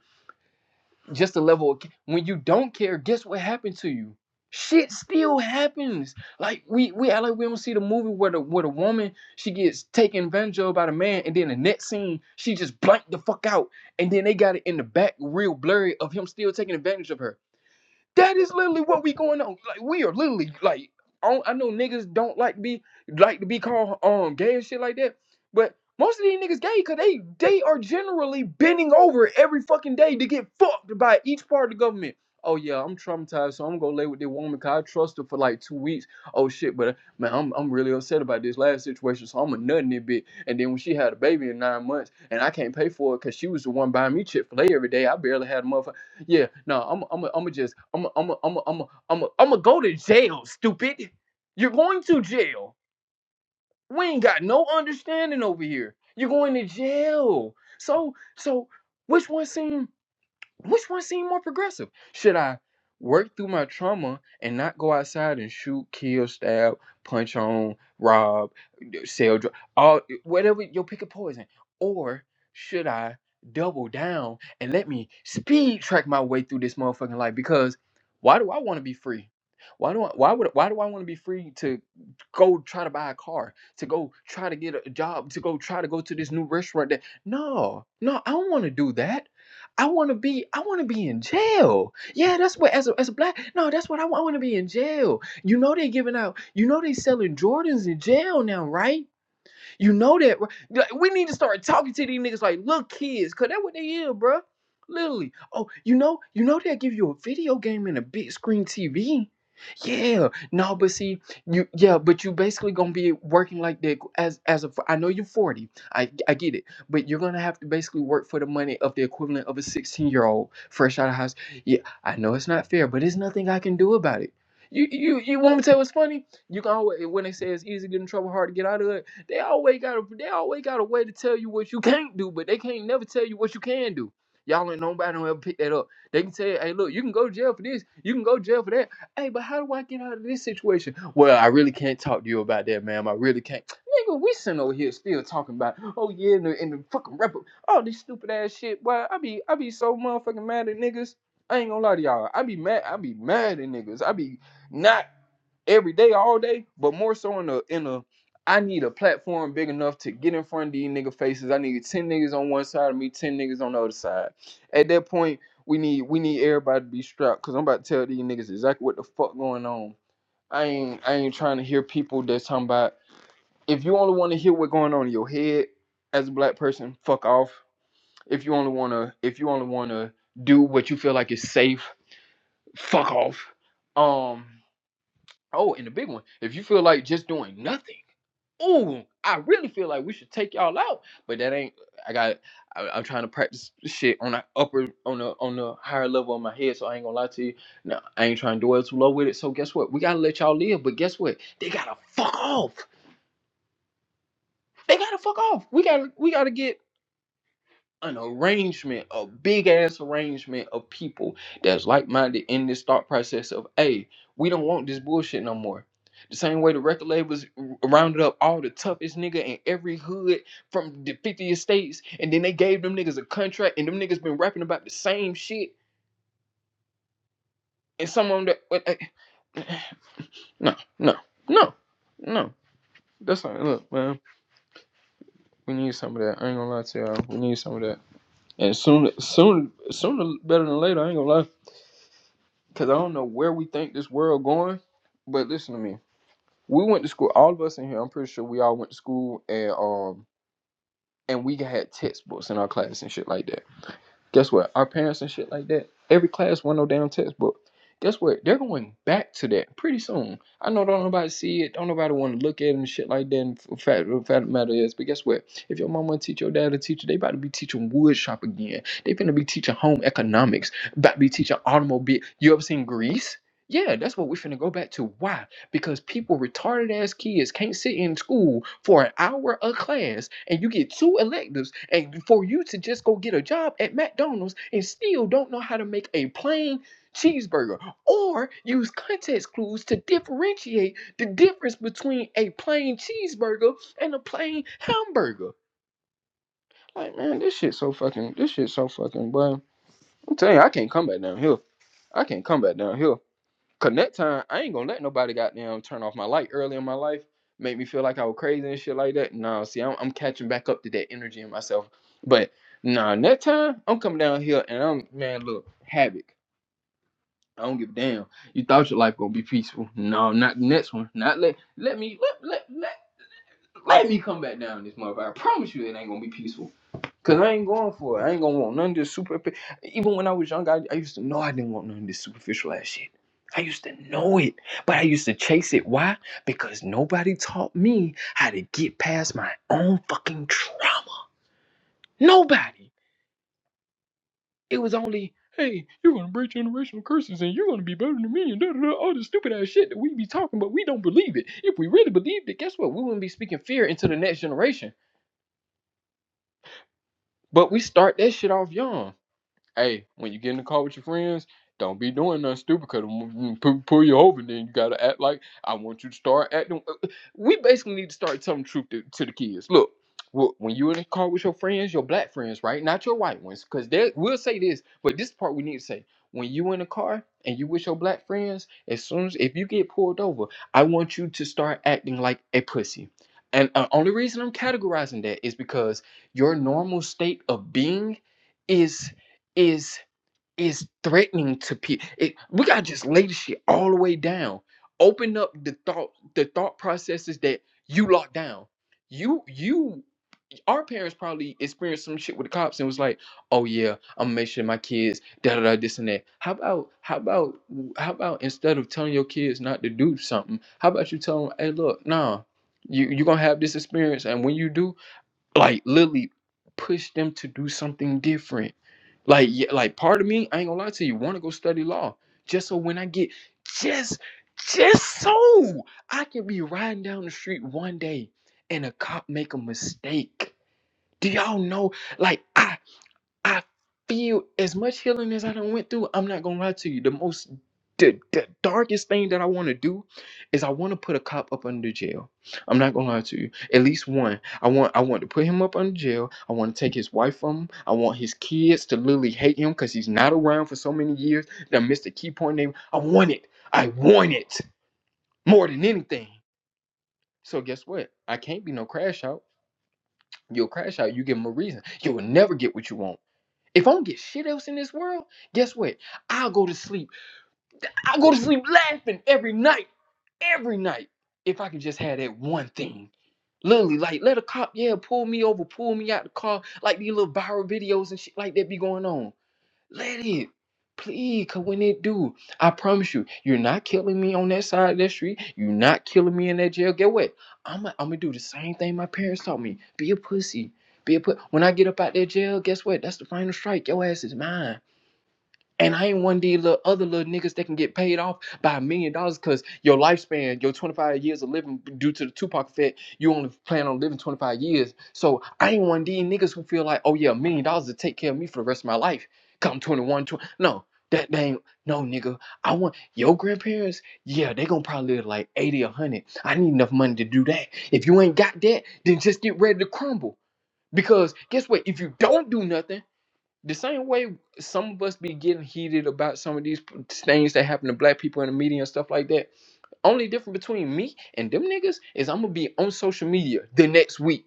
just a level of, when you don't care guess what happened to you shit still happens like we we act like we don't see the movie where the where the woman she gets taken advantage of by the man and then the next scene she just blanked the fuck out and then they got it in the back real blurry of him still taking advantage of her that is literally what we going on. Like we are literally like I, don't- I know niggas don't like to be like to be called um gay and shit like that, but most of these niggas gay because they they are generally bending over every fucking day to get fucked by each part of the government. Oh yeah, I'm traumatized, so I'm gonna lay with this woman cause I trust her for like two weeks. Oh shit, but uh, man, I'm I'm really upset about this last situation, so I'm a nut in it bit. And then when she had a baby in nine months, and I can't pay for it cause she was the one buying me Chick Fil A every day, I barely had a motherfucker. Yeah, no, I'm I'm I'm just I'm I'm I'm I'm I'm I'm gonna go to jail, stupid. You're going to jail. We ain't got no understanding over here. You're going to jail. So so which one seem which one seem more progressive? Should I work through my trauma and not go outside and shoot, kill, stab, punch on, rob? sell drugs, all whatever you'll pick a poison. Or should I double down and let me speed track my way through this motherfucking life? Because why do I want to be free? Why do I, why would why do I want to be free to go try to buy a car, to go try to get a job, to go try to go to this new restaurant that no, no, I don't want to do that. I want to be I want to be in jail. Yeah, that's what as a as a black no, that's what I want. I want to be in jail. You know they're giving out you know they selling Jordans in jail now, right? You know that, right? Like, we need to start talking to these niggas like little kids, cause that's what they is, bro. Literally. Oh, you know, you know they'll give you a video game and a big screen TV. Yeah. No, but see, you yeah, but you basically gonna be working like that as as a. I know you're 40. I I get it, but you're gonna have to basically work for the money of the equivalent of a 16 year old fresh out of house. Yeah, I know it's not fair, but there's nothing I can do about it. You you you want me to tell you what's funny? You can always when they say it's easy to get in trouble, hard to get out of it. They always got a they always got a way to tell you what you (laughs) can't do, but they can't never tell you what you can do. Y'all ain't nobody don't ever pick that up. They can tell you, hey, look, you can go to jail for this, you can go to jail for that. Hey, but how do I get out of this situation? Well, I really can't talk to you about that, ma'am. I really can't. Nigga, we sitting over here still talking about, oh yeah, and the, and the fucking rapper, all this stupid ass shit. Well, I be I be so motherfucking mad at niggas. I ain't gonna lie to y'all. I be mad. I be mad at niggas. I be not every day, all day, but more so in a in a I need a platform big enough to get in front of these nigga faces. I need ten niggas on one side of me, ten niggas on the other side. At that point, we need we need everybody to be strapped because I'm about to tell these niggas exactly what the fuck going on. I ain't I ain't trying to hear people that's talking about if you only want to hear what's going on in your head as a black person, fuck off. If you only wanna if you only wanna do what you feel like is safe, fuck off. Um Oh, and the big one, if you feel like just doing nothing, ooh, I really feel like we should take y'all out. But that ain't. I got. I, I'm trying to practice shit on the upper, on the on the higher level of my head. So I ain't gonna lie to you. No, I ain't trying to dwell too low with it. So guess what? We gotta let y'all live. But guess what? They gotta fuck off. They gotta fuck off. We gotta we gotta get an arrangement, a big ass arrangement of people that's like minded in this thought process of, hey, we don't want this bullshit no more. The same way the record labels rounded up all the toughest nigga in every hood from the 50 states, and then they gave them niggas a contract, and them niggas been rapping about the same shit, and some of them that, but, eh, no, no, no, no. That's not, look, man, we need some of that. I ain't gonna lie to y'all. We need some of that. And soon, soon, sooner, better than later, I ain't gonna lie because I don't know where we think this world going. But listen to me. We went to school. All of us in here. I'm pretty sure we all went to school and um and we had textbooks in our class and shit like that. Guess what? Our parents and shit like that. Every class won no damn textbook. Guess what? They're going back to that pretty soon. I know don't nobody see it, don't nobody want to look at it and shit like that. And f- fact, the fact of the matter is, but guess what? If your mama teach your dad a teacher, they about to be teaching wood shop again. They finna be teaching home economics. About to be teaching automobile. You ever seen grease? Yeah, that's what we finna go back to. Why? because people retarded ass kids can't sit in school for an hour of class and you get two electives and for you to just go get a job at McDonald's and still don't know how to make a plain cheeseburger or use context clues to differentiate the difference between a plain cheeseburger and a plain hamburger. Like man, this shit so fucking this shit so fucking boy. I'm telling you, I can't come back down here. I can't come back down here. Cause next time I ain't gonna let nobody goddamn turn off my light early in my life, make me feel like I was crazy and shit like that. Nah, see, I'm, I'm catching back up to that energy in myself. But nah, next time I'm coming down here and I'm man, look, havoc. I don't give a damn. You thought your life gonna be peaceful? No, not the next one. Not let let me let let let, let me come back down this motherfucker. I promise you it ain't gonna be peaceful. Cause I ain't going for it. I ain't gonna want none of this super. Even when I was young, I, I used to know I didn't want none of this superficial ass shit. I used to know it, but I used to chase it. Why? Because nobody taught me how to get past my own fucking trauma. Nobody. It was only, hey, you're gonna break generational curses and you're gonna be better than me and da da da. All this stupid ass shit that we be talking, but we don't believe it. If we really believed it, guess what? We wouldn't be speaking fear into the next generation. But we start that shit off young. Hey, when you get in the car with your friends, don't be doing nothing stupid because pull, pull you over. and Then you gotta act like I want you to start acting. uh, uh, We basically need to start telling the truth to, to the kids. Look, wh- when you in the car with your friends, your black friends, right? Not your white ones, because they we'll say this, but this part we need to say. When you in the car and you with your black friends, as soon as if you get pulled over, I want you to start acting like a pussy. And the only reason I'm categorizing that is because your normal state of being is is is threatening to people. we gotta just lay the shit all the way down. Open up the thought the thought processes that you locked down. You you our parents probably experienced some shit with the cops and was like, oh yeah, I'm gonna make sure my kids da da da this and that. How about how about how about instead of telling your kids not to do something, how about you tell them, hey look, nah, you you gonna have this experience and when you do, like literally push them to do something different like, yeah, like part of me, I ain't gonna lie to you, want to go study law just so when I get just just so I can be riding down the street one day and a cop make a mistake. Do y'all know? Like, I I feel as much healing to you. The most the, the darkest thing to do is I open the jail. I'm not gonna lie to you. At least one, I want jail. I want his wife from him. I want his kids to literally hate him because he's not around for so many years. That Mr. Key Point name. I want it. I want it. more than anything. So guess what? I can't be no crash out. You'll crash out. You give them a reason. You will never get what you want. If I don't get shit else in this world, guess what? I'll go to sleep. I'll go to sleep laughing every night, every night. If I could just have that one thing. Literally, like let a cop, yeah, pull me over, pull me out the car, like these little viral videos and shit like that be going on. Let it. Please, cause when it do, I promise you, you're not killing me on that side of the street. You're not killing me in that jail. Get what? I'm i gonna do the same thing my parents taught me. Be a pussy. Be a put. When I get up out that jail, guess what? That's the final strike. Your ass is mine. And I ain't one of these little other little niggas that can get paid off by a million dollars because your lifespan, your 25 years of living due to the Tupac effect, you only plan on living 25 years. So I ain't one of these niggas who feel like, oh yeah, a million dollars to take care of me for the rest of my life. Come 21, 20. No, that that ain't, no nigga. I want your grandparents, yeah, they gonna probably live like 80 or 100. I need enough money to do that. If you ain't got that, then just get ready to crumble. Because guess what? If you don't do nothing, the same way some of us be getting heated about some of these things that happen to black people in the media and stuff like that. Only difference between me and them niggas is I'm gonna be on social media the next week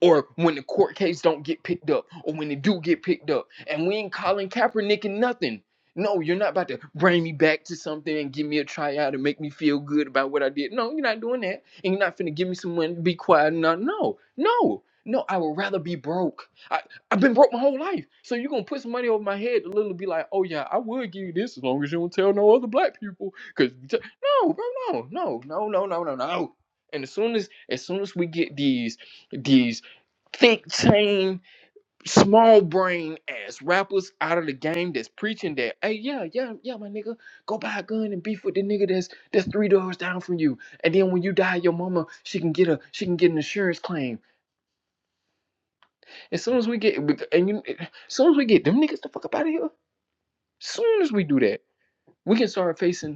or when the court case don't get picked up, or when it do get picked up, and we ain't calling Kaepernick and nothing. No, you're not about to bring me back to something and give me a tryout and make me feel good about what I did. No, you're not doing that, and you're not finna give me some money to be quiet. No, no, no, no. I would rather be broke. I I've been broke my whole life, so you're gonna put some money over my head to literally be like, oh yeah, I would give you this as long as you don't tell no other black people. Cause t- no, bro, no, no, no, no, no, no, no. And as soon as as soon as we get these these thick chain, small brain ass rappers out of the game that's preaching that, hey, yeah, yeah, yeah, my nigga, go buy a gun and beef with the nigga that's that's three doors down from you. And then when you die, your mama, she can get a she can get an insurance claim. As soon as we get and you as soon as we get them niggas the fuck up out of here, soon as we do that, we can start facing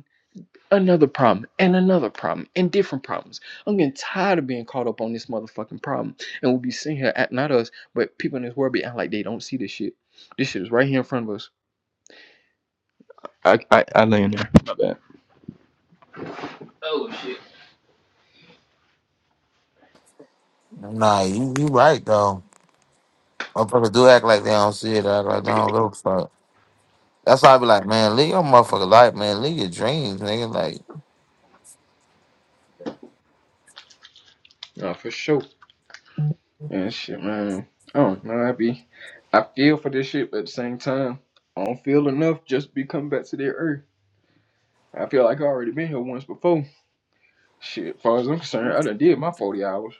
another problem and another problem and different problems. I'm getting tired of being caught up on this motherfucking problem. And we'll be sitting here at not us, but people in this world be acting like they don't see this shit. This shit is right here in front of us. I
Nah, you, you right, though. Motherfuckers do act like they don't see it, act like they don't look for it. That's why I be like, man, leave your motherfucker life, man. Leave your dreams, nigga. Like,
uh, for sure. And shit, man. I don't know. I be I feel for this shit, but at the same time, I don't feel enough just to be coming back to the earth. I feel like I already been here once before. Shit, as far as I'm concerned, I done did my forty hours.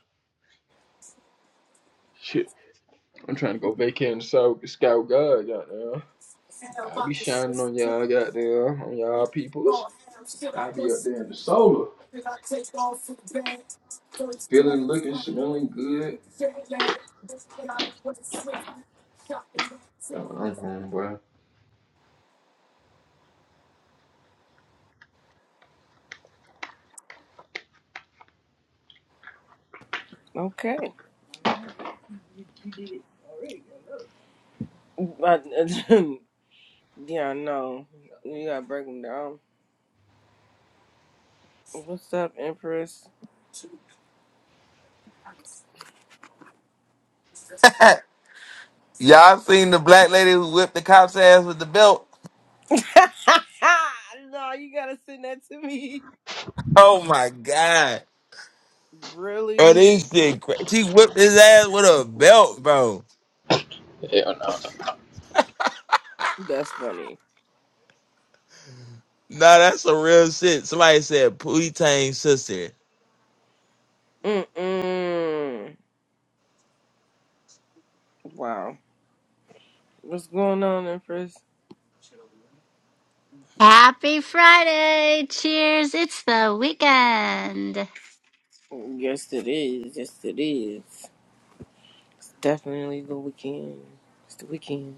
Shit, I'm trying to go vacate in the sky with God, goddamn. I be shining on y'all goddamn on y'all peoples. I be up there in the solar, feeling, looking, smelling good. Well,
Okay. But (laughs) yeah, no. You gotta break them down. What's up, Empress?
(laughs) y'all seen the black lady who whipped the cop's ass with the belt?
(laughs) no, you gotta send that to me.
Oh my god. Bro,
Really?
this shit crazy. She whipped his ass with a belt, bro.
Yeah,
That's funny.
Nah, that's some real shit. Somebody said Pootie Tang's sister.
Mm mm. Wow. What's going on, Empress?
Happy Friday! Cheers! It's the weekend.
Yes, it is. Yes, it is. It's definitely the weekend. It's the weekend.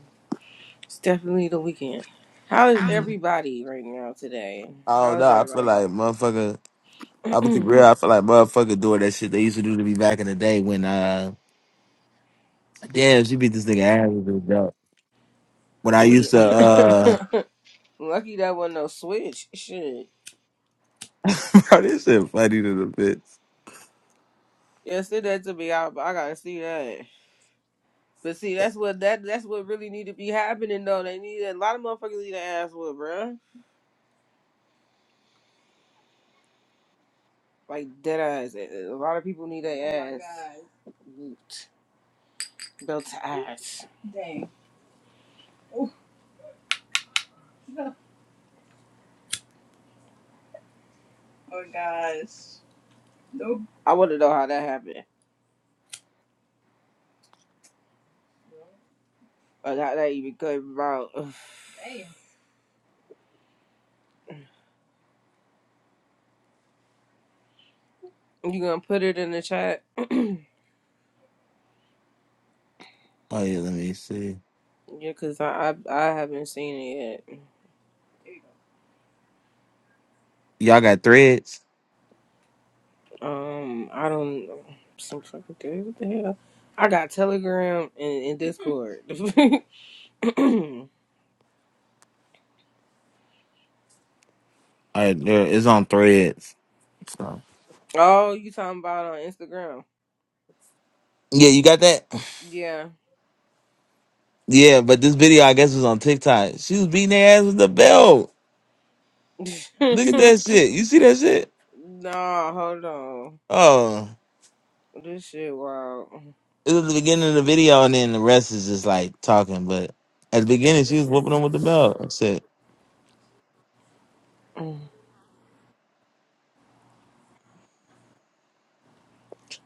It's definitely the weekend. How is everybody right now today?
Oh
How
no,
is
I feel
everybody?
like motherfucker I'm gonna keep
(clears throat)
real, I feel like motherfucker doing that shit they used to do to me back in the day when uh damn she beat this nigga ass with a belt. When I used to
yeah.
uh
(laughs) Lucky that wasn't no switch. Shit.
(laughs) Bro, this shit funny to the bits.
Yeah, send that to me. I, I gotta see that. But see, that's what that that's what really need to be happening though. They need a lot of motherfuckers need their ass with, bruh. Like dead ass. A lot of people need their ass. Boot. Belt to ass. I want to know how that happened. Like how that even came about. (sighs) You gonna put it in the chat?
Oh yeah, let me see.
Yeah, cause I I, I haven't seen it yet.
Y'all got threads?
Um, I don't. Some fucking thing. What the hell? I got Telegram and, and Discord. (clears throat) (laughs) oh,
Alright, there it's on threads. So.
you talking about on Instagram?
Yeah, you got that?
Yeah.
Yeah, but this video I guess was on TikTok. She was beating their ass with the belt. Look at
(laughs)
that shit. You see that shit?
nah, hold on.
Oh,
This shit wild.
it was the beginning of the video, and then the rest is just like talking. But at the beginning, she was whooping them with the belt and shit.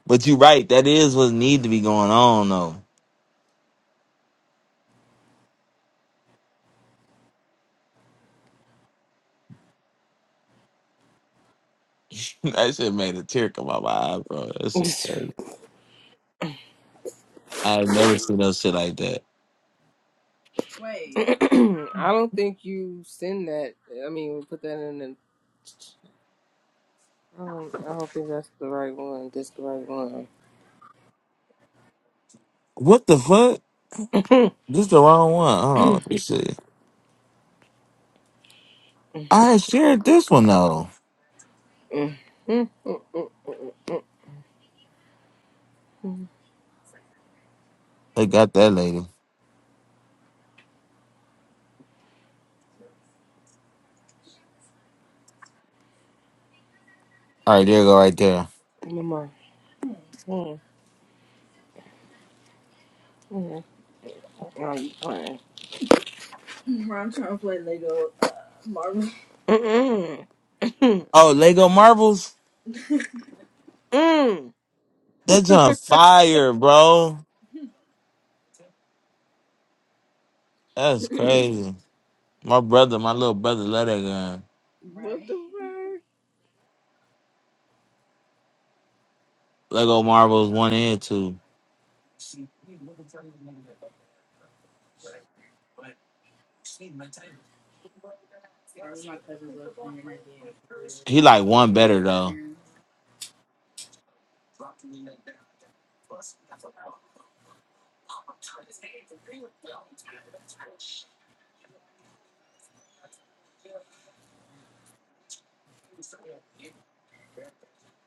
But you right, that is what need to be going on though. (laughs) that shit made a tear come out my eye, bro. That shit crazy. I've never seen no shit like that.
Wait. (clears throat) I don't think you send that. I mean, put that in the Um, I hope that that's the right one. This the right one.
What the fuck? This the wrong one. Oh, on, let me see. I had shared this one though. They got that lady. All right, there you go, right there.
Mama. Mm, mm. Are you playing? Mm, mm,
Oh, Lego Marbles?
mm,
That's on fire, bro. That's
mm.
crazy. My brother, my little brother, love that gun.
What the
Lego Marbles one and two. He like one better though.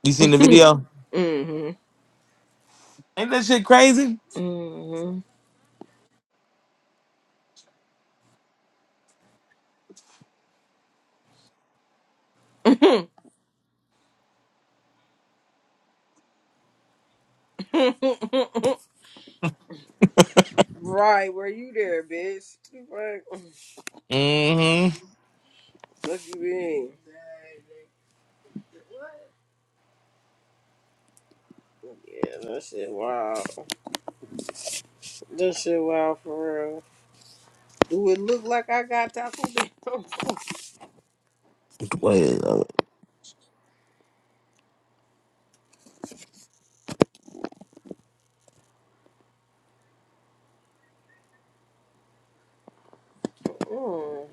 You seen the
fuck?
video?
Mhm,
Ain't that shit crazy?
mhm. (laughs) Right, were you there, bitch? What The
Mm-hmm.
Fuck Fuck you mean? Yeah, that shit wild. That shit wild for real. Do it look like I got Taco Bell? (laughs)
Wait, uh,
Mm.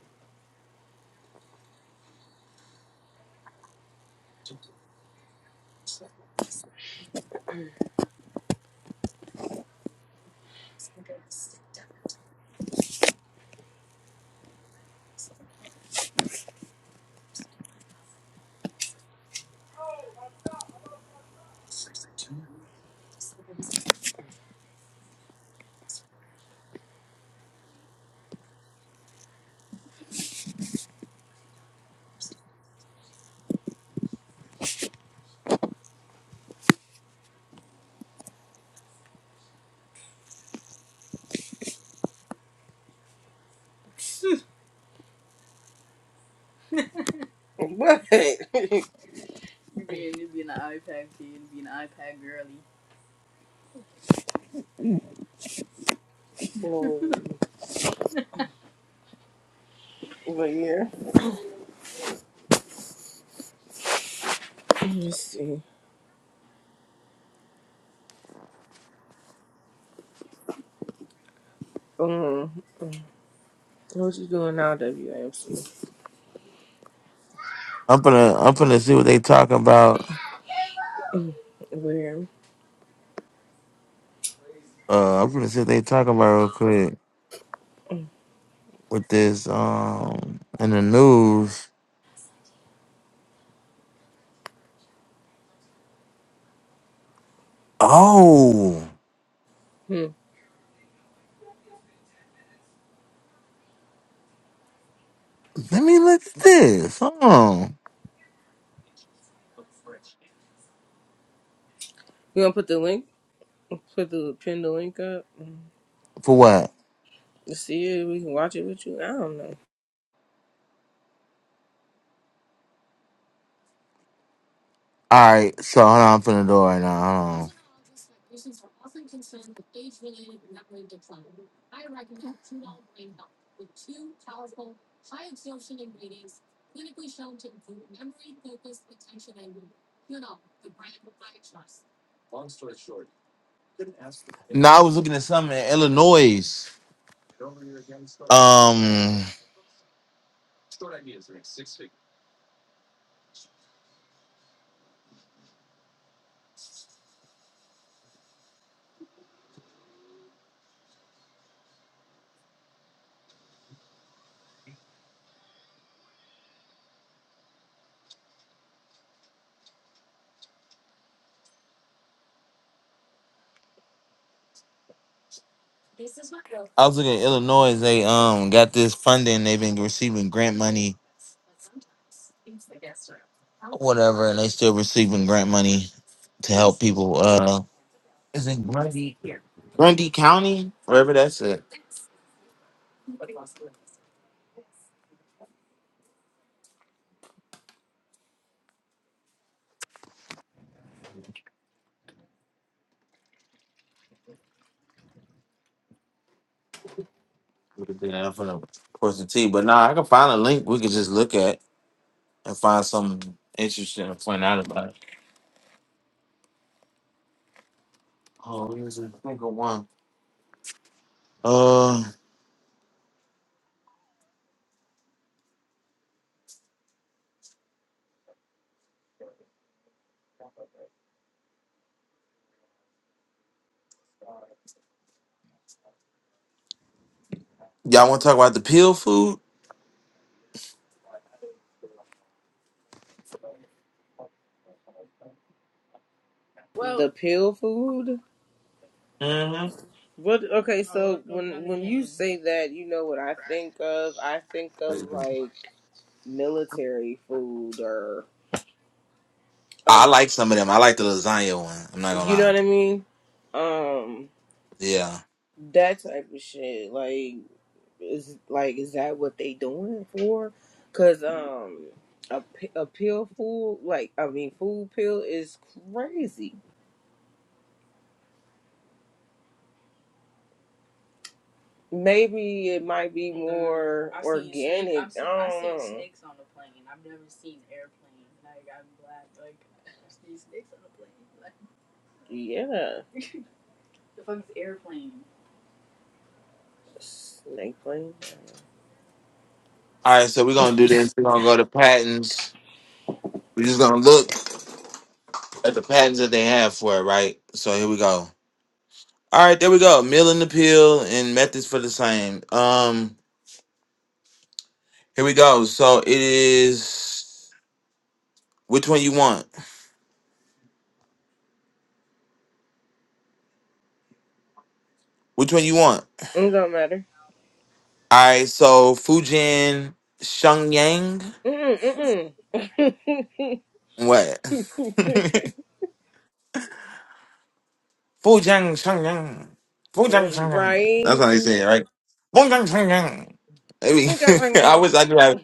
But, (laughs) Mm. but yeah. (laughs) Let me see. Um, what you doing now, WAMC?
I'm gonna I'm gonna see what they talking about.
Mm. Where?
Uh, I'm gonna see what they talking about real quick with this um in the news. Oh.
Hmm. You
Let me look at this. Hold on.
gonna put the link? Put the pin the link up Mm.
For what?
to see it. We can watch it with you. I don't know.
All right. So hold on. I'm finna do it right now. Hold on. No, I was looking at something in Illinois. Um, I was looking at Illinois. They um got this funding. They've been receiving grant money, whatever, and they still receiving grant money to help people. Uh, is it Grundy Grundy County? Wherever that's at. We can do that. I'm finna push the T. But nah, I can find a link we could just look at and find something interesting to find out about. Oh, what is it? I think one. Uh, y'all want to talk about the pill food?
Well, The pill food.
Mm-hmm.
What? Okay, oh, so do when down when you lane. say that, you know what I think of? I think of like military food or
I
um,
like some of them. I like the lasagna one. I'm not gonna
you know
lie.
what I mean? Um.
Yeah.
that type of shit. Like, is like, is that what they doing for? Cause um, a, p- a pill food, like, I mean, food pill is crazy. Maybe it might be Nah, more I've seen snake- organic. I've seen, I don't I've seen know. snakes on the plane. I've never seen airplane. Like, I'm glad. Like, I've seen snakes on the plane. (laughs) Like, yeah, snake plane.
All right, so we're gonna do this. We're gonna go to patents. We're just gonna look at the patents that they have for it, right? So here we go. All right, there we go. Meal and the pill and methods for the same. Um, here we go. So it is which one you want? Which one you want?
It don't matter.
All right, so Fujin Shengyang.
Mm-mm, mm
What? (laughs) Fujang Changyang. Fujang
mm. (laughs)
Changyang. That's how
right.
they say it, right? Fujang Changyang. Maybe (laughs) I
Mm.
wish I could have.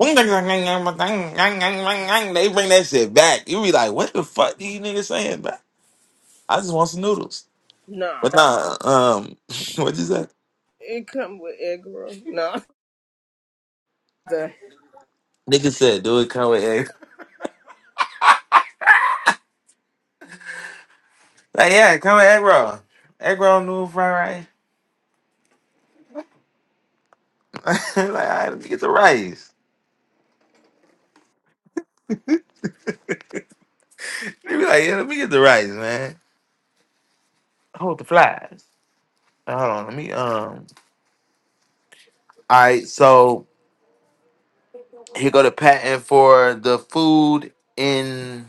Fujang Changyang, but dang, dang, dang, dang, dang. They bring that shit back. You be like, what the fuck do you niggas saying, bro? I just want some noodles.
No,
But nah, um, (laughs) what you say?
it come with egg roll. No, (laughs) the
Nigga said, do it come with egg. Like, yeah, come with egg roll. Egg roll, noodle, fried rice. (laughs) like, all right, let me get the rice. They be like, yeah, let me get the rice, man. Hold the flies. Hold on, let me um. All right, so here go the patent for the food in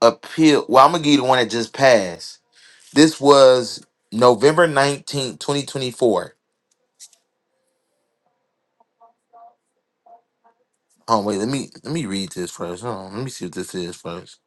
appeal. Well, I'm gonna give you the one that just passed. This was November nineteenth, twenty twenty four. Oh wait, let me let me read this first. Hold on, let me see what this is first.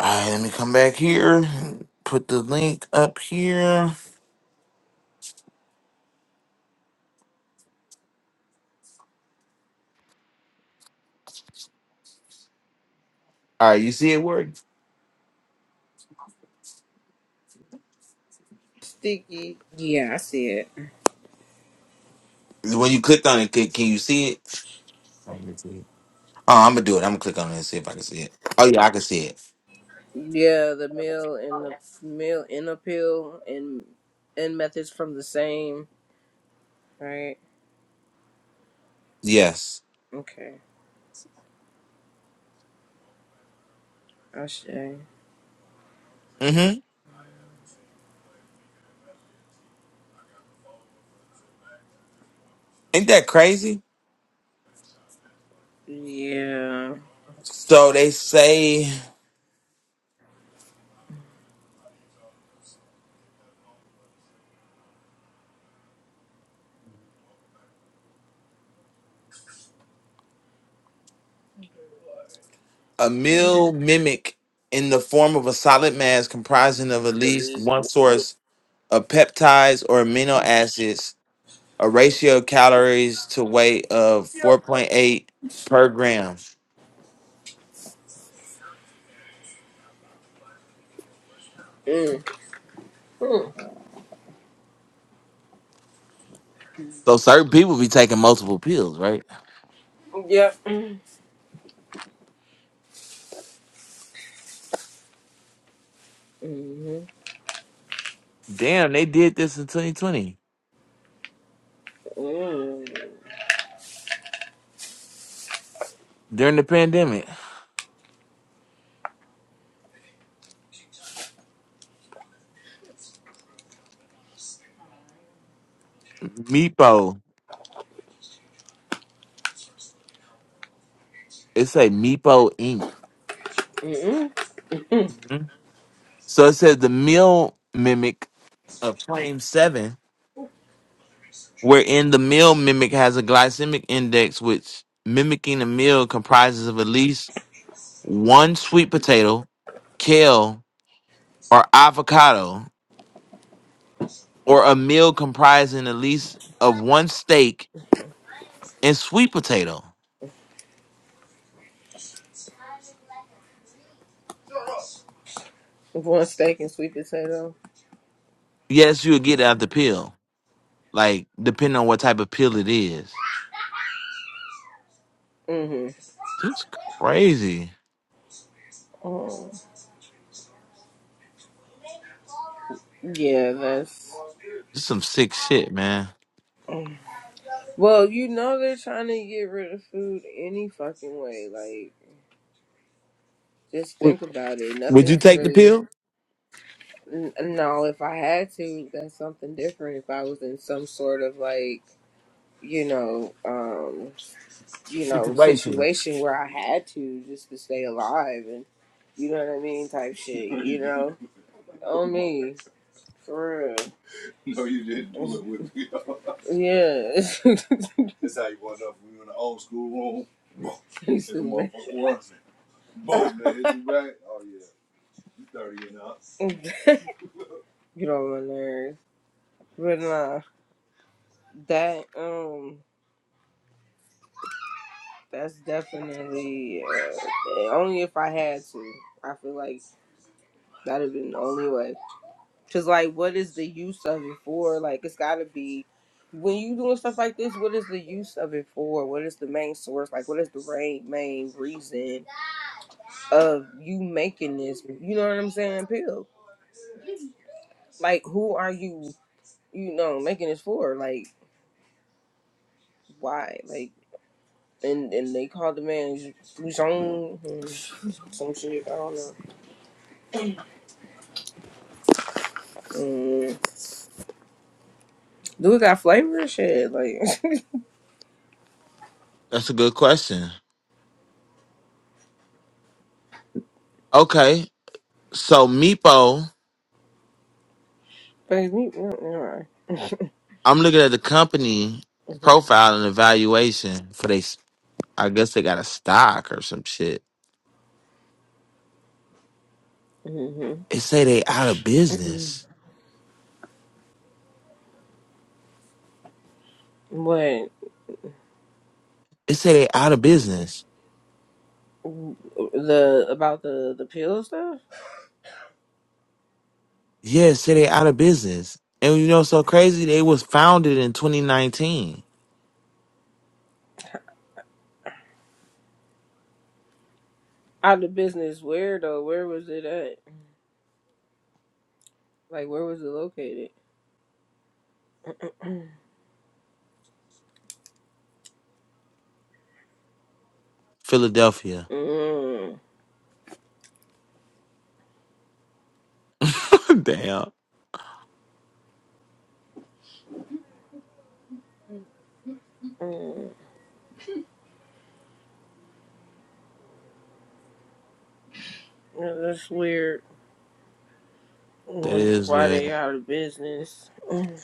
All right, let me come back here. Put the link up here. All right, you see it work?
sticky. Yeah, I see it.
When you clicked on it, can, can you see it? Oh, I'm gonna do it. I'm gonna click on it and see if I can see it. Oh yeah, I can see it.
Yeah, the meal and the meal and the pill and and methods from the same. Right.
Yes.
Okay. I see.
Mm-hmm. Ain't that crazy?
Yeah.
So they say a
Mm.
meal mimic in the form of a solid mass comprising of at least one source of peptides or amino acids, a ratio of calories to weight of 4.8 per gram.
Mm. Mm.
So certain people be taking multiple pills, right?
Yep. Mm-hmm.
Damn, they did this in 2020
Mm.
during the pandemic. Meepo, it say Meepo Inc.
Mm-hmm.
Mhm. So it says the meal mimic of claim seven wherein the meal mimic has a glycemic index which mimicking a meal comprises of at least one sweet potato, kale, or avocado, or a meal comprising at least of one steak and sweet potato.
One steak and sweet potato.
Yes, you'll get it out the pill, like depending on what type of pill it is.
Mm-hmm.
That's crazy.
Mm. Yeah, that's.
This some sick shit, man.
oh. Well, you know they're trying to get rid of food any fucking way. Like, just
Would
think about it.
would you
Nothing's
take the
really.
pill?
n- No, if I had to, that's something different. If I was in some sort of like, you know, um, you know,
Situation.
situation where I had to just to stay alive and, you know what I mean, type shit. You know, (laughs) on me, for real. No, you didn't do it with me. (laughs) Yeah. (laughs) That's how you was up. We were in the old school room. (laughs) Boom. You Hit the motherfucker once. Boom, man. Hit you back. Oh, yeah. You 30 and up. (laughs) Get on my nerves. But nah, that um, that's definitely uh, only if I had to. I feel like that'd have been the only way. Cause like, what is the use of it for? Like, it's gotta be when you doing stuff like this. What is the use of it for? What is the main source? Like, what is the main main reason? of you making this, you know what I'm saying, pill. Like who are you, you know, making this for? Like why? Like and and they called the man Fuzon and some shit, I don't know. Mm. Dude got flavor and shit, like
That's a good question. Okay, so Meepo.
(laughs) but me never
I'm looking at the company
mind.
profile and evaluation for they. s- I guess they got a stock or some shit.
Mm-hmm.
It say they out of business.
But
It say they out of business.
the about the the pill stuff?
Yeah, it say they out of business. And you know, what's so crazy. They was founded in 2019,
Out of business where though? Where was it at? Like where was it located?
Philadelphia.
Mm.
(laughs) Damn,
Mm. Yeah, That's weird.
that
Wonder
is
why
weird.
they out of business. (clears throat) Mm.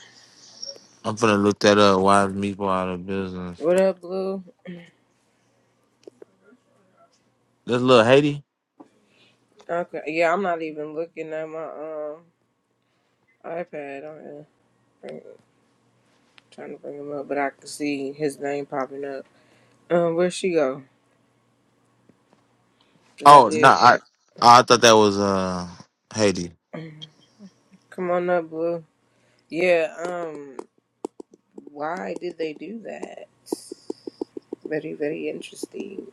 I'm gonna look that up. Why is Meatball out of business?
What up, Blue?
That's little Haiti.
Okay, yeah, I'm not even looking at my um iPad. I'm bring, trying to bring him up, but I can see his name popping up. Um, where'd she go? Cause I
Oh no,
did.
I
uh,
I thought that was uh Haiti.
Come on up, Blue. Yeah. Um, why did they do that? Very, very interesting.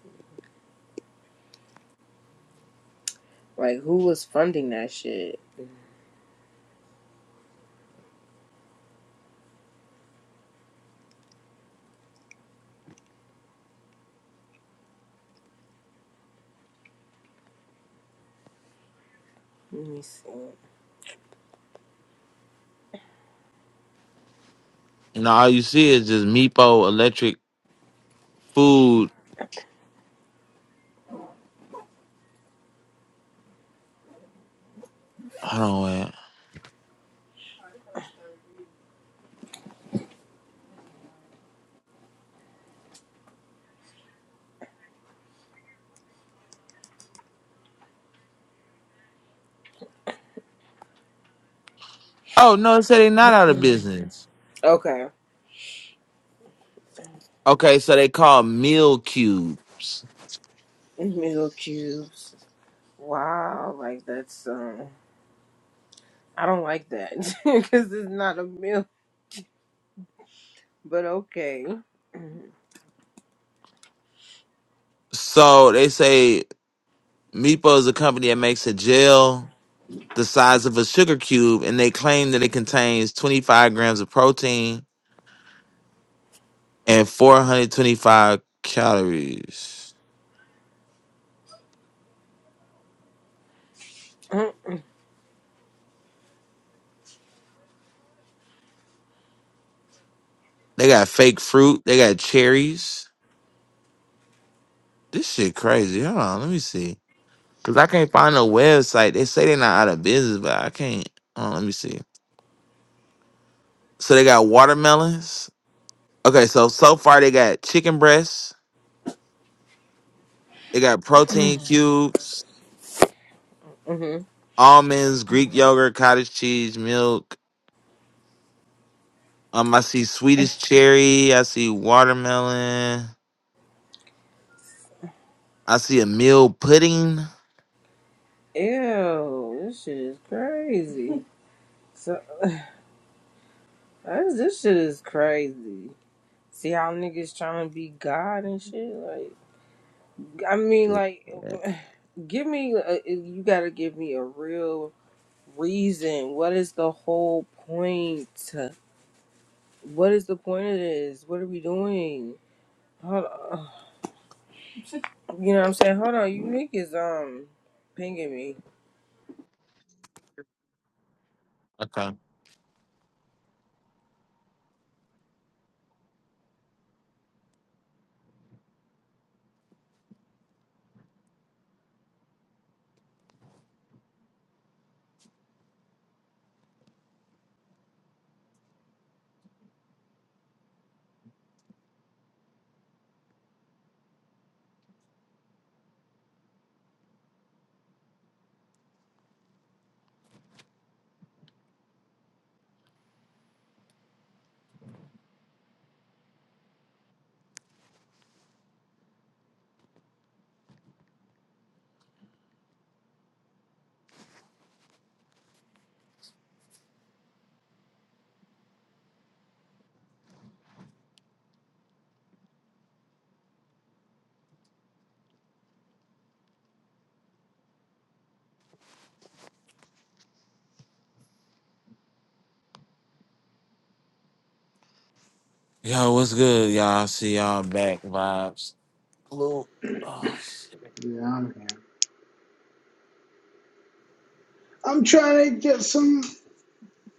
Like, who was funding that shit? Let me see.
No, all you see is just Meepo Electric Food Hold on, wait. Oh no, it said they not out of business.
(clears throat) Okay.
Okay, so they call meal cubes.
Middle cubes. Wow, like that's um, I don't like that (laughs) because it's not a meal. But okay. (clears throat)
So they say Meepo is a company that makes a gel the size of a sugar cube, and they claim that it contains 25 grams of protein and 425 calories.
hmm
They got fake fruit. They got cherries. This shit crazy. Hold on, let me see. Cause I can't find no website. They say they're not out of business, but I can't. Hold on, let me see. So they got watermelons. Okay, so so far they got chicken breasts, they got protein cubes, almonds, Greek yogurt, cottage cheese, milk. Um, I see Swedish cherry. I see watermelon. I see a meal pudding.
Ew, this shit is crazy. So that's, this shit is crazy. See how niggas trying to be God and shit. Like, I mean, like,
Yeah.
(sighs) give me. A, you gotta give me a real reason. What is the whole point? What is the point of this? What are we doing? Hold on. You know what I'm saying? Hold on, you niggas um pinging me.
Okay. Yo, what's good, y'all? I see y'all back vibes. Little, oh shit.
Yeah, I'm here. I'm trying to get some.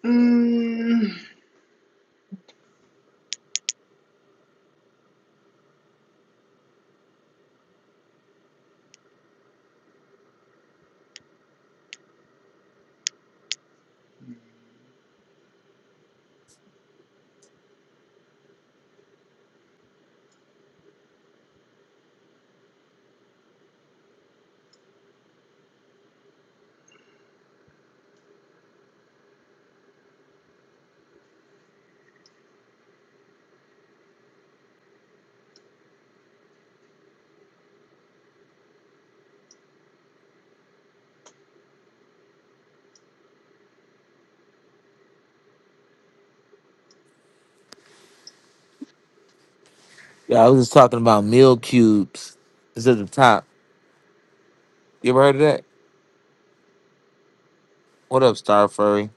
Mm,
Yeah, I was just talking about meal cubes. It's at the top. You ever heard of that? What up, Star Furry?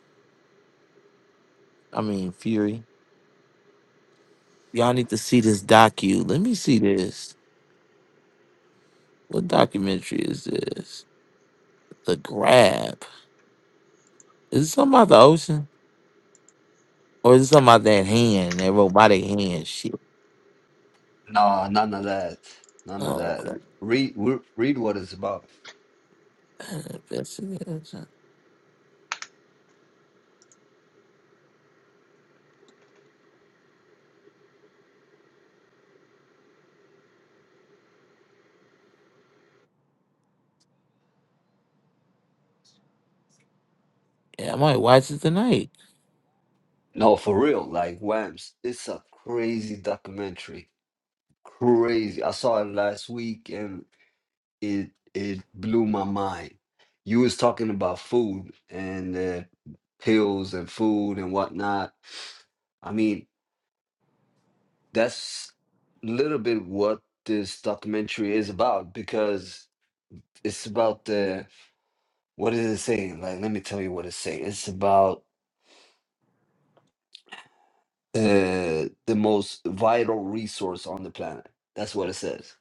I mean Fury. Y'all need to see this docu. Let me see this. What documentary is this? The Grab. Is it something about the ocean? Or is it something about that hand, that robotic hand shit?
No, none of that. None of
Oh,
that.
okay.
Read re- read what it's about.
Investigation. Yeah, I might watch it tonight.
No, for real. Like Whams, it's a crazy documentary. Crazy. I saw it last week and it it blew my mind. You was talking about food and uh, pills and food and whatnot. I mean, that's a little bit what this documentary is about because it's about the what is it saying? Like, let me tell you what it's saying. It's about uh, the most vital resource on the planet. That's what it says.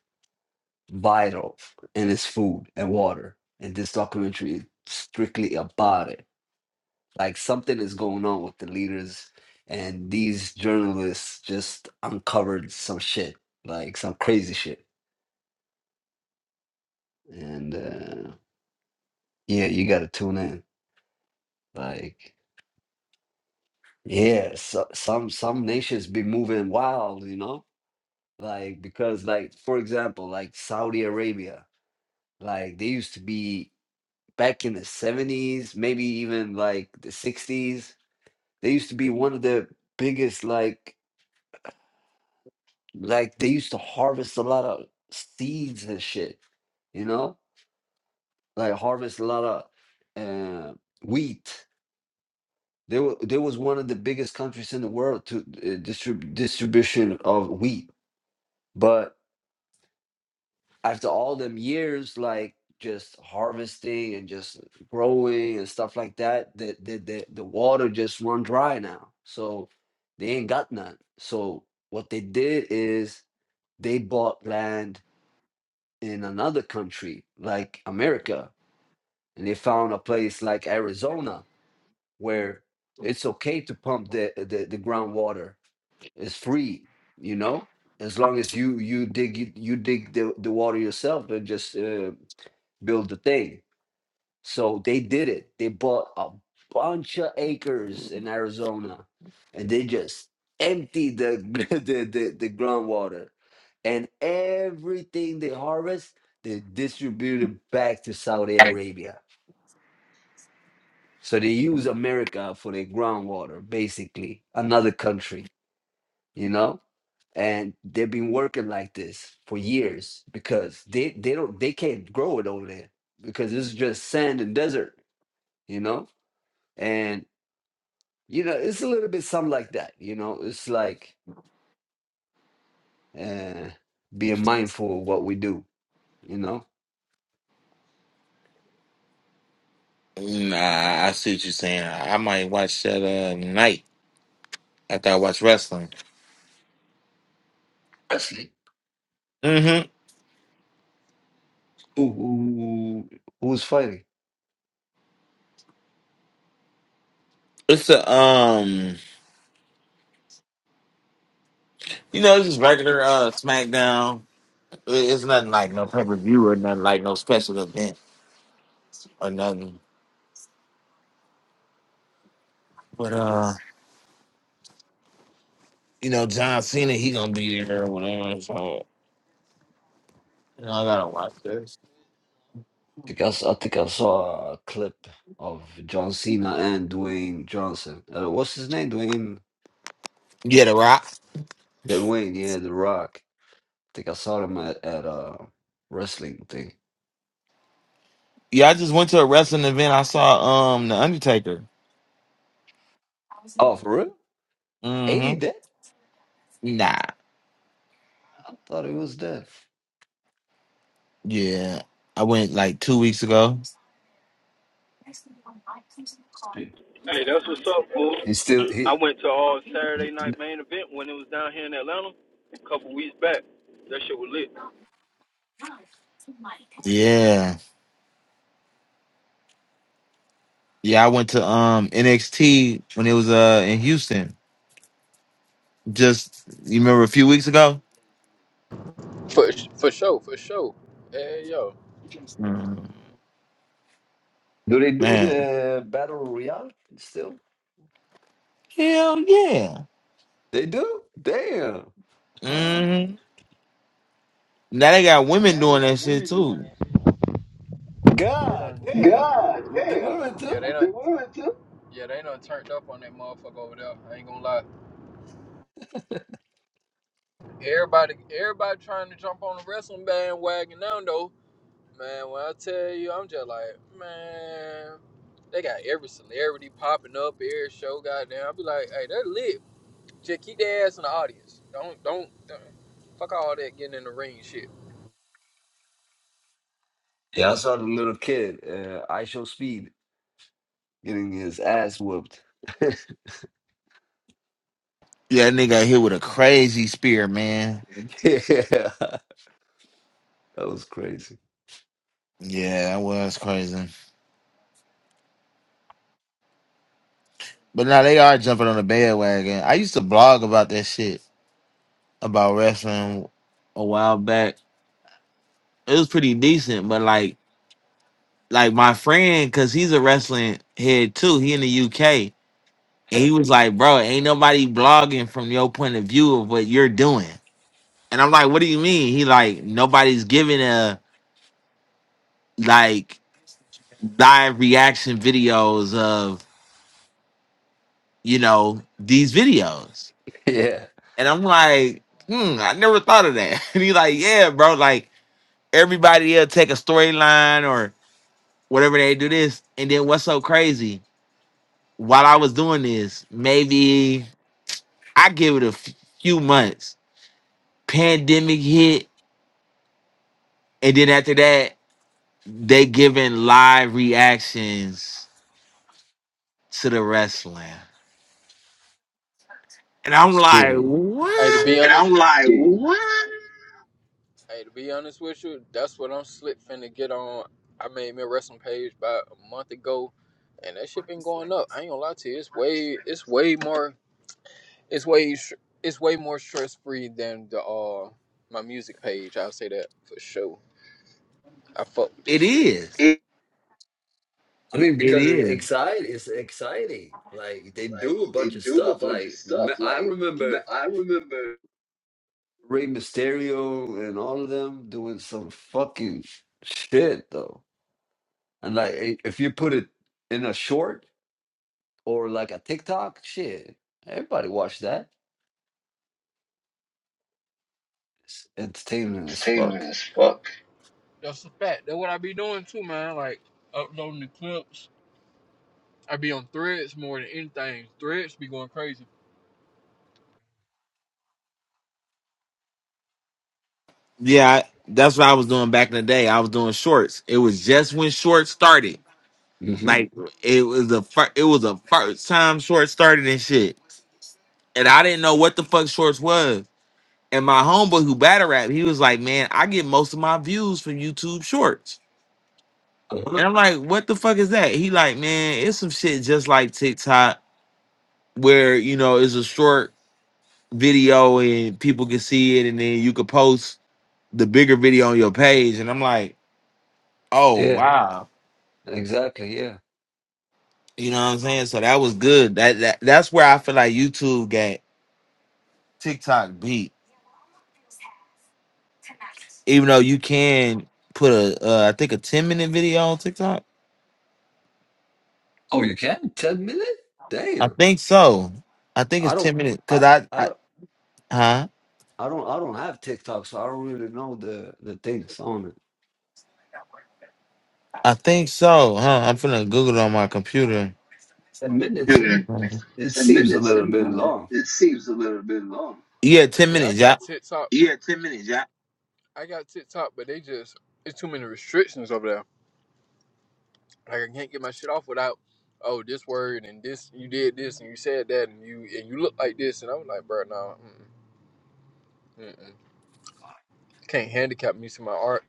Vital, and it's food and water. And this documentary is strictly about it. Like something is going on with the leaders, and these journalists just uncovered some shit, like some crazy shit. And uh, yeah, you gotta tune in. Like, yeah, so, some some nations be moving wild, you know. Like because, like for example, like Saudi Arabia, Like they used to be back in the 70s, maybe even like the 60s. They used to be one of the biggest like like they used to harvest a lot of seeds and shit, you know? Like harvest a lot of uh, wheat. They were they was one of the biggest countries in the world to uh, distrib- distribution of wheat. But after all them years like just harvesting and just growing and stuff like that the the the, the water just run dry now so they ain't got none so what they did is they bought land in another country like america and they found a place like arizona where it's okay to pump the the, the groundwater it's free you know as long as you you dig you dig the, the water yourself and just uh, build the thing. So they did it. They bought a bunch of acres in Arizona, and they just emptied the (laughs) the, the, the groundwater, and everything they harvest, they distributed back to Saudi Arabia. So they use America for their groundwater, basically another country, you know. And they've been working like this for years because they, they don't they can't grow it over there because it's just sand and desert you know and you know it's a little bit something like that you know it's like uh being mindful of what we do you know
Nah, I see what you're saying. I might watch that uh, night after I watch wrestling.
Presley
Mm-hmm.
who, who who's fighting
It's a, um, you know, it's just regular uh, SmackDown. It- It's nothing like no pay-per-view or nothing like no special event or nothing. But, uh, you know, John Cena, he gonna be there or whatever. So. You know, I gotta watch this.
I think I, s- I think I saw a clip of John Cena and Dwayne Johnson uh, what's his name Dwayne
Yeah, the rock.
Dwayne yeah The Rock I think I saw him at, at a wrestling thing
Yeah, I just went to a wrestling event. I saw um the Undertaker.
oh for real ain't he
Mm-hmm.
dead
Nah.
I thought he was dead
Yeah. I went like two weeks ago.
he still he
Yeah. Yeah, I went to um NXT when it was uh in Houston. Just you remember a few weeks ago?
for for sure, for sure. Hey yo,
Mm,
Do they do
man.
the battle royale still?
Hell yeah.
They do. Damn. Huh?
Mm-hmm. Now they got women doing that shit too.
they
God
done.
damn. W- The women too.
Yeah, they done. Yeah, they done turned up on that motherfucker over there. I ain't gonna lie. Everybody, everybody trying to jump on the wrestling bandwagon now though. Man, when I tell you, I'm just like, man, they got every celebrity popping up, every show. Goddamn, I be like, hey, they're lit. Just keep their ass in the audience. Don't don't, don't fuck all that getting in the ring shit.
Yeah, I saw the little kid, uh, I Show Speed, getting his ass whooped. (laughs) yeah,
Yeah, that nigga got hit with a crazy spear, man.
that was crazy. (laughs)
Yeah, that was crazy. But now they are jumping on the bandwagon. I used to blog about that shit about wrestling a while back. It was pretty decent, but like like my friend, cause he's a wrestling head too. He in the UK, and
Yeah,
he was like, "Bro, ain't nobody blogging from your point of view of what you're doing." And I'm like, "What do you mean?" He like, "Nobody's giving a like live reaction videos of you know these videos."
Yeah.
And I'm like, "Hmm, I never thought of that." (laughs) And he's like, "Yeah, bro, like." everybody else take a storyline or whatever they do this. And then what's so crazy? While I was doing this, maybe I give it a f- few months. Pandemic hit, and then after that, they giving live reactions to the wrestling, and I'm like,
shit.
Hey, to be
what?
honest, hey, to be honest with you, that's what I'm slick finna get on. I made me a wrestling page about a month ago, and that shit been going up. I ain't gonna lie to you, it's way it's way more it's way it's way more stress free than the uh my music page. I'll say that for sure. I fuck with this
It
shit.
is.
It,
I mean,
It
because it's
is.
exciting. It's exciting. Like they do a
Like they
bunch of
do a
stuff.
bunch of
Like
stuff.
rem- I
Like
remember
I remember
Rey Mysterio and all of them doing some fucking shit though. And like, i- if you put it in a short or like a TikTok, shit, everybody watch that. It's entertainment as fuck.
entertainment as fuck. That's a fact. That's what I be doing too, man. Like uploading the clips. I be on threads more than anything. Threads be going crazy.
Yeah, I- that's what I was doing back in the day. I was doing shorts. It was just when shorts started.
hmm
Like it was the first, it was the first time shorts started and shit, and I didn't know what the fuck shorts was. And my homeboy who battle rap, he was like, "Man, I get most of my views from YouTube Shorts."
Uh-huh.
And I'm like, "What the fuck is that?" He like, "Man, it's some shit just like TikTok, where you know it's a short video and people can see it, and then you could post the bigger video on your page." And I'm like, "Oh
Yeah,
wow."
exactly. Yeah.
You know what I'm saying? So that was good. That, that that's where I feel like YouTube got TikTok beat Even though you can put a, uh, I think a ten minute video on TikTok.
Oh, you can? 10 minute?
I
Damn.
think so. I think it's
I don't,
ten minutes because
I,
I,
I
I,
don't.
huh?
I don't. I don't have TikTok, so I don't really know the the things on it.
I think so. Huh? I'm finna Google it on my computer.
Ten minutes,
Yeah.
it,
Mhm.
it
Ten
seems a
minutes. It,
little bit long.
seems a little bit long.
Yeah, ten
See, I
minutes.
got
Yeah,
TikTok. Yeah, ten minutes. Yeah. I got TikTok, but they just it's too many restrictions over there. Like I can't get my shit off without oh this word and this you did this and you said that and you and you look like this and I was like, bro, no, mm can't handicap me to my art.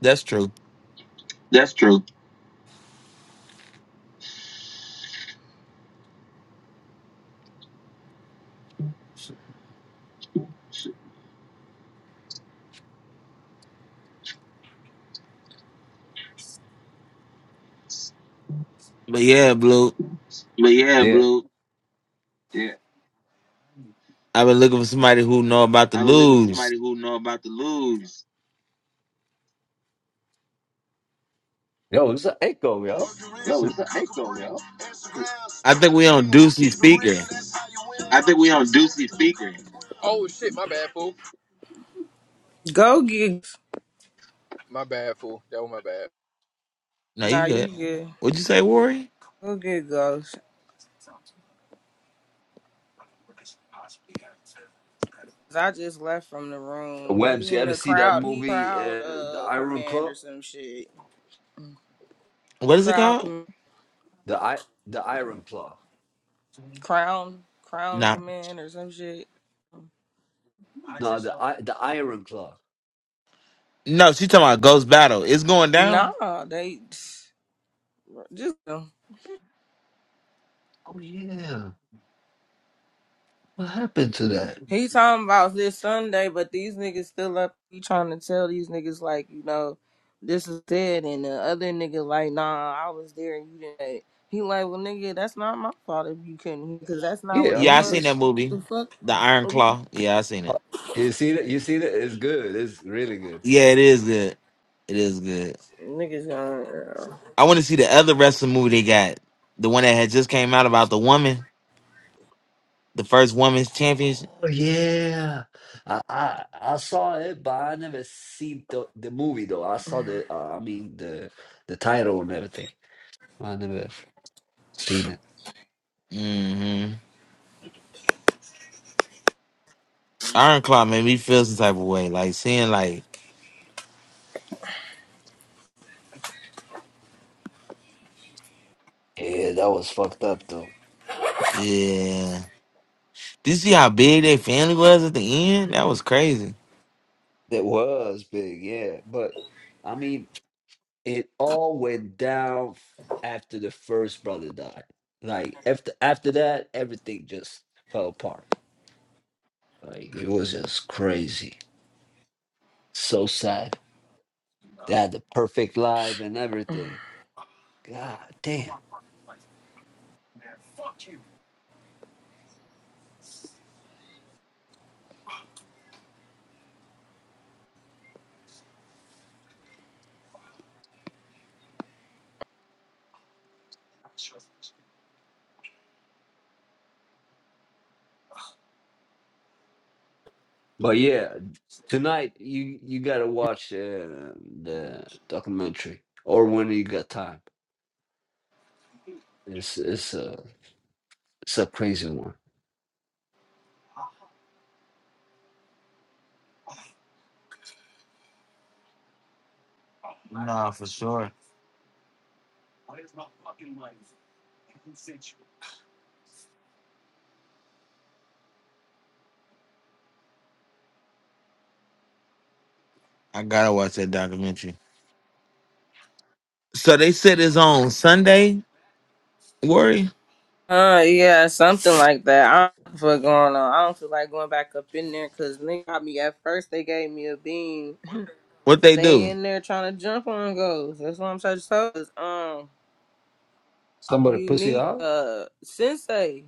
that's true.
That's true.
But yeah, Blue,
But yeah,
Yeah.
blue. yeah,
I've been looking for somebody who know about the
I've been looking for
lose.
somebody who know about the lubes.
Yo, it's an echo, yo.
Yo, it's not Axel, yo.
I think we on Deucey speaker.
I think we on Deucey speaker. Oh shit, my bad, fool.
Go get
My bad, fool. That was my bad.
No,
nah,
you good.
you good.
What'd you say, Worry?
Go get Ghost. 'Cause I just left from the room.
Webs,
He
you
in
ever
the
see that
crowd. He
movie,
crowd
uh, The
uh
Iron
command
Claw?
or some shit.
What is it
Crowd
called?
com-
The I, The Iron Claw.
crown crown
No.
command or some shit.
No, the I the Iron Claw.
No, she talking about Ghost Battle. It's going down.
Nah, they just
Oh yeah, what happened to that?
He talking about this Sunday, but these niggas still up. He trying to tell these niggas like, you know, this is dead, and the other nigga like, nah, I was there and you didn't. He like, well, nigga, that's not my fault if you couldn't hear, cause that's not what
Yeah, I
the
Yeah, I
mean
fuck,
seen that
it's.
movie.
the fuck,
The Iron Claw. Yeah, I seen
uh,
it.
You see that? You see that? It's good. It's really good.
Yeah, it is good. It is good.
niggas going.
I want to see the other wrestling movie they got. The one that had just came out about the woman, the first women's championship.
Oh yeah, I I, I saw it, but I never seen the the movie though. I saw the uh, I mean the the title and everything. I never seen it.
Mm-hmm. Iron Claw made me feel some type of way. Like seeing like,
Yeah, that was fucked up though.
yeah. Did you see how big their family was at the end? That was crazy.
That was big. Yeah, but I mean it all went down after the first brother died. Like after after that, everything just fell apart. Like it was just crazy. So sad. They had the perfect life and everything. God damn. But yeah, tonight you you gotta watch uh, the documentary or when you got time. It's it's a it's a crazy one.
Nah, for sure. I gotta watch that documentary. So they said it's on Sunday, Worry?
Uh, yeah, something like that. I don't know what going on. I don't feel like going back up in there, cause nigga got me at first. They gave me a beam.
What
(laughs)
they
they
do?
in there trying to jump on goals. That's what I'm trying to tell us. Um.
Somebody pussy
Unique,
out?
uh, Sensei.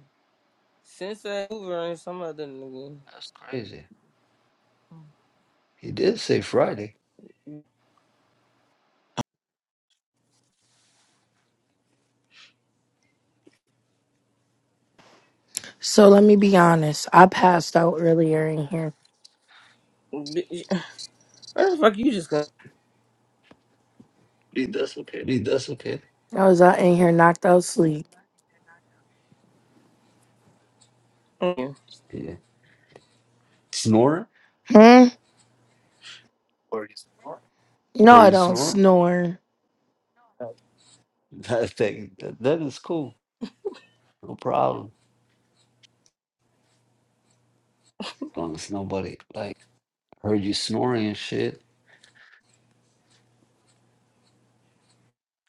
Sensei Hoover and some other nigga.
That's crazy. He did say Friday.
So let me be honest. I passed out earlier in here.
Bitch, Where the fuck you just go?
He that's okay.
I was out in here knocked out sleep.
Yeah. Snore?
Hmm? No,
Where
I
you
don't
snore? (laughs)
snore.
That thing, that, that is cool. No problem. As long as nobody like heard you snoring and shit.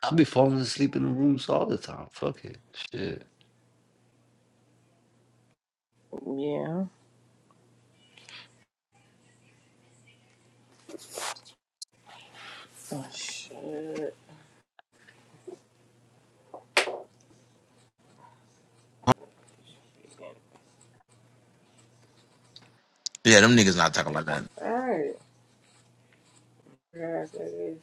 I'll be falling asleep in the rooms all the time. Fuck it. Shit.
Yeah. Oh, shit.
Yeah, them niggas not talking like that.
Alright. Guys, I guess.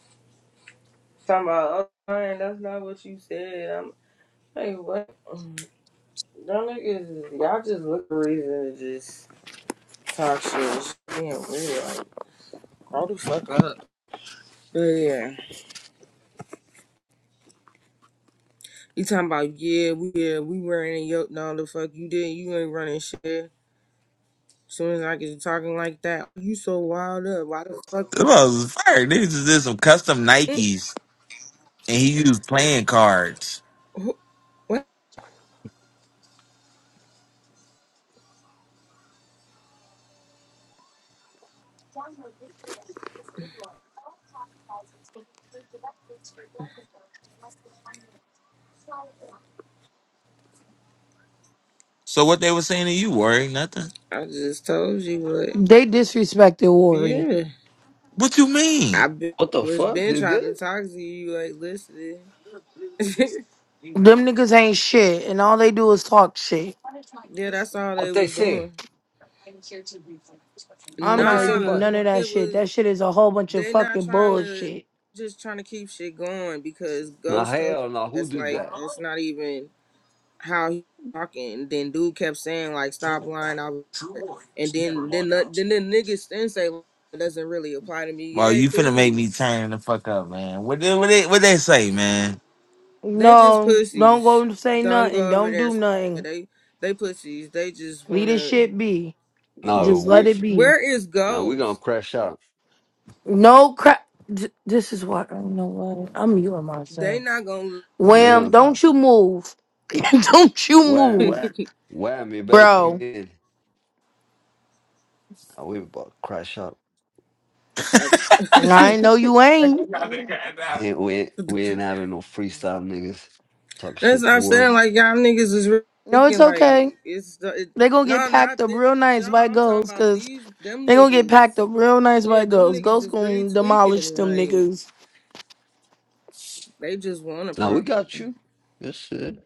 Talking about, oh, man, that's not what you said. I'm, hey, what? Y'all niggas, y'all just look for reason to just talk shit. It's Being weird. Like, grow the fuck up. But yeah. You talking about, yeah, we, yeah, we running your, no, the fuck you didn't. You ain't running shit. soon as I get to talking like that, you so wild up. Why the fuck
Them
you?
was fire. Niggas just did some custom
Mm,
Nikes and he used playing cards.
wh- What?
So what they were saying to you, worry nothing.
I just told you what.
They disrespected Worry.
Yeah,
What you
I
mean?
been,
What the
was
fuck?
been
They
trying to
did?
talk to you. Like, listen. (laughs)
Them niggas ain't shit and all they do is talk shit.
yeah, that's all they
What they
was
say?
doing.
I'm
What
not
they say
repeating
Nah,
about
none of that
it
shit.
was.
That shit is a whole bunch of
They not
fucking
trying to.
bullshit.
Just trying to keep shit going because
Nah
Ghost told
hell no, who
us
did
like
that?
that's not even. how he talking. Then dude kept saying like, "Stop lying." I was, like- and then then the, then the niggas then say "It doesn't really apply to me.
Bro,
Yeah,
you finna make
dude,
me turn the fuck up, man. What they, what they, what they say, man?
they just
No, don't go
pussies.
and say
Don't
nothing.
go over
Don't
there.
do nothing.
They they pussies. They just
Leave this
wanna.
shit be.
Yeah.
No,
Just
we
let it
f-
be.
Where is
now we gonna
Ghost?
crash out.
No crap. Th- This is why I know what I'm muting
They
myself.
not gonna.
Now we
Yeah.
Wham!
gonna
Don't you move. (laughs) don't you
wham.
(laughs)
move,
Wham, you better pick
bro.
in. Now we about to crash out.
That's
(laughs)
I
(laughs)
know you ain't.
Ain't we ain't we ain't having no freestyle niggas. Talk
that's
shit
what
to
I'm
worry.
saying. Like y'all niggas is really
No, it's
thinking like
okay.
it's the, it,
They gonna get
no
packed
not
up
this
real nice
y'all.
by
I'm talking
ghosts,
about
cause
these them
they gonna get packed
niggas.
up real nice by
Yeah, them
ghosts.
niggas
Ghosts
is really
gonna demolish
tweaking.
them
Like
niggas.
they just want a
Now we
problem,
got you. That's it.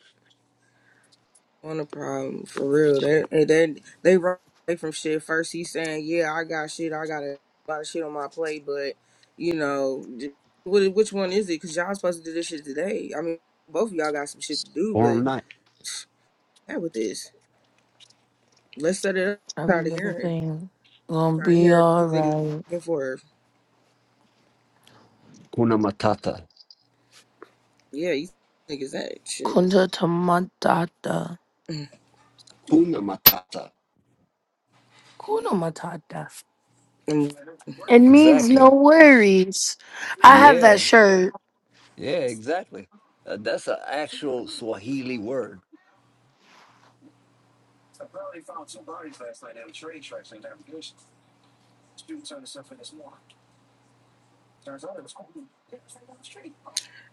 want a problem for real. They they they, run away from shit. First he's saying, "Yeah, I got shit. I got a lot of shit on my plate," but you know, j- what which one is it? Because y'all supposed to do this shit today. I mean, both of y'all got some shit to do,
All
but
night.
yeah, with this, let's set it up. I'm
Every
tired of
little
hearing,
thing
I'm
gonna
tired of
be
hearing these niggas
alright.
back and forth.
Kuna matata.
Yeah, these niggas that shit.
Kunta Tamatata.
Kuna matata.
Kuna Matata.
Um,
It means no
Exactly.
worries. I have that
Yeah.
shirt.
Yeah, exactly. Uh, that's an actual Swahili word.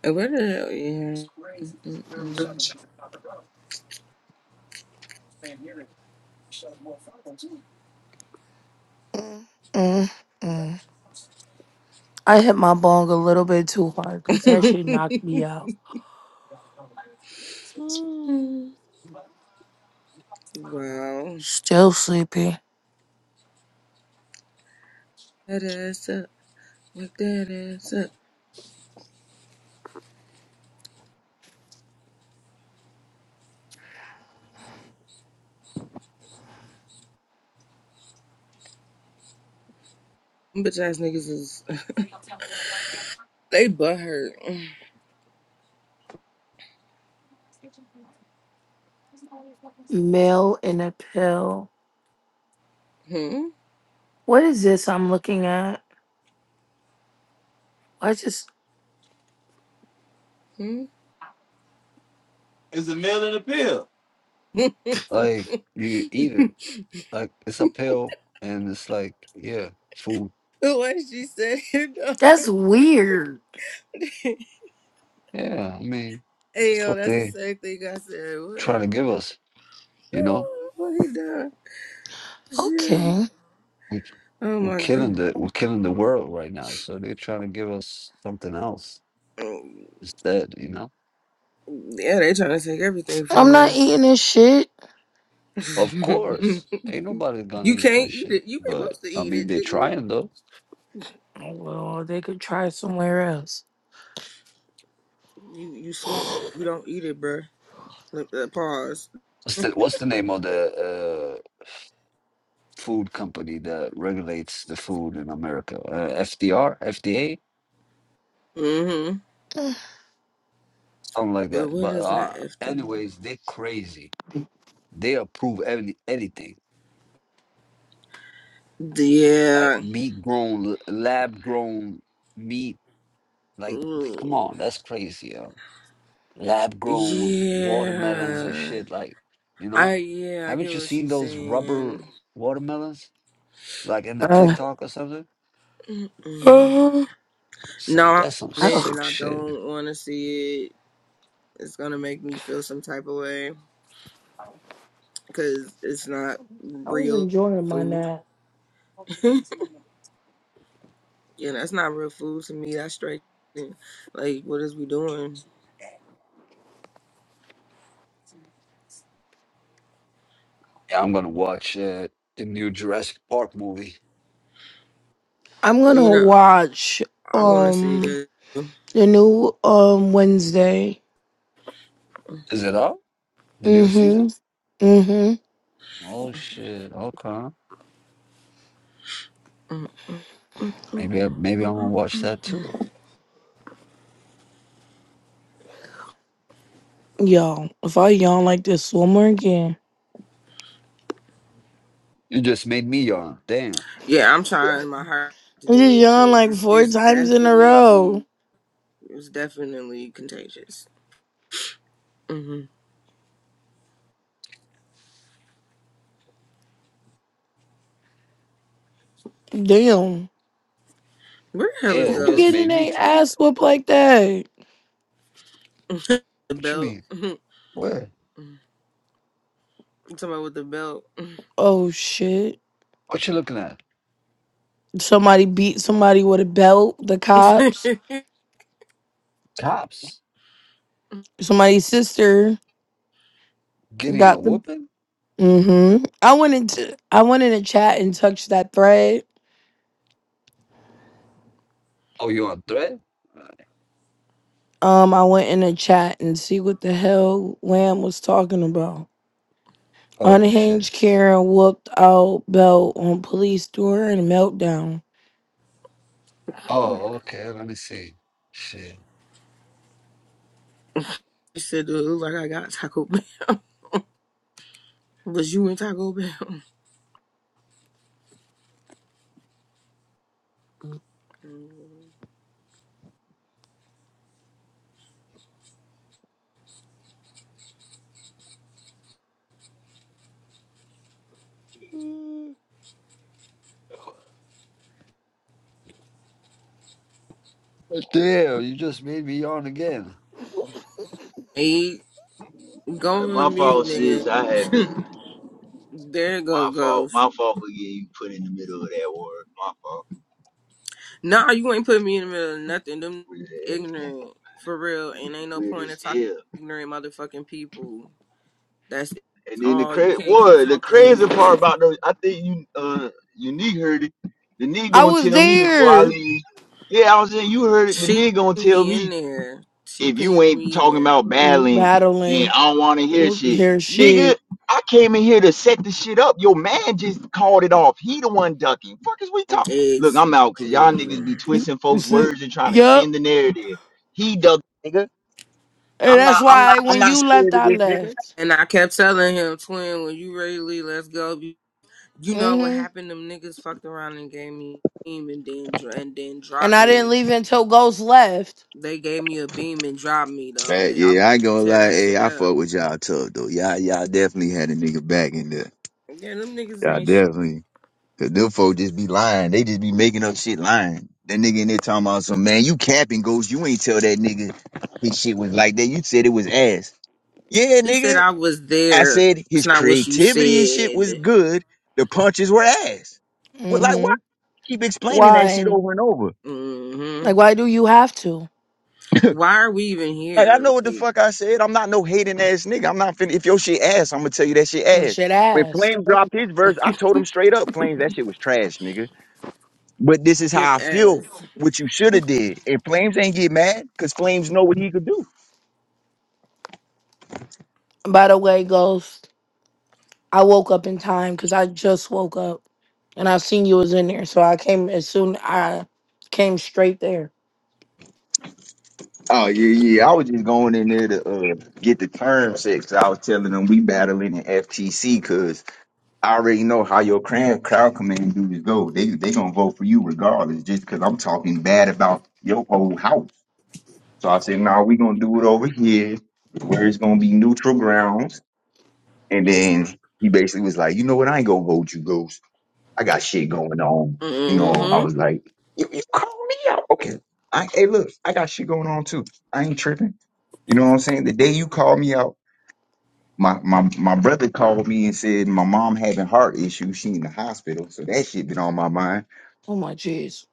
and what the hell? Yeah.
Mm, mm, mm. I hit my bong a little bit too hard because that shit knocked
Mm-mm-mm.
me out. Mm.
(laughs) Wow.
Still sleepy.
That ass up. Wake that ass up. Them Bitch ass niggas is (laughs) they butt hurt.
Mail in a pill.
Hmm?
What is this I'm looking at? I just.
Hmm?
It's a meal and a pill.
(laughs)
Like, you eat it.
the
Like, it's a pill, and it's like, yeah, food.
way she said it though.
That's weird.
(laughs)
Yeah, I mean,
hey
that's
yo,
what
that's the
they
same thing I said.
try to
What?
give us,
(sighs)
you know?
(laughs) What he done? Shit.
Okay.
We,
Oh
we're
my
killing
god.
the we're killing the world right now, so they're trying to give us something else instead, you know.
Yeah, they trying to take everything
I'm
from
not
us.
eating this shit.
(laughs)
Of
you
course, ain't nobody gonna eat that
can't eat it.
shit.
You ain't
But
supposed to
I
eat
mean,
it,
they're
nigga.
trying though.
Oh, Well, they could try somewhere else.
You you swallow. You don't eat it, bruh. Look, uh, Pause.
What's the What's the name of the uh, food company that regulates the food in America? Uh, FDR, FDA,
Mm-hmm.
something like
But
that.
what
But
is that
uh,
FD?
anyways, they are crazy. They approve any anything like
Yeah.
meat grown, lab grown meat. Like, come on,
Mm,
that's crazy, yo. Lab grown watermelons and
Yeah.
shit. Like, you know,
I yeah, I
haven't
get
you
what
seen
she's
those rubber
saying.
watermelons? like in the
Uh,
TikTok or something.
(gasps)
Mm.
ugh,
No,
Some
I
that's some
haven't and
sick
I
I
shit.
don't wanna see it. It's gonna make me feel some type of way. Cause it's not
was
real
enjoying my
food.
nap.
(laughs) yeah, that's not real food to me. That's straight like what is we doing?
Yeah, I'm gonna watch uh, the new Jurassic Park movie.
I'm
You
gonna
know,
watch
I wanna see
um
that. Mm,
the new um Wednesday.
Is it out? The new
Mm-hmm.
season?
Mm-hmm.
Oh shit. Okay.
mm, mm, mm, mm, mm,
Maybe I, maybe I'm
mm. mm.
gonna watch that too.
Yo, if I yawn like this one more again,
You just made me yawn. Damn.
Yeah, I'm trying my heart to
I
do
just
it
yawn
because
like
it's,
four
it's
times in a row.
definitely it's definitely contagious. hmm
Damn,
Where the hell is
Yeah, it
who
just
Ghost?
getting
made me.
their
T-
ass whooped like that?
The
what you
belt.
mean?
(laughs) you
Where?
talking about with the belt?
Oh shit!
What you looking at?
Somebody beat somebody with a belt. The
(laughs)
cops.
Cops
you
Somebody's sister
getting a
got the
whooping?
hmm I wanted to. I went in the chat and touched that thread.
Oh, you on threat? Uh,
Um, I went in the chat and see what the hell Lamb was talking about.
Oh shit.
Unhinged Karen whooped out belt on police during a meltdown.
Oh, okay. Let me see. Shit.
said, it look like I got Taco Bell." Was you in Taco Bell? (laughs)
Mm.
Damn, you just made me yawn again.
hey, go
My
on mute,
fault,
nigga.
sis. I had
(laughs)
to.
there you go,
My fault.
Ghost.
My fault for getting put in the middle of that word. My fault.
Nah, you ain't put me in the middle of nothing. Them
Weird ass nigga.
ignorant for real, and ain't no
Weird
point in
as
talking
hell.
to ignorant motherfucking people. That's
And then the
all. You
crazy,
can't keep
what the
talking to
crazy
her.
part about those, I think you uh unique heard it. The nigga
I
gonna
was
tell me before I
there
leave. Yeah, I was saying you heard it. The
She
nigga gonna
can
tell
be in
me
there. She
if you
pinged
ain't
me in
talking
there.
about
Mm-hmm.
battling, then
battling.
I don't want to hear shit.
Here,
Nigga,
shit.
I came in here to set the shit up. Your man just called it off. He the one ducking. Fuck is we talking? Look, I'm out because y'all
Exactly.
niggas be
You,
twisting
you
folks'
see?
words and trying to spin
Yup.
the narrative. He ducked, nigga.
And
I'm
that's
not, I'm
why
not, I'm
when
not
you left,
scared of
I
this nigga.
left.
And I kept telling him, twin, when you ready to leave, let's go. Be- You know what
hmm
happened? Them niggas fucked around and gave me a beam and then dr- and then
And
dropped
I didn't
me.
leave until Ghost left.
They gave me a beam and dropped me though.
Hey,
They I would
yeah, I ain't gonna
tear
lie.
that
Hey,
shit
I
up.
fuck with y'all tough though. Y'all, y'all definitely had a nigga back in there.
Yeah, them niggas
Y'all
ain't. Sh-
definitely. Cause them folk just be lying. They just be making up shit lying. That nigga in there talking about some man, you capping ghost. You ain't tell that nigga his shit was like that. You said it was ass. Yeah,
he said
nigga.
I was
I
there.
said
That's
his
not what you
creativity and shit was
said.
good. The punches were ass. What? like, why
hmm
keep explaining that shit
Why?
over and over?
hmm
Like, why do you have to?
Why are we even
Like, I
here?
know what the
Like.
fuck I said. I'm not no hating ass nigga. I'm not finna. If your shit ass, I'm gonna tell you that shit
Well,
ass.
shit
When
ass.
Flames dropped his verse, I told him straight up, Flames, that shit was trash, nigga. But this is
It
how I feel.
is.
What you should have did. And Flames ain't get mad because Flames know what he could do.
By the way, Ghost, I woke up in time because I just woke up and I seen you was in there. So I came as soon I came straight there.
Oh yeah, yeah. I was just going in there to uh, get the term set. 'cause I was telling them we battling in FTC because I already know how your cram, crowd command dudes go. They they gonna vote for you regardless, just because I'm talking bad about your whole house. So I said, nah, we gonna do it over here where it's gonna be neutral grounds. And then he basically was like, you know what? I ain't gonna vote you, Ghost. I got shit going on. You know, I
Mm-hmm.
was like, you, you call me out. Okay. I, hey, look, I got shit going on too. I ain't tripping. You know what I'm saying? The day you called me out, my, my, my brother called me and said my mom having heart issues. She in the hospital. So that shit been on my mind.
Oh my jeez.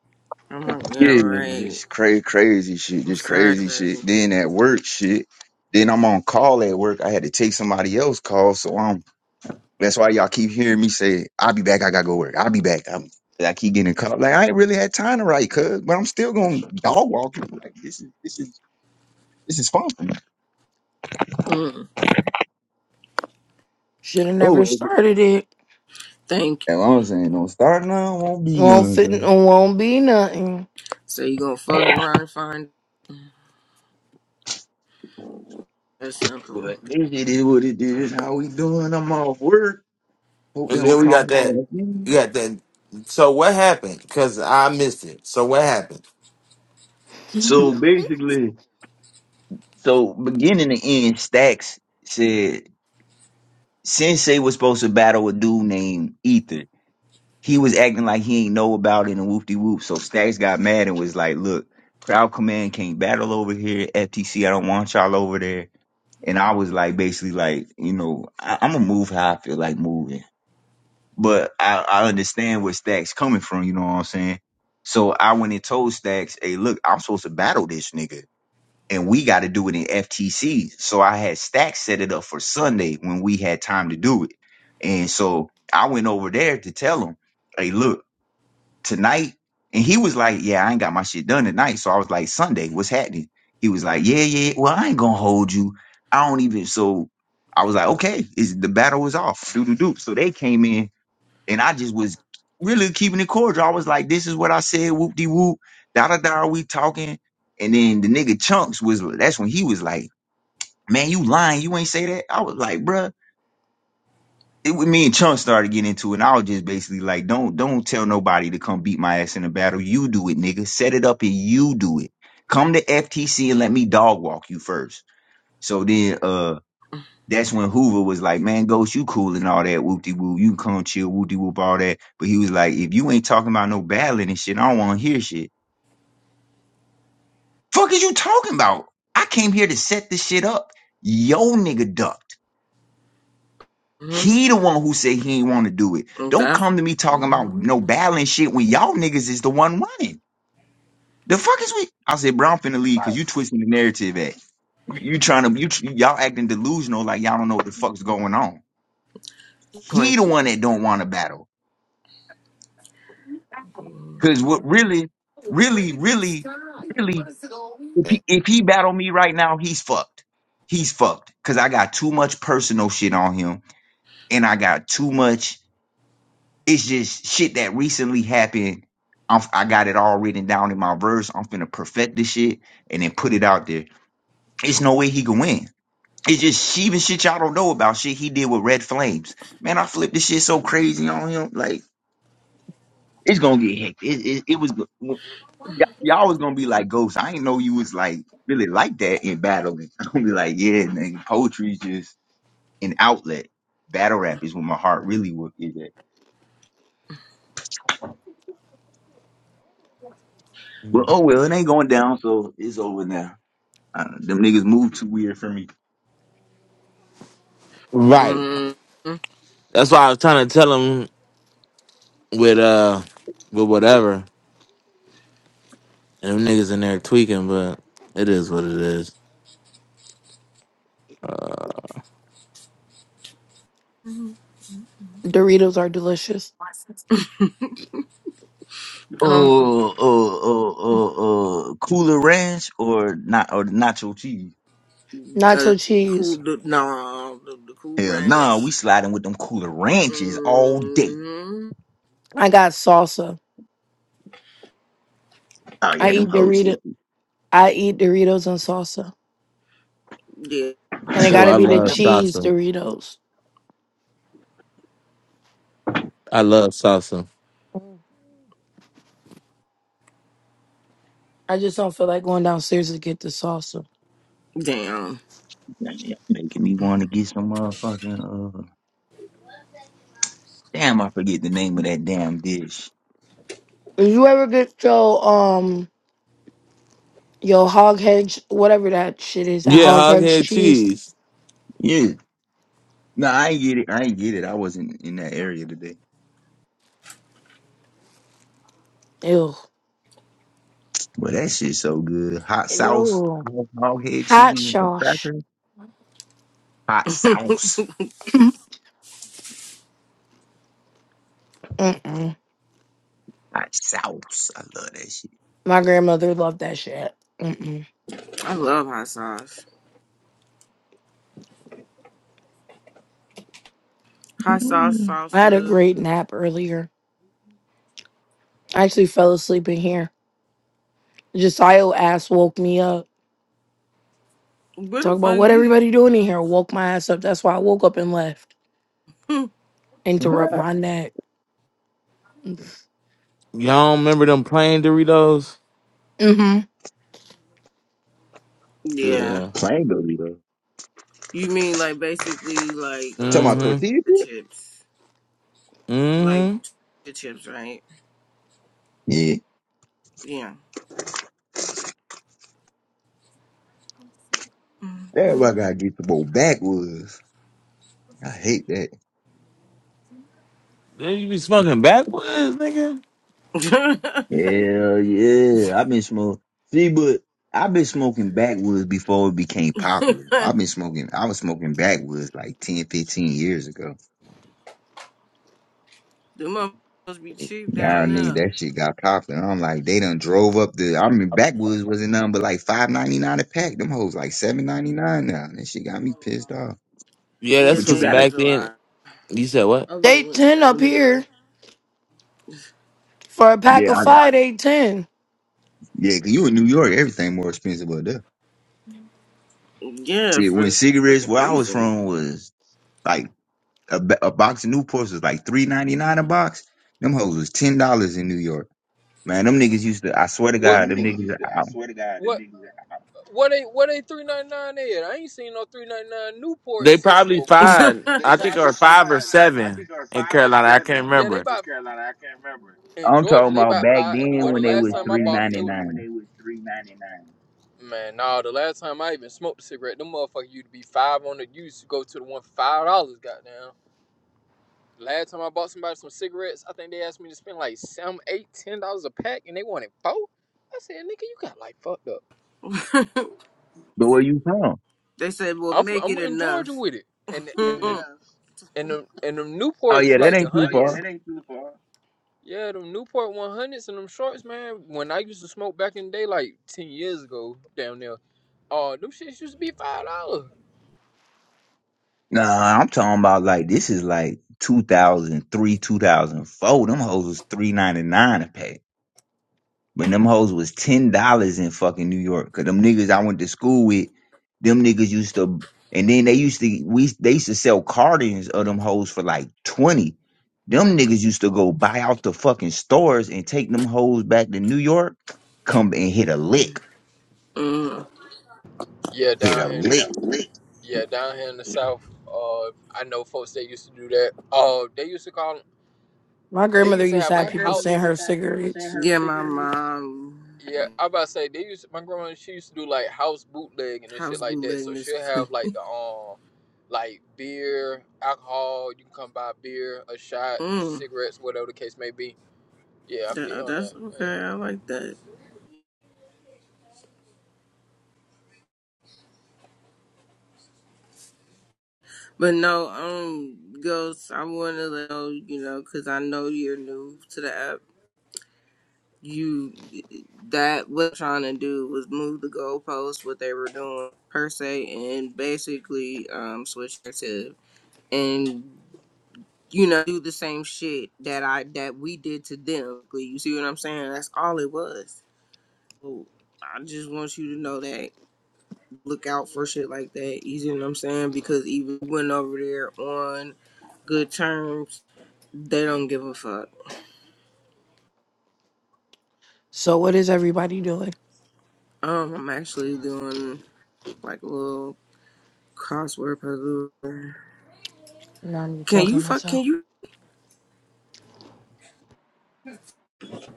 I'm like, yeah,
Yeah,
right.
just crazy, crazy shit.
I'm
Just
sorry,
crazy shit.
baby.
Then at work shit. Then I'm on call at work. I had to take somebody else call. So I'm That's why y'all keep hearing me say, I'll be back. I got to go work. I'll be back. I'm, I keep getting caught up. Like, I ain't really had time to write, cuz, but I'm still going to dog walk. Like, this is, this is, this is fun for me.
Mm,
Should have never
Oh,
started it.
thank you.
and I'm saying, don't start now. Won't be
Won't
none,
fit
cuz.
and won't be nothing.
So you gonna fuck around and find that's simple.
But it is what it is. How we doing? I'm off work. Hope they
And
don't
then we
call
got
me.
that.
again.
We got that. So what happened? Cause I missed it. So what happened?
So
Mhm.
basically, so beginning to end, Stacks said Sensei was supposed to battle a dude named Ether. he was acting like he ain't know about it and whoop de whoop. So Stacks got mad and was like, "Look, Crowd Command can't battle over here. FTC, I don't want y'all over there." And I was like, basically, like, you know, I, I'm gonna move how I feel like moving, but I, I understand where Stacks coming from. You know what I'm saying? So I went and told Stacks, "Hey, look, I'm supposed to battle this nigga." And we got to do it in FTC. So I had Stacks set it up for Sunday when we had time to do it. And so I went over there to tell him, hey, look tonight? And he was like, Yeah, I ain't got my shit done tonight. So I was like, Sunday, what's happening? He was like, Yeah, yeah, well, I ain't gonna hold you. I don't even so I was like, okay, is the battle was off. Doo doo doo. So they came in and I just was really keeping it cordial. I was like, this is what I said, whoop de whoop, da da da, we talking. And then the nigga chunks was that's when he was like, Man, you lying, you ain't say that. I was like, bruh it with me and Chunk started getting into it, and I was just basically like, don't don't tell nobody to come beat my ass in a battle. You do it, nigga. Set it up and you do it. Come to FTC and let me dog walk you first. So then uh that's when Hoover was like, Man, Ghost, you cool and all that, whoop de whoop. you can come chill, whoop de whoop, all that. But he was like, If you ain't talking about no battling and shit, I don't wanna hear shit. Fuck is you talking about? I came here to set this shit up. Yo nigga duck. He
Mm-hmm.
the one who said he ain't want to do it. Don't
That's
come to me talking about
mm-hmm.
no battling shit when y'all niggas is the one running. The fuck is we? I said, bro, I'm finna leave because you twisting the narrative at. You, trying to, you, y'all acting delusional like y'all don't know what the fuck's going on. He the
Thank
one that don't want to battle.
you.
Because what really, really, really, really, if he, if he battle me right now, he's fucked. He's fucked. Because I got too much personal shit on him and I got too much It's just shit that recently happened. I'm, I got it all written down in my verse. I'm finna perfect this shit and then put it out there. It's no way he can win. It's just even shit y'all don't know about shit he did with Red Flames. Man, I flipped this shit so crazy on him. Like it's gonna get hectic. It, it, it was go- y- y'all was gonna be like Ghost. I didn't know you was like really like that in battling. (laughs) I'm gonna be like, yeah, nigga, poetry's just an outlet. Battle rap is where my heart really wo- is at. But oh well, it ain't going down, so it's over now. Uh, them niggas move too weird for me.
Right.
Mm-hmm.
That's why I was trying to tell him with uh with whatever. And them niggas in there tweaking, but it is what it is.
Doritos are delicious.
Um,
Oh, oh, oh, oh, oh, Cooler Ranch or not or nacho cheese?
uh,
Nacho
cool.
cheese.
The, no, the, the cool
Hell nah, we
ranch.
sliding with them Cooler Ranches all day.
Mm-hmm.
I got salsa.
Oh
I
yeah, them
eat
hoes
Dorito.
hit. (laughs)
I eat Doritos and salsa.
Yeah.
(coughs)
And it
I
Oh, I
gotta be the
ain't
love
never
cheese
salsa.
Doritos.
I love salsa.
Mm. I just don't feel like going downstairs to get the salsa.
Damn.
making me want to get some motherfucking uh. Damn, I forget the name of that damn dish.
If you ever get your um your hog hedge whatever that shit is, that
Yeah,
hog
hog
hedge
head
cheese,
cheese.
Yeah, no, I ain't get it. I ain't get it. I wasn't in that area today.
ew,
But that shit so good. Hot sauce,
ew,
hog head
hot
cheese, and some
sauce.
crackers. Hot sauce.
(clears throat) Mm-mm.
Hot sauce. I love that shit.
My grandmother loved that shit. Mm-mm.
I love hot sauce.
Man,
Hot
what
sauce
the-
I had a
salsa.
great nap earlier. I actually fell asleep in here. Josiah ass woke me up.
Where
Talk
the
about
fuck
what
you?
everybody doing in here. Woke my ass up. That's why I woke up and left. Interrupt
(laughs)
my nap.
Y'all remember them plain Doritos?
Mm-hmm.
Yeah.
Yeah.
Plain Dorito.
You mean like basically like uh
Talking about
tortilla
Mm-hmm.
tortilla chips?
chips, like
Mm-hmm.
tortilla chips, right?
Yeah.
Yeah.
Everybody
Mm-hmm.
gotta get some more backwoods. I hate that.
They you be smoking backwards, nigga.
(laughs) the
Hell yeah. I've been smoking. See, but I've been smoking backwoods before it became popular. I've been smoking, I was smoking backwoods like 10, 15 years ago.
motherfuckers be cheap
Now I
down
need
there.
that shit got popular. I'm like, they done drove up the, I mean, backwoods wasn't nothing but like five ninety nine a pack. Them hoes like seven ninety nine now. That shit got me pissed off.
Yeah,
Yeah,
that's
But you
because
they
gotta
is
back
a
then
lot.
you said what?
Open the
They
window,
ten up
open the door.
here for a pack
Yeah,
of
I,
five. They ten.
yeah, 'cause you in New York, everything more expensive up there.
Yeah,
Shit,
for
when
no
cigarettes
fucking
where I was
reason.
from was like a, ba- a box of Newports was like three ninety nine a box. Them hoes was ten dollars in New York. Man, them niggas used to. I swear to
What,
God,
Man, them
them
niggas
niggas.
used to. I
I,
swear to God, what, them niggas. What ain't what ain't three ninety nine at? I ain't seen no three ninety nine Newport
They
since.
probably
but
five.
They
I think
probably
or five or
five. I
seven
think are
in
five or
Carolina. I can't
seven Yeah, they
remember.
bought Carolina. I can't remember. in
I'm talking
Georgia. They
about
bought
back
five.
then
Well, the
when they
last
was
time I
three
bought them, they
ninety
were when
nine.
they was three ninety nine. man. Nah, the last time I even smoked a cigarette, them motherfucker used to be five on the. You used to go to the one for five dollars. Goddamn. Last time I bought somebody some cigarettes, I think they asked me to spend like some eight, ten dollars a pack, and they wanted four. I said, "Nigga, you got like fucked up."
(laughs)
But where you from?
they said, "Well,
I'm from,
make
I'm
it
in Georgia
enough."
with it, and and yeah. the,
(laughs)
and the, and the
Oh
Newports
yeah, that
like the
ain't too
hundreds. Oh yeah,
far.
that ain't too far. Yeah, them Newport 100s and them shorts, man. When I used to smoke back in the day, like 10 years ago down there, oh, them shits used to be $5.
Nah, I'm talking about like this is like two thousand three, two thousand four. Them hoes was three ninety nine a pack. When them hoes was ten dollars in fucking New York, cause them niggas I went to school with, them niggas used to, and then they used to we they used to sell cartons of them hoes for like twenty. Them niggas used to go buy out the fucking stores and take them hoes back to New York, come and hit a lick,
Mm.
Yeah,
hit
down
a
here in Yeah, the
lick.
Get Yeah, down here in the south, uh, I know folks that used to do that. Oh, they used to call.
My
They
grandmother
used to
used
have
to have
like how
people send her cigarettes.
Yeah, my mom
Yeah,
yeah,
I about to say they used my grandma. She used to do like house bootlegging and shit
house
like that. So
bootlegging is
she'll
funny.
have like the um, like beer, alcohol. You can come buy beer, a shot,
Mm,
cigarettes, whatever the case may be. Yeah, I feel you
that,
on that.
that's okay.
Yeah.
I like that. But no, um, Ghost, I want to let know, you know, because I know you're new to the app. You, that what trying to do was move the goalposts, what they were doing per se, and basically um switch narrative and you know do the same shit that I that we did to them. Like, You see what I'm saying? That's all it was. So, I just want you to know that look out for shit like that. You see what I'm saying? Because even went over there on good terms They don't give a fuck.
So what is everybody doing?
Um, I'm actually doing like a little crossword puzzle.
Now I'm
Can
talking
you
to
fuck?
myself.
Can you?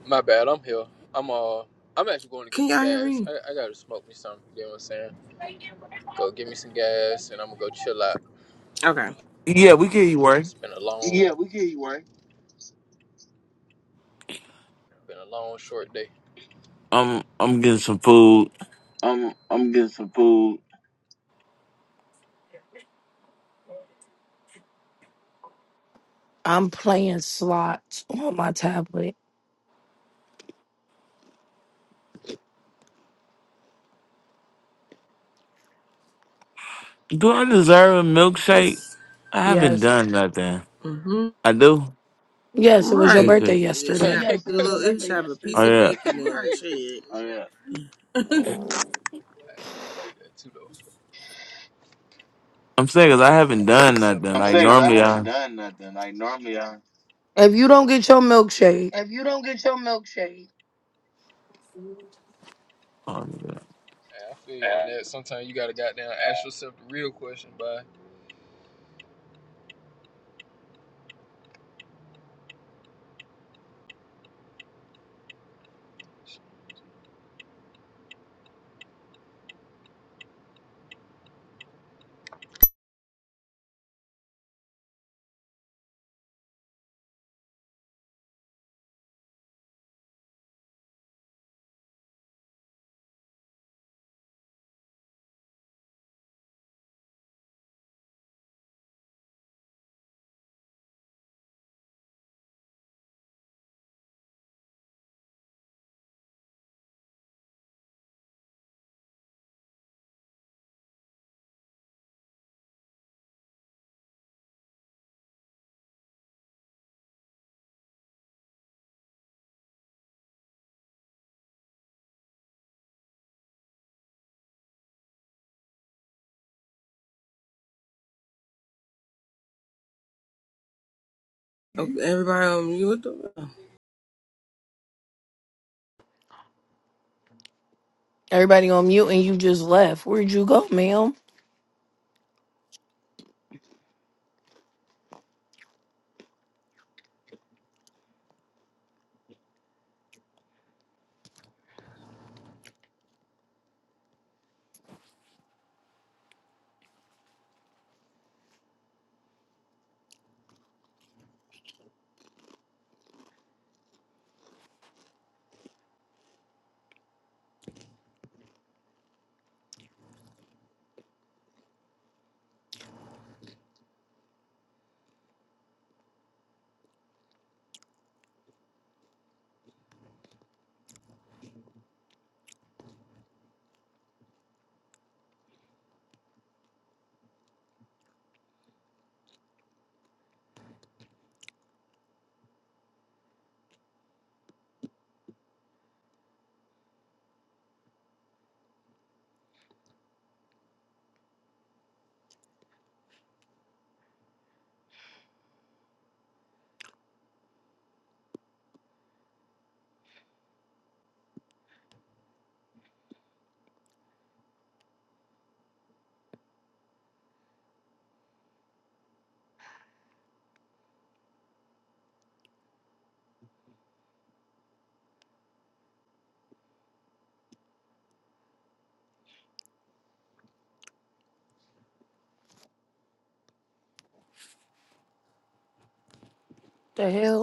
My bad. I'm here. I'm uh, I'm actually going to get
Can
some
y'all hear
gas.
me?
I, I gotta smoke me something. You know what I'm saying? Go get me some gas, and I'm gonna go chill out.
Okay.
Yeah, we can eat work.
It's been a long, Yeah, we hear you, right? been a long, short day.
I'm I'm getting some food.
(laughs) I'm I'm getting some food.
I'm playing slots on my tablet.
Do I deserve a milkshake?
Yes.
I haven't
Yes.
done nothing.
Mhm.
I do.
Yes, it was your
Right.
Let me
birthday
see.
(laughs)
It should
Damn,
yesterday.
have
Yeah,
a
so it's your crazy
little.
birthday.
It should
Yeah.
have a piece
Oh
of
yeah.
cake in there. Shit.
Oh yeah. like that too though.
I'm saying 'cause I haven't
It's,
done
it's up
nothing. Like
I
normally
am saying
I.
because i have not done nothing. Like normally I
If you don't get your milkshake,
Oh, yeah.
Yeah, I feel you on that. Sometimes you gotta goddamn ask yourself the real question, bud.
Okay, everybody on mute.
everybody on mute and you just left. Where'd you go, ma'am? The hell?